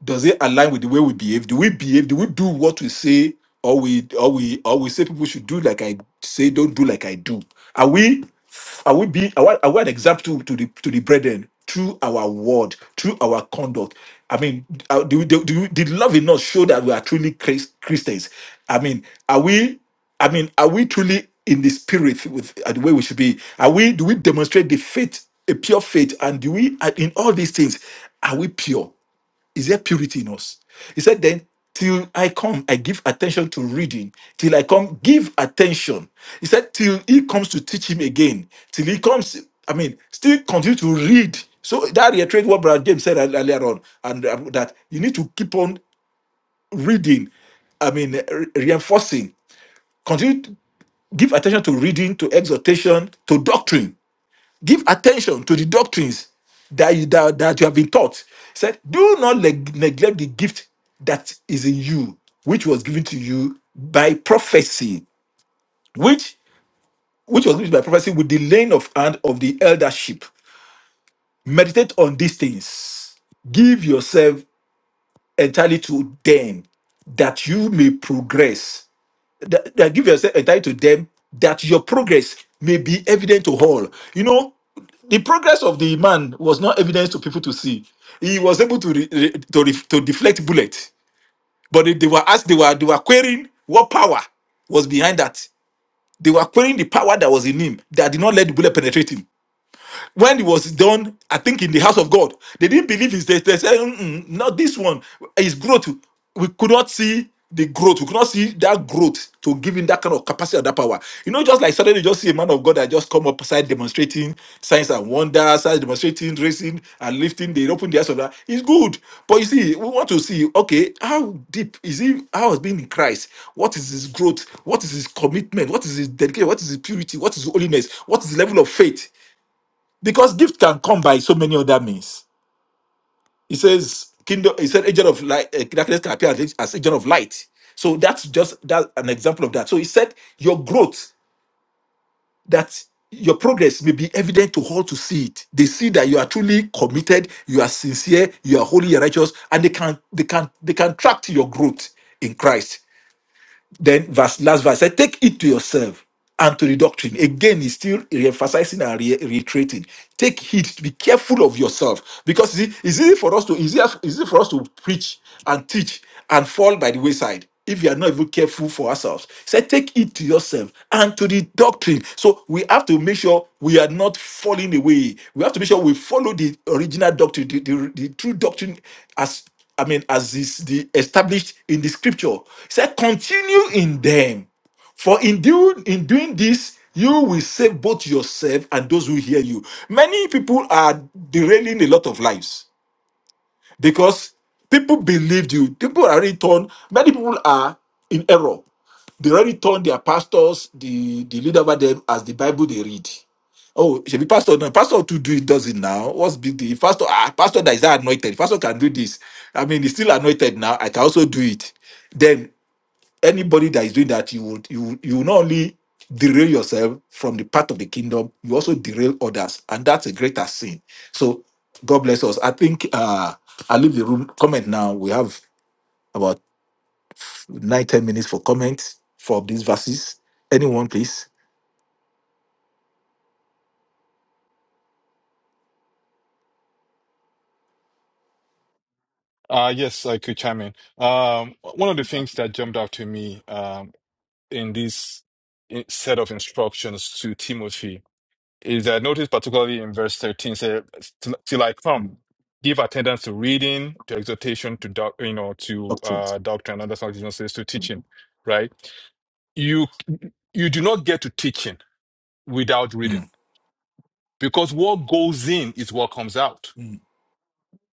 B: does it align with the way we behave? Do we behave? Do we do what we say, or we or we or we say people should do like I say, don't do like I do? Are we are we being are we, are we an example to, to the to the brethren through our word, through our conduct? I mean, uh, do, we- do, do we- did love in us show that we are truly Chris- Christians? I mean, are we? I mean, are we truly in the spirit with uh, the way we should be? Are we? Do we demonstrate the faith, a pure faith, and do we? uh, In all these things, are we pure? Is there purity in us? He said, then, till I come, I give attention to reading. Till I come, give attention. He said, till he comes to teach him again. Till he comes, I mean, still continue to read. So that reiterates what Brother James said ear- earlier on, and uh, that you need to keep on reading. I mean, re- reinforcing. Continue to give attention to reading, to exhortation, to doctrine give attention to the doctrines that you that, that you have been taught. He said, do not neg- neglect the gift that is in you, which was given to you by prophecy, which which was given by prophecy with the laying of hand of the eldership. Meditate on these things. Give yourself entirely to them that you may progress that, that give yourself entirely to them that your progress may be evident to all. You know, the progress of the man was not evident to people to see. He was able to re, re- to, re, to deflect bullets, but they, they were asked, they were they were querying what power was behind that. They were querying the power that was in him that did not let the bullet penetrate him. When it was done, I think in the house of God, they didn't believe his test. They said, "Mm-mm, not this one. His growth, we could not see the growth. We could not see that growth to give him that kind of capacity and that power. You know, just like suddenly you just see a man of God that just come up side demonstrating signs and wonders, started demonstrating, raising and lifting. They open the eyes of that. It's good. But you see, we want to see, okay, how deep is he? How has been in Christ? What is his growth? What is his commitment? What is his dedication? What is his purity? What is his holiness? What is the level of faith? because gift can come by so many other means. He says, "Kingdom." He said, "Agent of light, uh, darkness can appear as, as agent of light." So that's just that an example of that. So he said, "Your growth, that your progress may be evident to all to see it. They see that you are truly committed, you are sincere, you are holy, and righteous, and they can they can they can track to your growth in Christ." Then verse last verse said, take it to yourself and to the doctrine. Again, he's still re-emphasizing and re- reiterating. Take heed, be careful of yourself. Because you see, it's easy for us to easy, easy for us to preach and teach and fall by the wayside if we are not even careful for ourselves. He said, take it to yourself and to the doctrine. So we have to make sure we are not falling away. We have to make sure we follow the original doctrine, the, the the true doctrine as I mean, as is the established in the scripture. He said, continue in them. For in, do, in doing this, you will save both yourself and those who hear you. Many people are derailing a lot of lives because people believed you. People are already torn. Many people are in error. They already turned their pastors, the, the leader over them, as the Bible they read. Oh, it should be pastor. No, pastor to do it does it now. What's big deal? Pastor, ah, pastor that is not anointed. Pastor can do this. I mean, he's still anointed now. I can also do it. Then anybody that is doing that, you would you would- you will not only derail yourself from the path of the kingdom, you also derail others, and that's a greater sin. So God bless us. I think uh I leave the room. Comment now. We have about. Nine, ten minutes for comments for these verses. Anyone, please.
E: Uh, yes, I could chime in. Um, one of the things that jumped out to me um, in this i- set of instructions to Timothy is that notice, particularly in verse 13, says, Till I come,
B: Mm.
E: give attendance to reading, to exhortation, to doc, you know, to uh,
B: Doctrines.
E: doctrine, and that's what Jesus says, to
B: Mm.
E: teaching, right? You, you do not get to teaching without reading
B: Mm.
E: because what goes in is what comes out
B: Mm.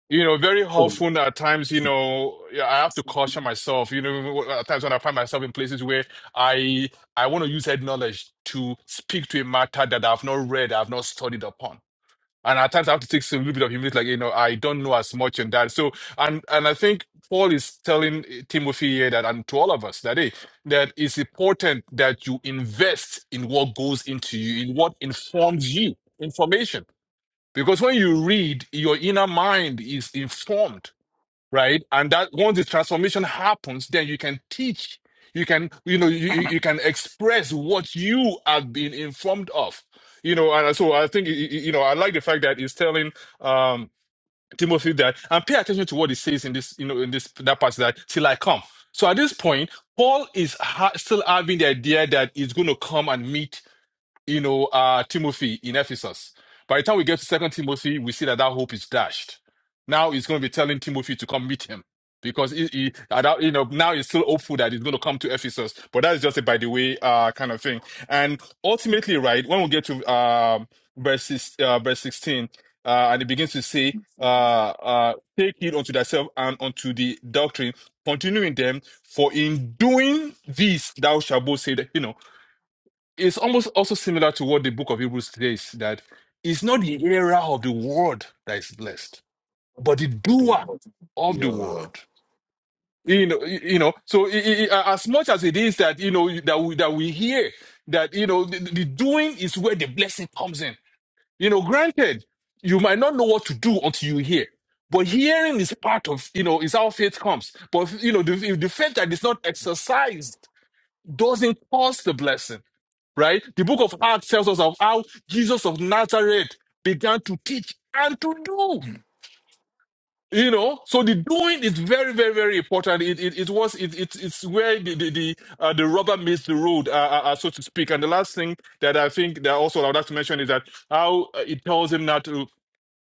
E: You know, very often at times, you know, yeah, I have to caution myself. You know, at times when I find myself in places where I I want to use head knowledge to speak to a matter that I've not read, I've not studied upon. And at times I have to take a little bit of humility, like, you know, I don't know as much on that. So, and and I think Paul is telling eh, Timothy here that, and to all of us that, hey, that it's important that you invest in what goes into you, in what informs you, information. Because when you read, your inner mind is informed, right? And that once the transformation happens, then you can teach, you can, you know, you, you you can express what you have been informed of. You know, and so I think, y- y- you know, I like the fact that he's telling um, Timothy that, and pay attention to what he says in this, you know, in this, that passage that, till I come. So at this point, Paul is ha- still having the idea that he's going to come and meet you know, uh, Timothy in Ephesus. By the time we get to Second Timothy, we see that that hope is dashed. Now he's going to be telling Timothy to come meet him because he, he at that- you know, now he's still hopeful that he's going to come to Ephesus. But that's just a by the way uh, kind of thing. And ultimately, right when we get to um verse six, uh, verse sixteen, uh, and it begins to say. Uh, uh, take heed unto thyself and unto the doctrine, continuing them, for in doing this thou shalt both save, you know it's almost also similar to what the book of Hebrews says that it's not the hearer of the word that is blessed, but the
B: Of the
E: doer
B: word.
E: of the
B: Yeah.
E: word. You know, y- you know. So i i i- as much as it is that you know that we that we hear that you know the, the doing is where the blessing comes in. You know, granted, you might not know what to do until you hear. But hearing is part of, you know, is how faith comes. But, you know, the, if the faith that is not exercised doesn't cause the blessing right? The book of Acts tells us of how Jesus of Nazareth began to teach and to do.
B: Mm.
E: You know, so the doing is very, very, very important. It it, it was it, it's it's where the the the, uh, the rubber meets the road, uh, uh, uh, so to speak. And the last thing that I think that also I would like to mention is that how uh, it tells him not to.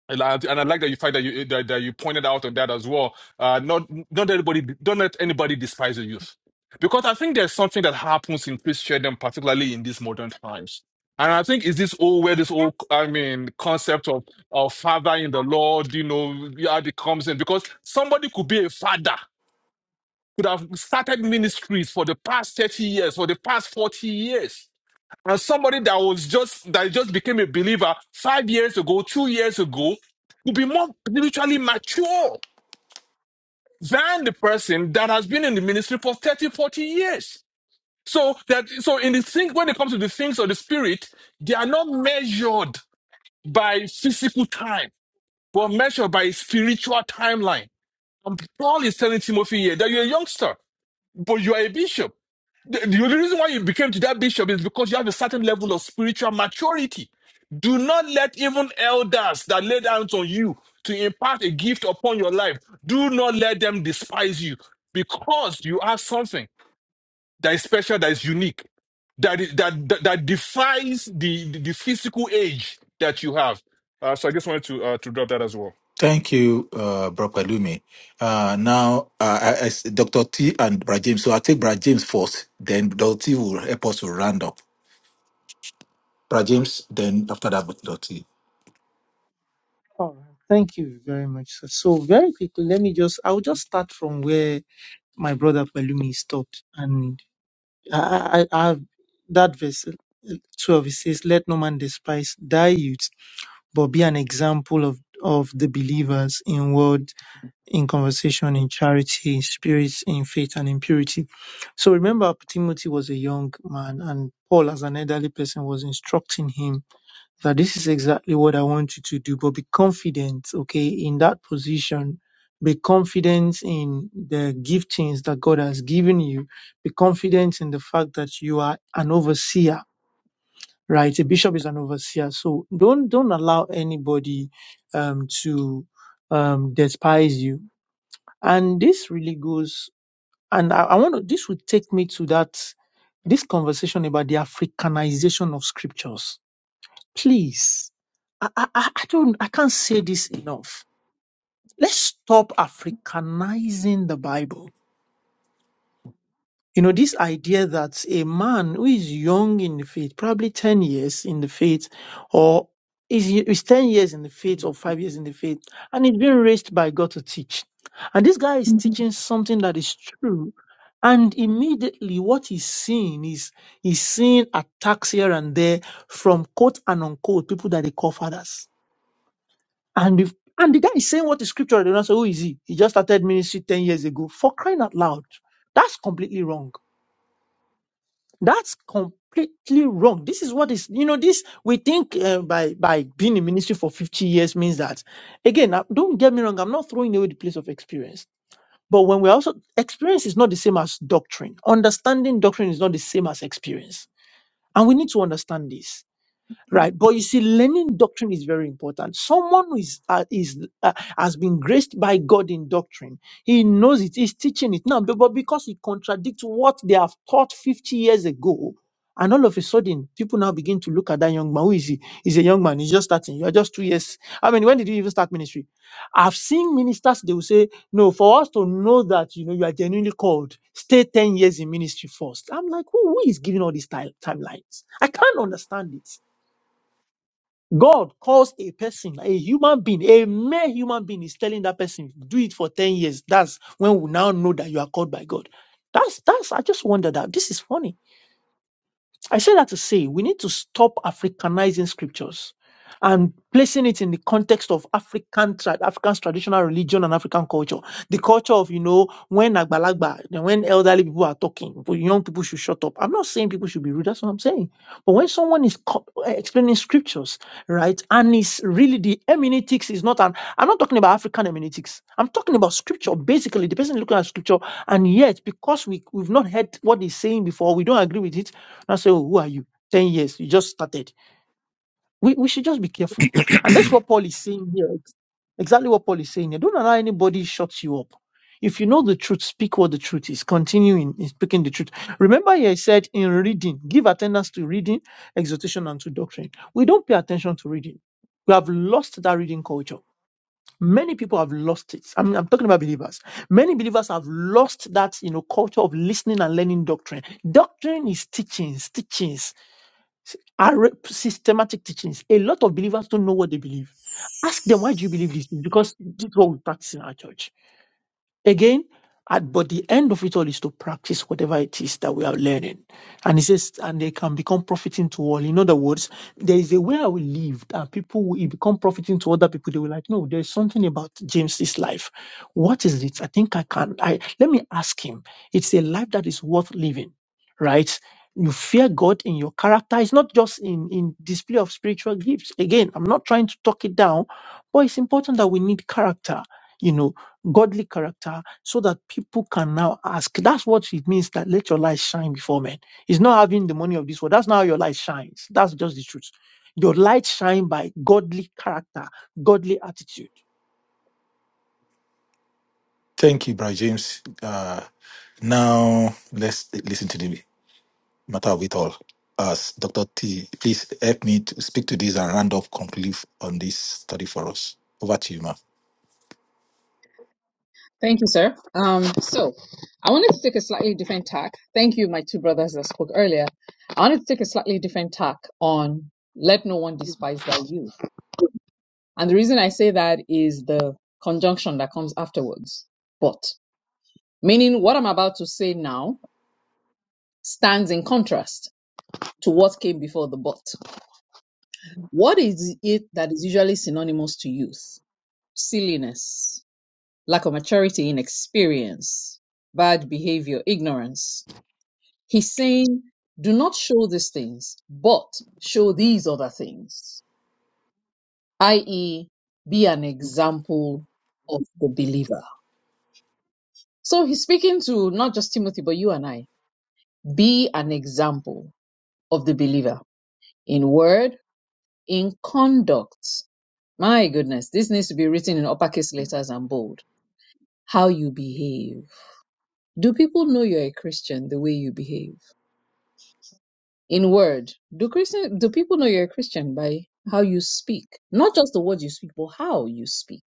E: And I, and I like that you find that you that, that you pointed out on that as well. Uh, not not everybody, don't let anybody despise the youth, because I think there's something that happens in Christendom, particularly in these modern times. And I think is this old where this old I mean concept of of father in the Lord, you know, yeah, it comes in because somebody could be a father, could have started ministries for the past thirty years, for the past forty years and somebody that was just that just became a believer five years ago, two years ago, will be more spiritually mature than the person that has been in the ministry for 30, 40 years. So that so in the thing when it comes to the things of the spirit, they are not measured by physical time, but measured by spiritual timeline. And Paul is telling Timothy here that you're a youngster, but you are a bishop. The, the only reason why you became to that bishop is because you have a certain level of spiritual maturity. Do not let even elders that lay hands on you to impart a gift upon your life, do not let them despise you because you have something that is special, that is unique, that, is, that, that, that defies the, the, the physical age that you have. Uh, so I just wanted to, uh, to drop that as well.
B: Thank you, uh, Bro Palumi. Uh, now, uh, I, I s- Dr. T and Brad James. So I'll take Brad James first, then Dr. T will help us to round up. Brad James, then after that, Dr. T.
F: All right. Thank you very much, sir. So very quickly, let me just I'll just start from where my brother Pelumi stopped. And I, I, I have that verse uh, 12, it says, Let no man despise thy youth, but be an example of, of the believers in word, in conversation, in charity, in spirit, in faith, and in purity. So remember, Timothy was a young man, and Paul, as an elderly person, was instructing him that this is exactly what I want you to do, but be confident, okay, in that position. Be confident in the giftings that God has given you. Be confident in the fact that you are an overseer, right? A bishop is an overseer. So don't, don't allow anybody, um, to, um, despise you. And this really goes, and I, I want to, this would take me to that, this conversation about the Africanization of scriptures Please, I, I, I I don't, I can't say this enough. Let's stop Africanizing the Bible. You know, this idea that a man who is young in the faith, probably 10 years in the faith, or is, is 10 years in the faith or 5 years in the faith, and he's being raised by God to teach. And this guy is teaching something that is true. And immediately what he's seeing is he's seeing attacks here and there from quote and unquote people that they call fathers And if, and the guy is saying what the scripture already knows. So who is he? He just started ministry 10 years ago. For crying out loud. That's completely wrong. That's completely wrong. This is what is, you know, this, we think uh, by, by being in ministry for 50 years means that, again, uh, don't get me wrong. I'm not throwing away the place of experience. But when we're also, experience is not the same as doctrine. Understanding doctrine is not the same as experience. And we need to understand this right but you see learning doctrine is very important someone who is uh, is uh, has been graced by god in doctrine he knows it he's teaching it now but, but because he contradicts what they have taught 50 years ago and all of a sudden people now begin to look at that young man who is he he's a young man he's just starting you're just two years i mean when did you even start ministry i've seen ministers they will say no for us to know that you know you are genuinely called stay 10 years in ministry first i'm like who, who is giving all these time, timelines i can't understand it God calls a person, a human being, a mere human being is telling that person, do it for 10 years. That's when we now know that you are called by God. That's that's I just wonder that this is funny. I say that to say we need to stop Africanizing scriptures and placing it in the context of African tra- African's traditional religion and African culture. The culture of, you know, when Agbalagba, then when elderly people are talking, but young people should shut up. I'm not saying people should be rude, that's what I'm saying. But when someone is co- eh, explaining scriptures, right, and it's really the hermeneutics is not an, I'm not talking about African hermeneutics. I'm talking about scripture, basically, the person looking at scripture, and yet because we, we've not heard what he's saying before, we don't agree with it, not say, oh, who are you? 10 years, you just started. We, we should just be careful. And that's what Paul is saying here. Ex- Exactly what Paul is saying here. Don't allow anybody shut you up. If you know the truth, speak what the truth is. Continue in, in speaking the truth. Remember, here I said in reading, give attendance to reading, exhortation, and to doctrine. We don't pay attention to reading. We have lost that reading culture. Many people have lost it. I mean, I'm talking about believers. Many believers have lost that, you know, culture of listening and learning doctrine. Doctrine is teachings, teachings are systematic teachings. A lot of believers don't know what they believe. Ask them why do you believe this? It's because this is what we practice in our church. Again, at, but the end of it all is to practice whatever it is that we are learning. And he says, and they can become profiting to all. In other words, there is a way I will live that people will it become profiting to other people. They will like, no, there's something about James's life. What is it? I think I can. I let me ask him. It's a life that is worth living, right? You fear God in your character. It's not just in, in display of spiritual gifts. Again, I'm not trying to talk it down, but it's important that we need character. You know, godly character so that people can now ask. That's what it means that let your light shine before men. It's not having the money of this world. That's not how your light shines. That's just the truth. Your light shine by godly character, godly attitude.
B: Thank you, Brad James. Uh, now, let's listen to the matter with all us. Dr. T, please help me to speak to this and round up conclude on this study for us. Over to you, ma.
D: Thank you, sir. Um, so I wanted to take a slightly different tack. Thank you, my two brothers that spoke earlier. I wanted to take a slightly different tack on let no one despise thy youth. And the reason I say that is the conjunction that comes afterwards. But, meaning what I'm about to say now stands in contrast to what came before the but. What is it that is usually synonymous to youth? silliness, lack of maturity, inexperience, bad behavior, ignorance. He's saying, do not show these things, but show these other things, i.e., be an example of the believer. So he's speaking to not just Timothy, but you and I. Be an example of the believer in word, in conduct. My goodness, this needs to be written in uppercase letters and bold. How you behave Do people know you're a Christian the way you behave? In word, do Christian do people know you're a Christian by how you speak? Not just the words you speak, but how you speak.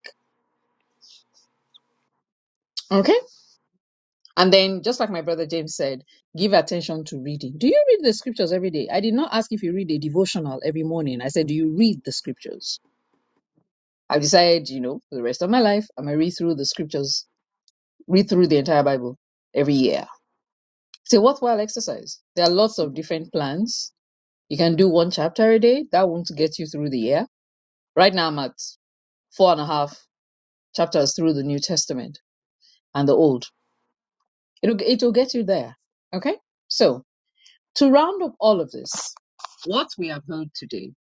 D: Okay? And then just like my brother James said, give attention to reading. Do you read the scriptures every day? I did not ask if you read a devotional every morning. I said, do you read the scriptures? I've decided, you know, for the rest of my life, I'm gonna read through the scriptures, read through the entire Bible every year. It's a worthwhile exercise. There are lots of different plans You can do one chapter a day. That won't get you through the year. Right now, I'm at four and a half chapters through the New Testament and the Old. It'll, it'll get you there. Okay? So, to round up all of this, what we have heard today,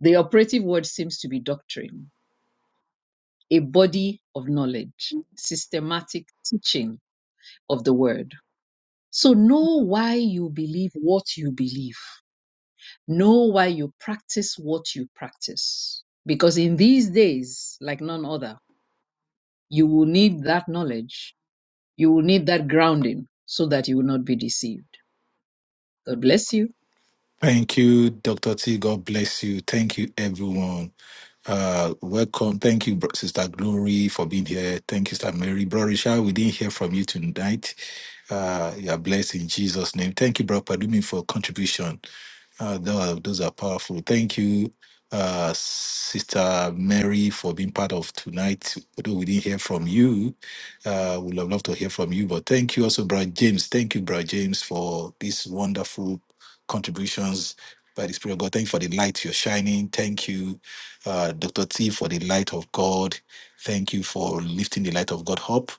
D: the operative word seems to be doctrine, a body of knowledge, systematic teaching of the word. So, know why you believe what you believe. Know why you practice what you practice. Because in these days, like none other, you will need that knowledge. You will need that grounding so that you will not be deceived. God bless you.
B: Thank you, Dr. T. God bless you. Thank you, everyone. Uh, welcome. Thank you, Bro- Sister Glory, for being here. Thank you, Sister Mary. Bro Richard, we didn't hear from you tonight. Uh, you are blessed in Jesus' name. Thank you, Brother Padumi, for contribution. Uh, tho- those are powerful. Thank you, uh, Sister Mary, for being part of tonight. Although we didn't hear from you, uh, we'd love loved to hear from you. But thank you also, Brad James. Thank you, Brad James, for these wonderful contributions by the Spirit of God. Thank you for the light you're shining. Thank you, uh, Dr. T, for the light of God. Thank you for lifting the light of God up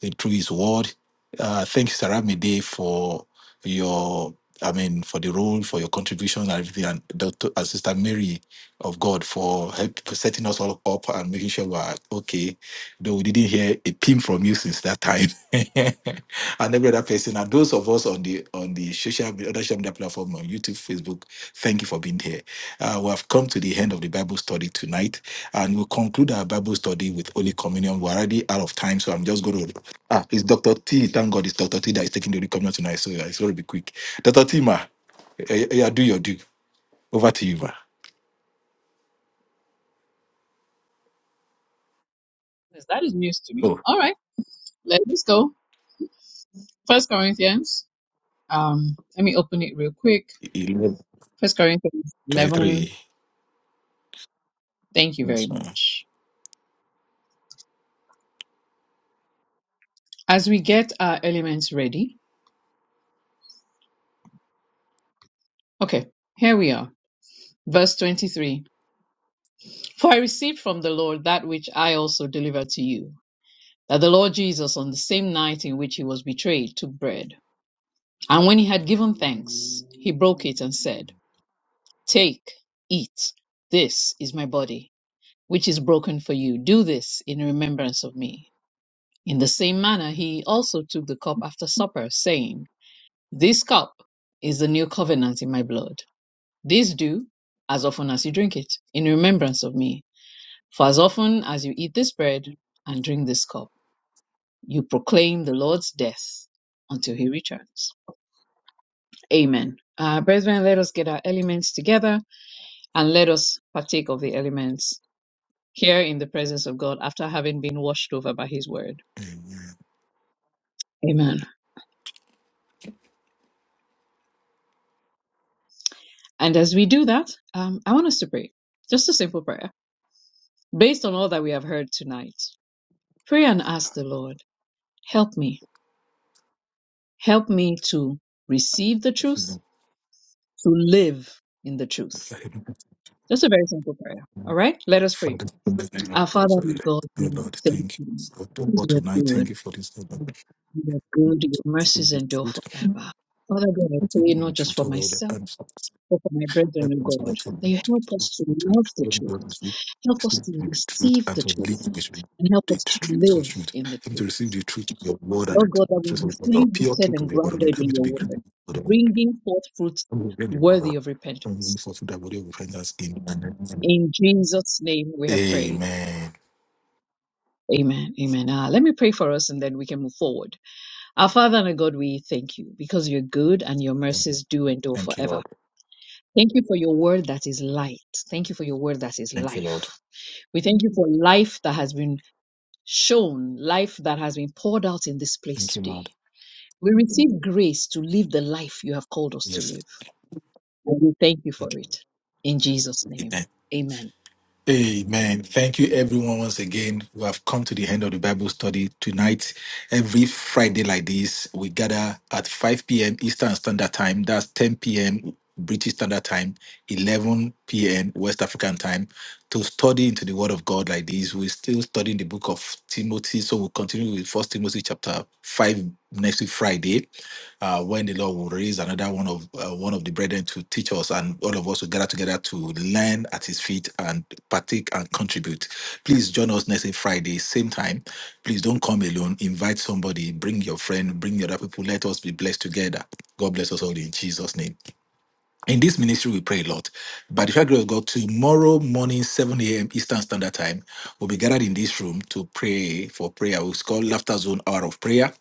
B: in- through His Word. Uh, thank you, Sarah Mide, for your. I mean, for the role, for your contribution and everything, and Dr. and Sister Mary of God for help, for setting us all up and making sure we're okay. Though we didn't hear a pin from you since that time, and every other person, and those of us on the on the social media, other social media platform on YouTube, Facebook, thank you for being here. Uh, we have come to the end of the Bible study tonight, and we'll conclude our Bible study with Holy Communion. We're already out of time, so I'm just going to. Ah, it's Dr. T. Thank God, it's Dr. T that is taking the Holy Communion tonight, so yeah, it's going to be quick. Dr. Tima, eh, eh, yeah, do your due. Over to you, ma.
D: Yes, that is news to me.
B: Oh,
D: All right, let's go. First Corinthians. Um, let me open it real quick.
B: eleven
D: First Corinthians eleven.
B: twenty-three.
D: Thank you very
B: Yes, ma'am.
D: much. As we get our elements ready, okay, here we are. Verse 23 For I received from the Lord that which I also delivered to you. that the Lord Jesus, on the same night in which he was betrayed, took bread. And when he had given thanks, he broke it and said, Take, eat, this is my body, which is broken for you. Do this in remembrance of me. In the same manner, he also took the cup after supper, saying, This cup is the new covenant in my blood. This do as often as you drink it, in remembrance of me. For as often as you eat this bread and drink this cup, You proclaim the Lord's death until he returns. Amen. Uh, brethren, let us get our elements together and let us partake of the elements here in the presence of God after having been washed over by his word.
B: Amen.
D: Amen. And as we do that, um, I want us to pray. Just a simple prayer based on all that we have heard tonight. Pray and ask the Lord, help me. Help me to receive the truth, to live in the truth. Just a very simple prayer. All right? Let us pray.
B: Father, in the name of
D: Our Father
B: Jesus,
D: and God,
B: dear
D: we
B: Lord,
D: thank
B: thank you
D: you
B: for doing
D: because
B: what
D: you are
B: tonight. Thank
D: good.
B: you for this. day, Lord.
D: You are good. Your
B: Still
D: mercies
B: with
D: endure
B: good.
D: forever. Father God, I
B: Still
D: pray not
B: with
D: just
B: truth,
D: for
B: oh Lord,
D: myself,
B: and help us,
D: but for my brethren, O
B: O
D: God,
B: Lord, to
D: that
B: live
D: you
B: to-
D: help us to
B: to-
D: love
B: to
D: the
B: live
D: truth,
B: God with you.
D: help us
B: Still
D: to
B: with truth
D: receive
B: and
D: the
B: to live
D: truth,
B: with you.
D: and help
B: The
D: us to
B: truth of
D: live
B: truth.
D: in the
B: Help me
D: truth.
B: to receive the truth of your word and
D: Lord God,
B: the
D: that we'll
B: truth
D: be
B: of your
D: fully
B: word, pure
D: rooted
B: truth
D: and
B: of your word. Lord.
D: grounded
B: Help me
D: in
B: to
D: your
B: be
D: word,
B: grateful
D: bringing forth fruits
B: Amen.
D: worthy of repentance. In Jesus' name we have prayed. Amen. Amen. Ah, let me pray for us and then we can move forward. Our Father and our God, we thank you because you're good and your mercies do endure
B: Thank you,
D: forever.
B: Lord.
D: Thank you for your word that is light. Thank you for your word that is
B: Thank you, Lord.
D: life. We thank you for life that has been shown, life that has been poured out in this place
B: Thank you,
D: today.
B: Lord.
D: We receive grace to live the life you have called us to
B: Yes.
D: live. And we thank you for
B: Thank you.
D: it. In Jesus' name,
B: Amen.
D: amen.
B: Amen. Thank you, everyone, once again. We have come to the end of the Bible study tonight. Every Friday, like this, we gather at 5 p.m. Eastern Standard Time. That's 10 p.m. British Standard Time, 11 p.m. West African Time, to study into the Word of God like this. We're still studying the book of Timothy, so we'll continue with First Timothy chapter 5 next week, Friday uh, when the Lord will raise another one of uh, one of the brethren to teach us, and all of us to gather together to learn at His feet and partake and contribute. Please join us next Friday, same time. Please don't come alone. Invite somebody. Bring your friend. Bring the other people. Let us be blessed together. God bless us all in Jesus' name. In this ministry, we pray a lot. By the grace of God, tomorrow morning, 7 a.m. Eastern Standard Time, we'll be gathered in this room to pray for prayer. It's called Laughter Zone Hour of Prayer.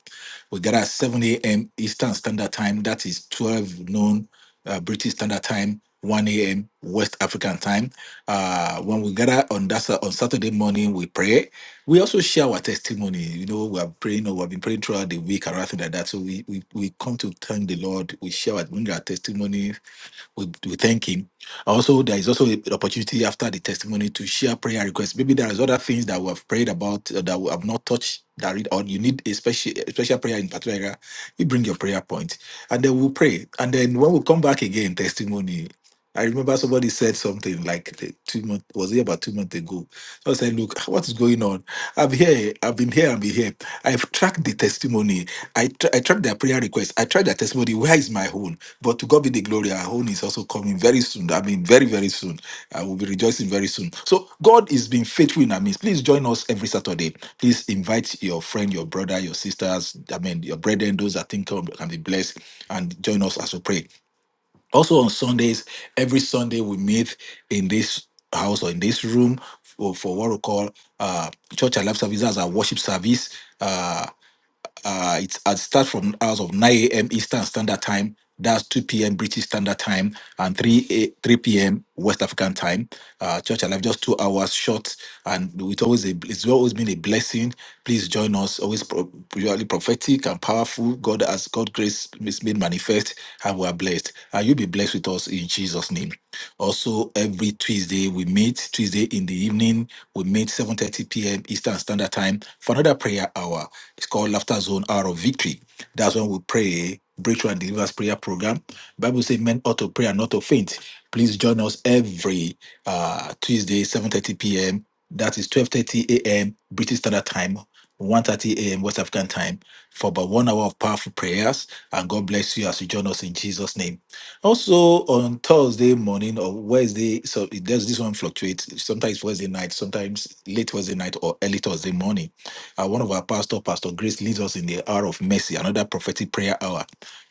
B: We gather at 7 a.m. Eastern Standard Time. That is 12 noon uh, British Standard Time, 1 a.m. West African Time. Uh, when we gather on that on Saturday morning, we pray. We also share our testimony. You know, we are praying or we've been praying throughout the week or anything like that. So we, we, we come to thank the Lord. We share our, bring our testimony we, we thank Him. Also, there is also an opportunity after the testimony to share prayer requests. Maybe there is other things that we have prayed about uh, that we have not touched. That read, or you need a special, a special prayer in particular. area, You bring your prayer point, and then we'll pray. And then when we come back again, testimony. I remember somebody said something like the two months was it about two months ago. So I said, look, what is going on? I'm here. I've been here. I've been here. I've tracked the testimony. I, tr- I tried their prayer request. I tried their testimony. Where is my own? But to God be the glory. Our own is also coming very soon. I mean, very, very soon. I will be rejoicing very soon. So God is being faithful in our midst. Please join us every Saturday. Please invite your friend, your brother, your sisters, I mean, your brethren, those that think can can be blessed, and join us as we pray. Also on Sundays, every Sunday we meet in this house or in this room for, for what we call uh, church and life services, our worship service. Uh, uh, it's it starts from hours of 9 a.m. Eastern Standard Time. That's 2 p.m. British Standard Time and 3 a, 3 p.m. West African Time. Uh, Church Alive, just two hours short, and it's always a, it's always been a blessing. Please join us. Always pro- purely prophetic and powerful. God has God grace is made manifest, and we are blessed. And you'll be blessed with us in Jesus' name. Also, every Tuesday we meet. Tuesday in the evening we meet 7:30 p.m. Eastern Standard Time for another prayer hour. It's called Laughter Zone Hour of Victory. That's when we pray Breakthrough and Deliverance Prayer Program. Bible says men ought to pray and not to faint. Please join us every uh, Tuesday 7:30 p.m. That is 12:30 a.m. British Standard Time. 1.30 a.m. West African time for about one hour of powerful prayers. And God bless you as you join us in Jesus' name. Also on Thursday morning or Wednesday, so it does this one fluctuate. Sometimes Wednesday night, sometimes late Wednesday night or early Thursday morning. Uh, one of our pastor, Pastor Grace, leads us in the hour of mercy, another prophetic prayer hour.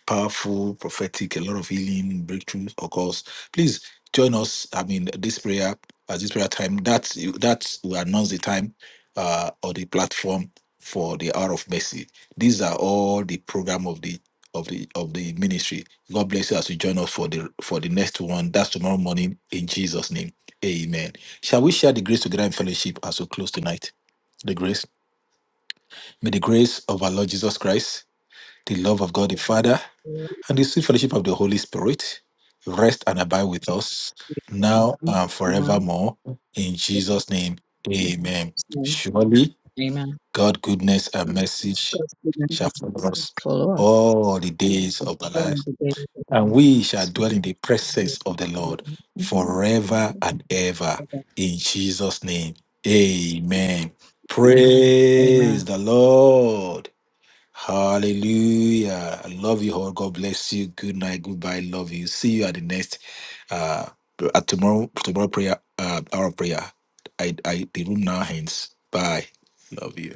B: Powerful, prophetic, a lot of healing, breakthroughs, of course. Please join us. I mean, this prayer, at this prayer time, that's that's we announce the time uh or the platform for the hour of mercy. These are all the program of the of the of the ministry. God bless you as you join us for the for the next one. That's tomorrow morning in Jesus' name. Amen. Shall we share the grace together in fellowship as we close tonight? The grace. May the grace of our Lord Jesus Christ, the love of God the Father, and the sweet fellowship of the Holy Spirit rest and abide with us now and
D: Now,
B: forevermore. In
D: in
B: Jesus' name. Amen.
D: Jesus' name,
B: Surely
D: amen.
B: God goodness and mercy
D: God's goodness and
B: shall
D: mercy
B: follow us
D: Follow us.
B: all the days of our
D: all
B: lives
D: the days of
B: and we shall dwell in the
D: our
B: presence of the
D: lives.
B: Lord forever and ever. In Jesus' name, amen.
D: Amen.
B: Praise the Lord. Hallelujah. I love you all. God bless you. Good night. Goodbye. Love you. See you at the next, uh, at tomorrow, tomorrow prayer, uh, hour of prayer. I, I, the room now ends. Bye. Love you.